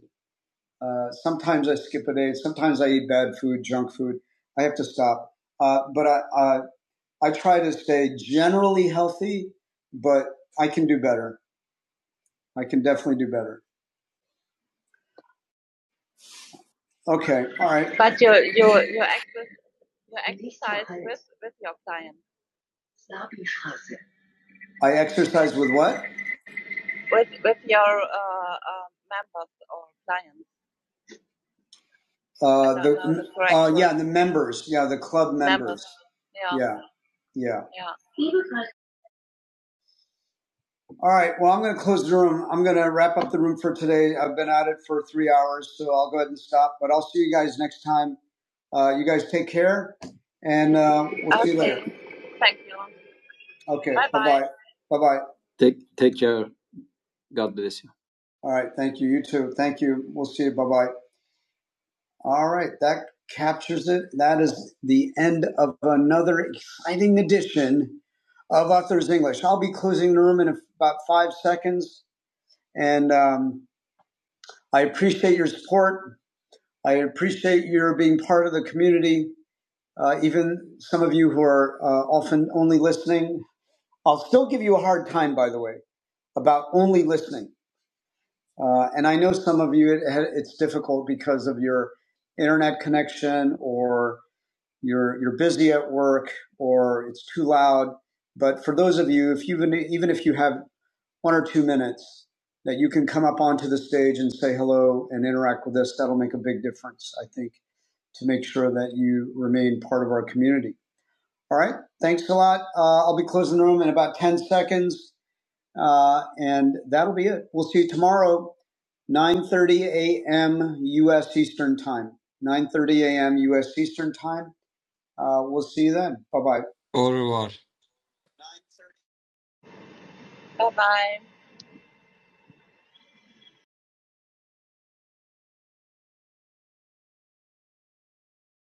[SPEAKER 1] Uh, sometimes I skip a day. Sometimes I eat bad food, junk food. I have to stop. Uh, but I, I, I try to stay generally healthy, but I can do better. I can definitely do better. Okay. All right. I exercise with what? Uh, and the members. Yeah. The club. Mem- yeah. All right. Well, I'm going to close the room. I'm going to wrap up the room for today. I've been at it for three hours, so I'll go ahead and stop, but I'll see you guys next time. Uh, you guys take care. And, uh, okay. Bye bye. All right. Thank you. You too. Thank you. We'll see you. Bye bye. All right. That captures it. That is the end of another exciting edition of Authors English. I'll be closing the room in about five seconds. And um, I appreciate your support. I appreciate your being part of the community, uh, even some of you who are uh, often only listening. I'll still give you a hard time, by the way, about only listening. Uh, and I know some of you, it, it's difficult because of your internet connection or you're, you're busy at work or it's too loud. But for those of you, if you even, even if you have one or two minutes that you can come up onto the stage and say hello and interact with us, that'll make a big difference, I think, to make sure that you remain part of our community. All right. Thanks a lot. Uh, I'll be closing the room in about 10 seconds. Uh, and that'll be it. We'll see you tomorrow 9:30 a.m. U.S. Eastern Time. 9:30 a.m. U.S. Eastern Time. Uh, we'll see you then. Bye bye.
[SPEAKER 6] Au revoir.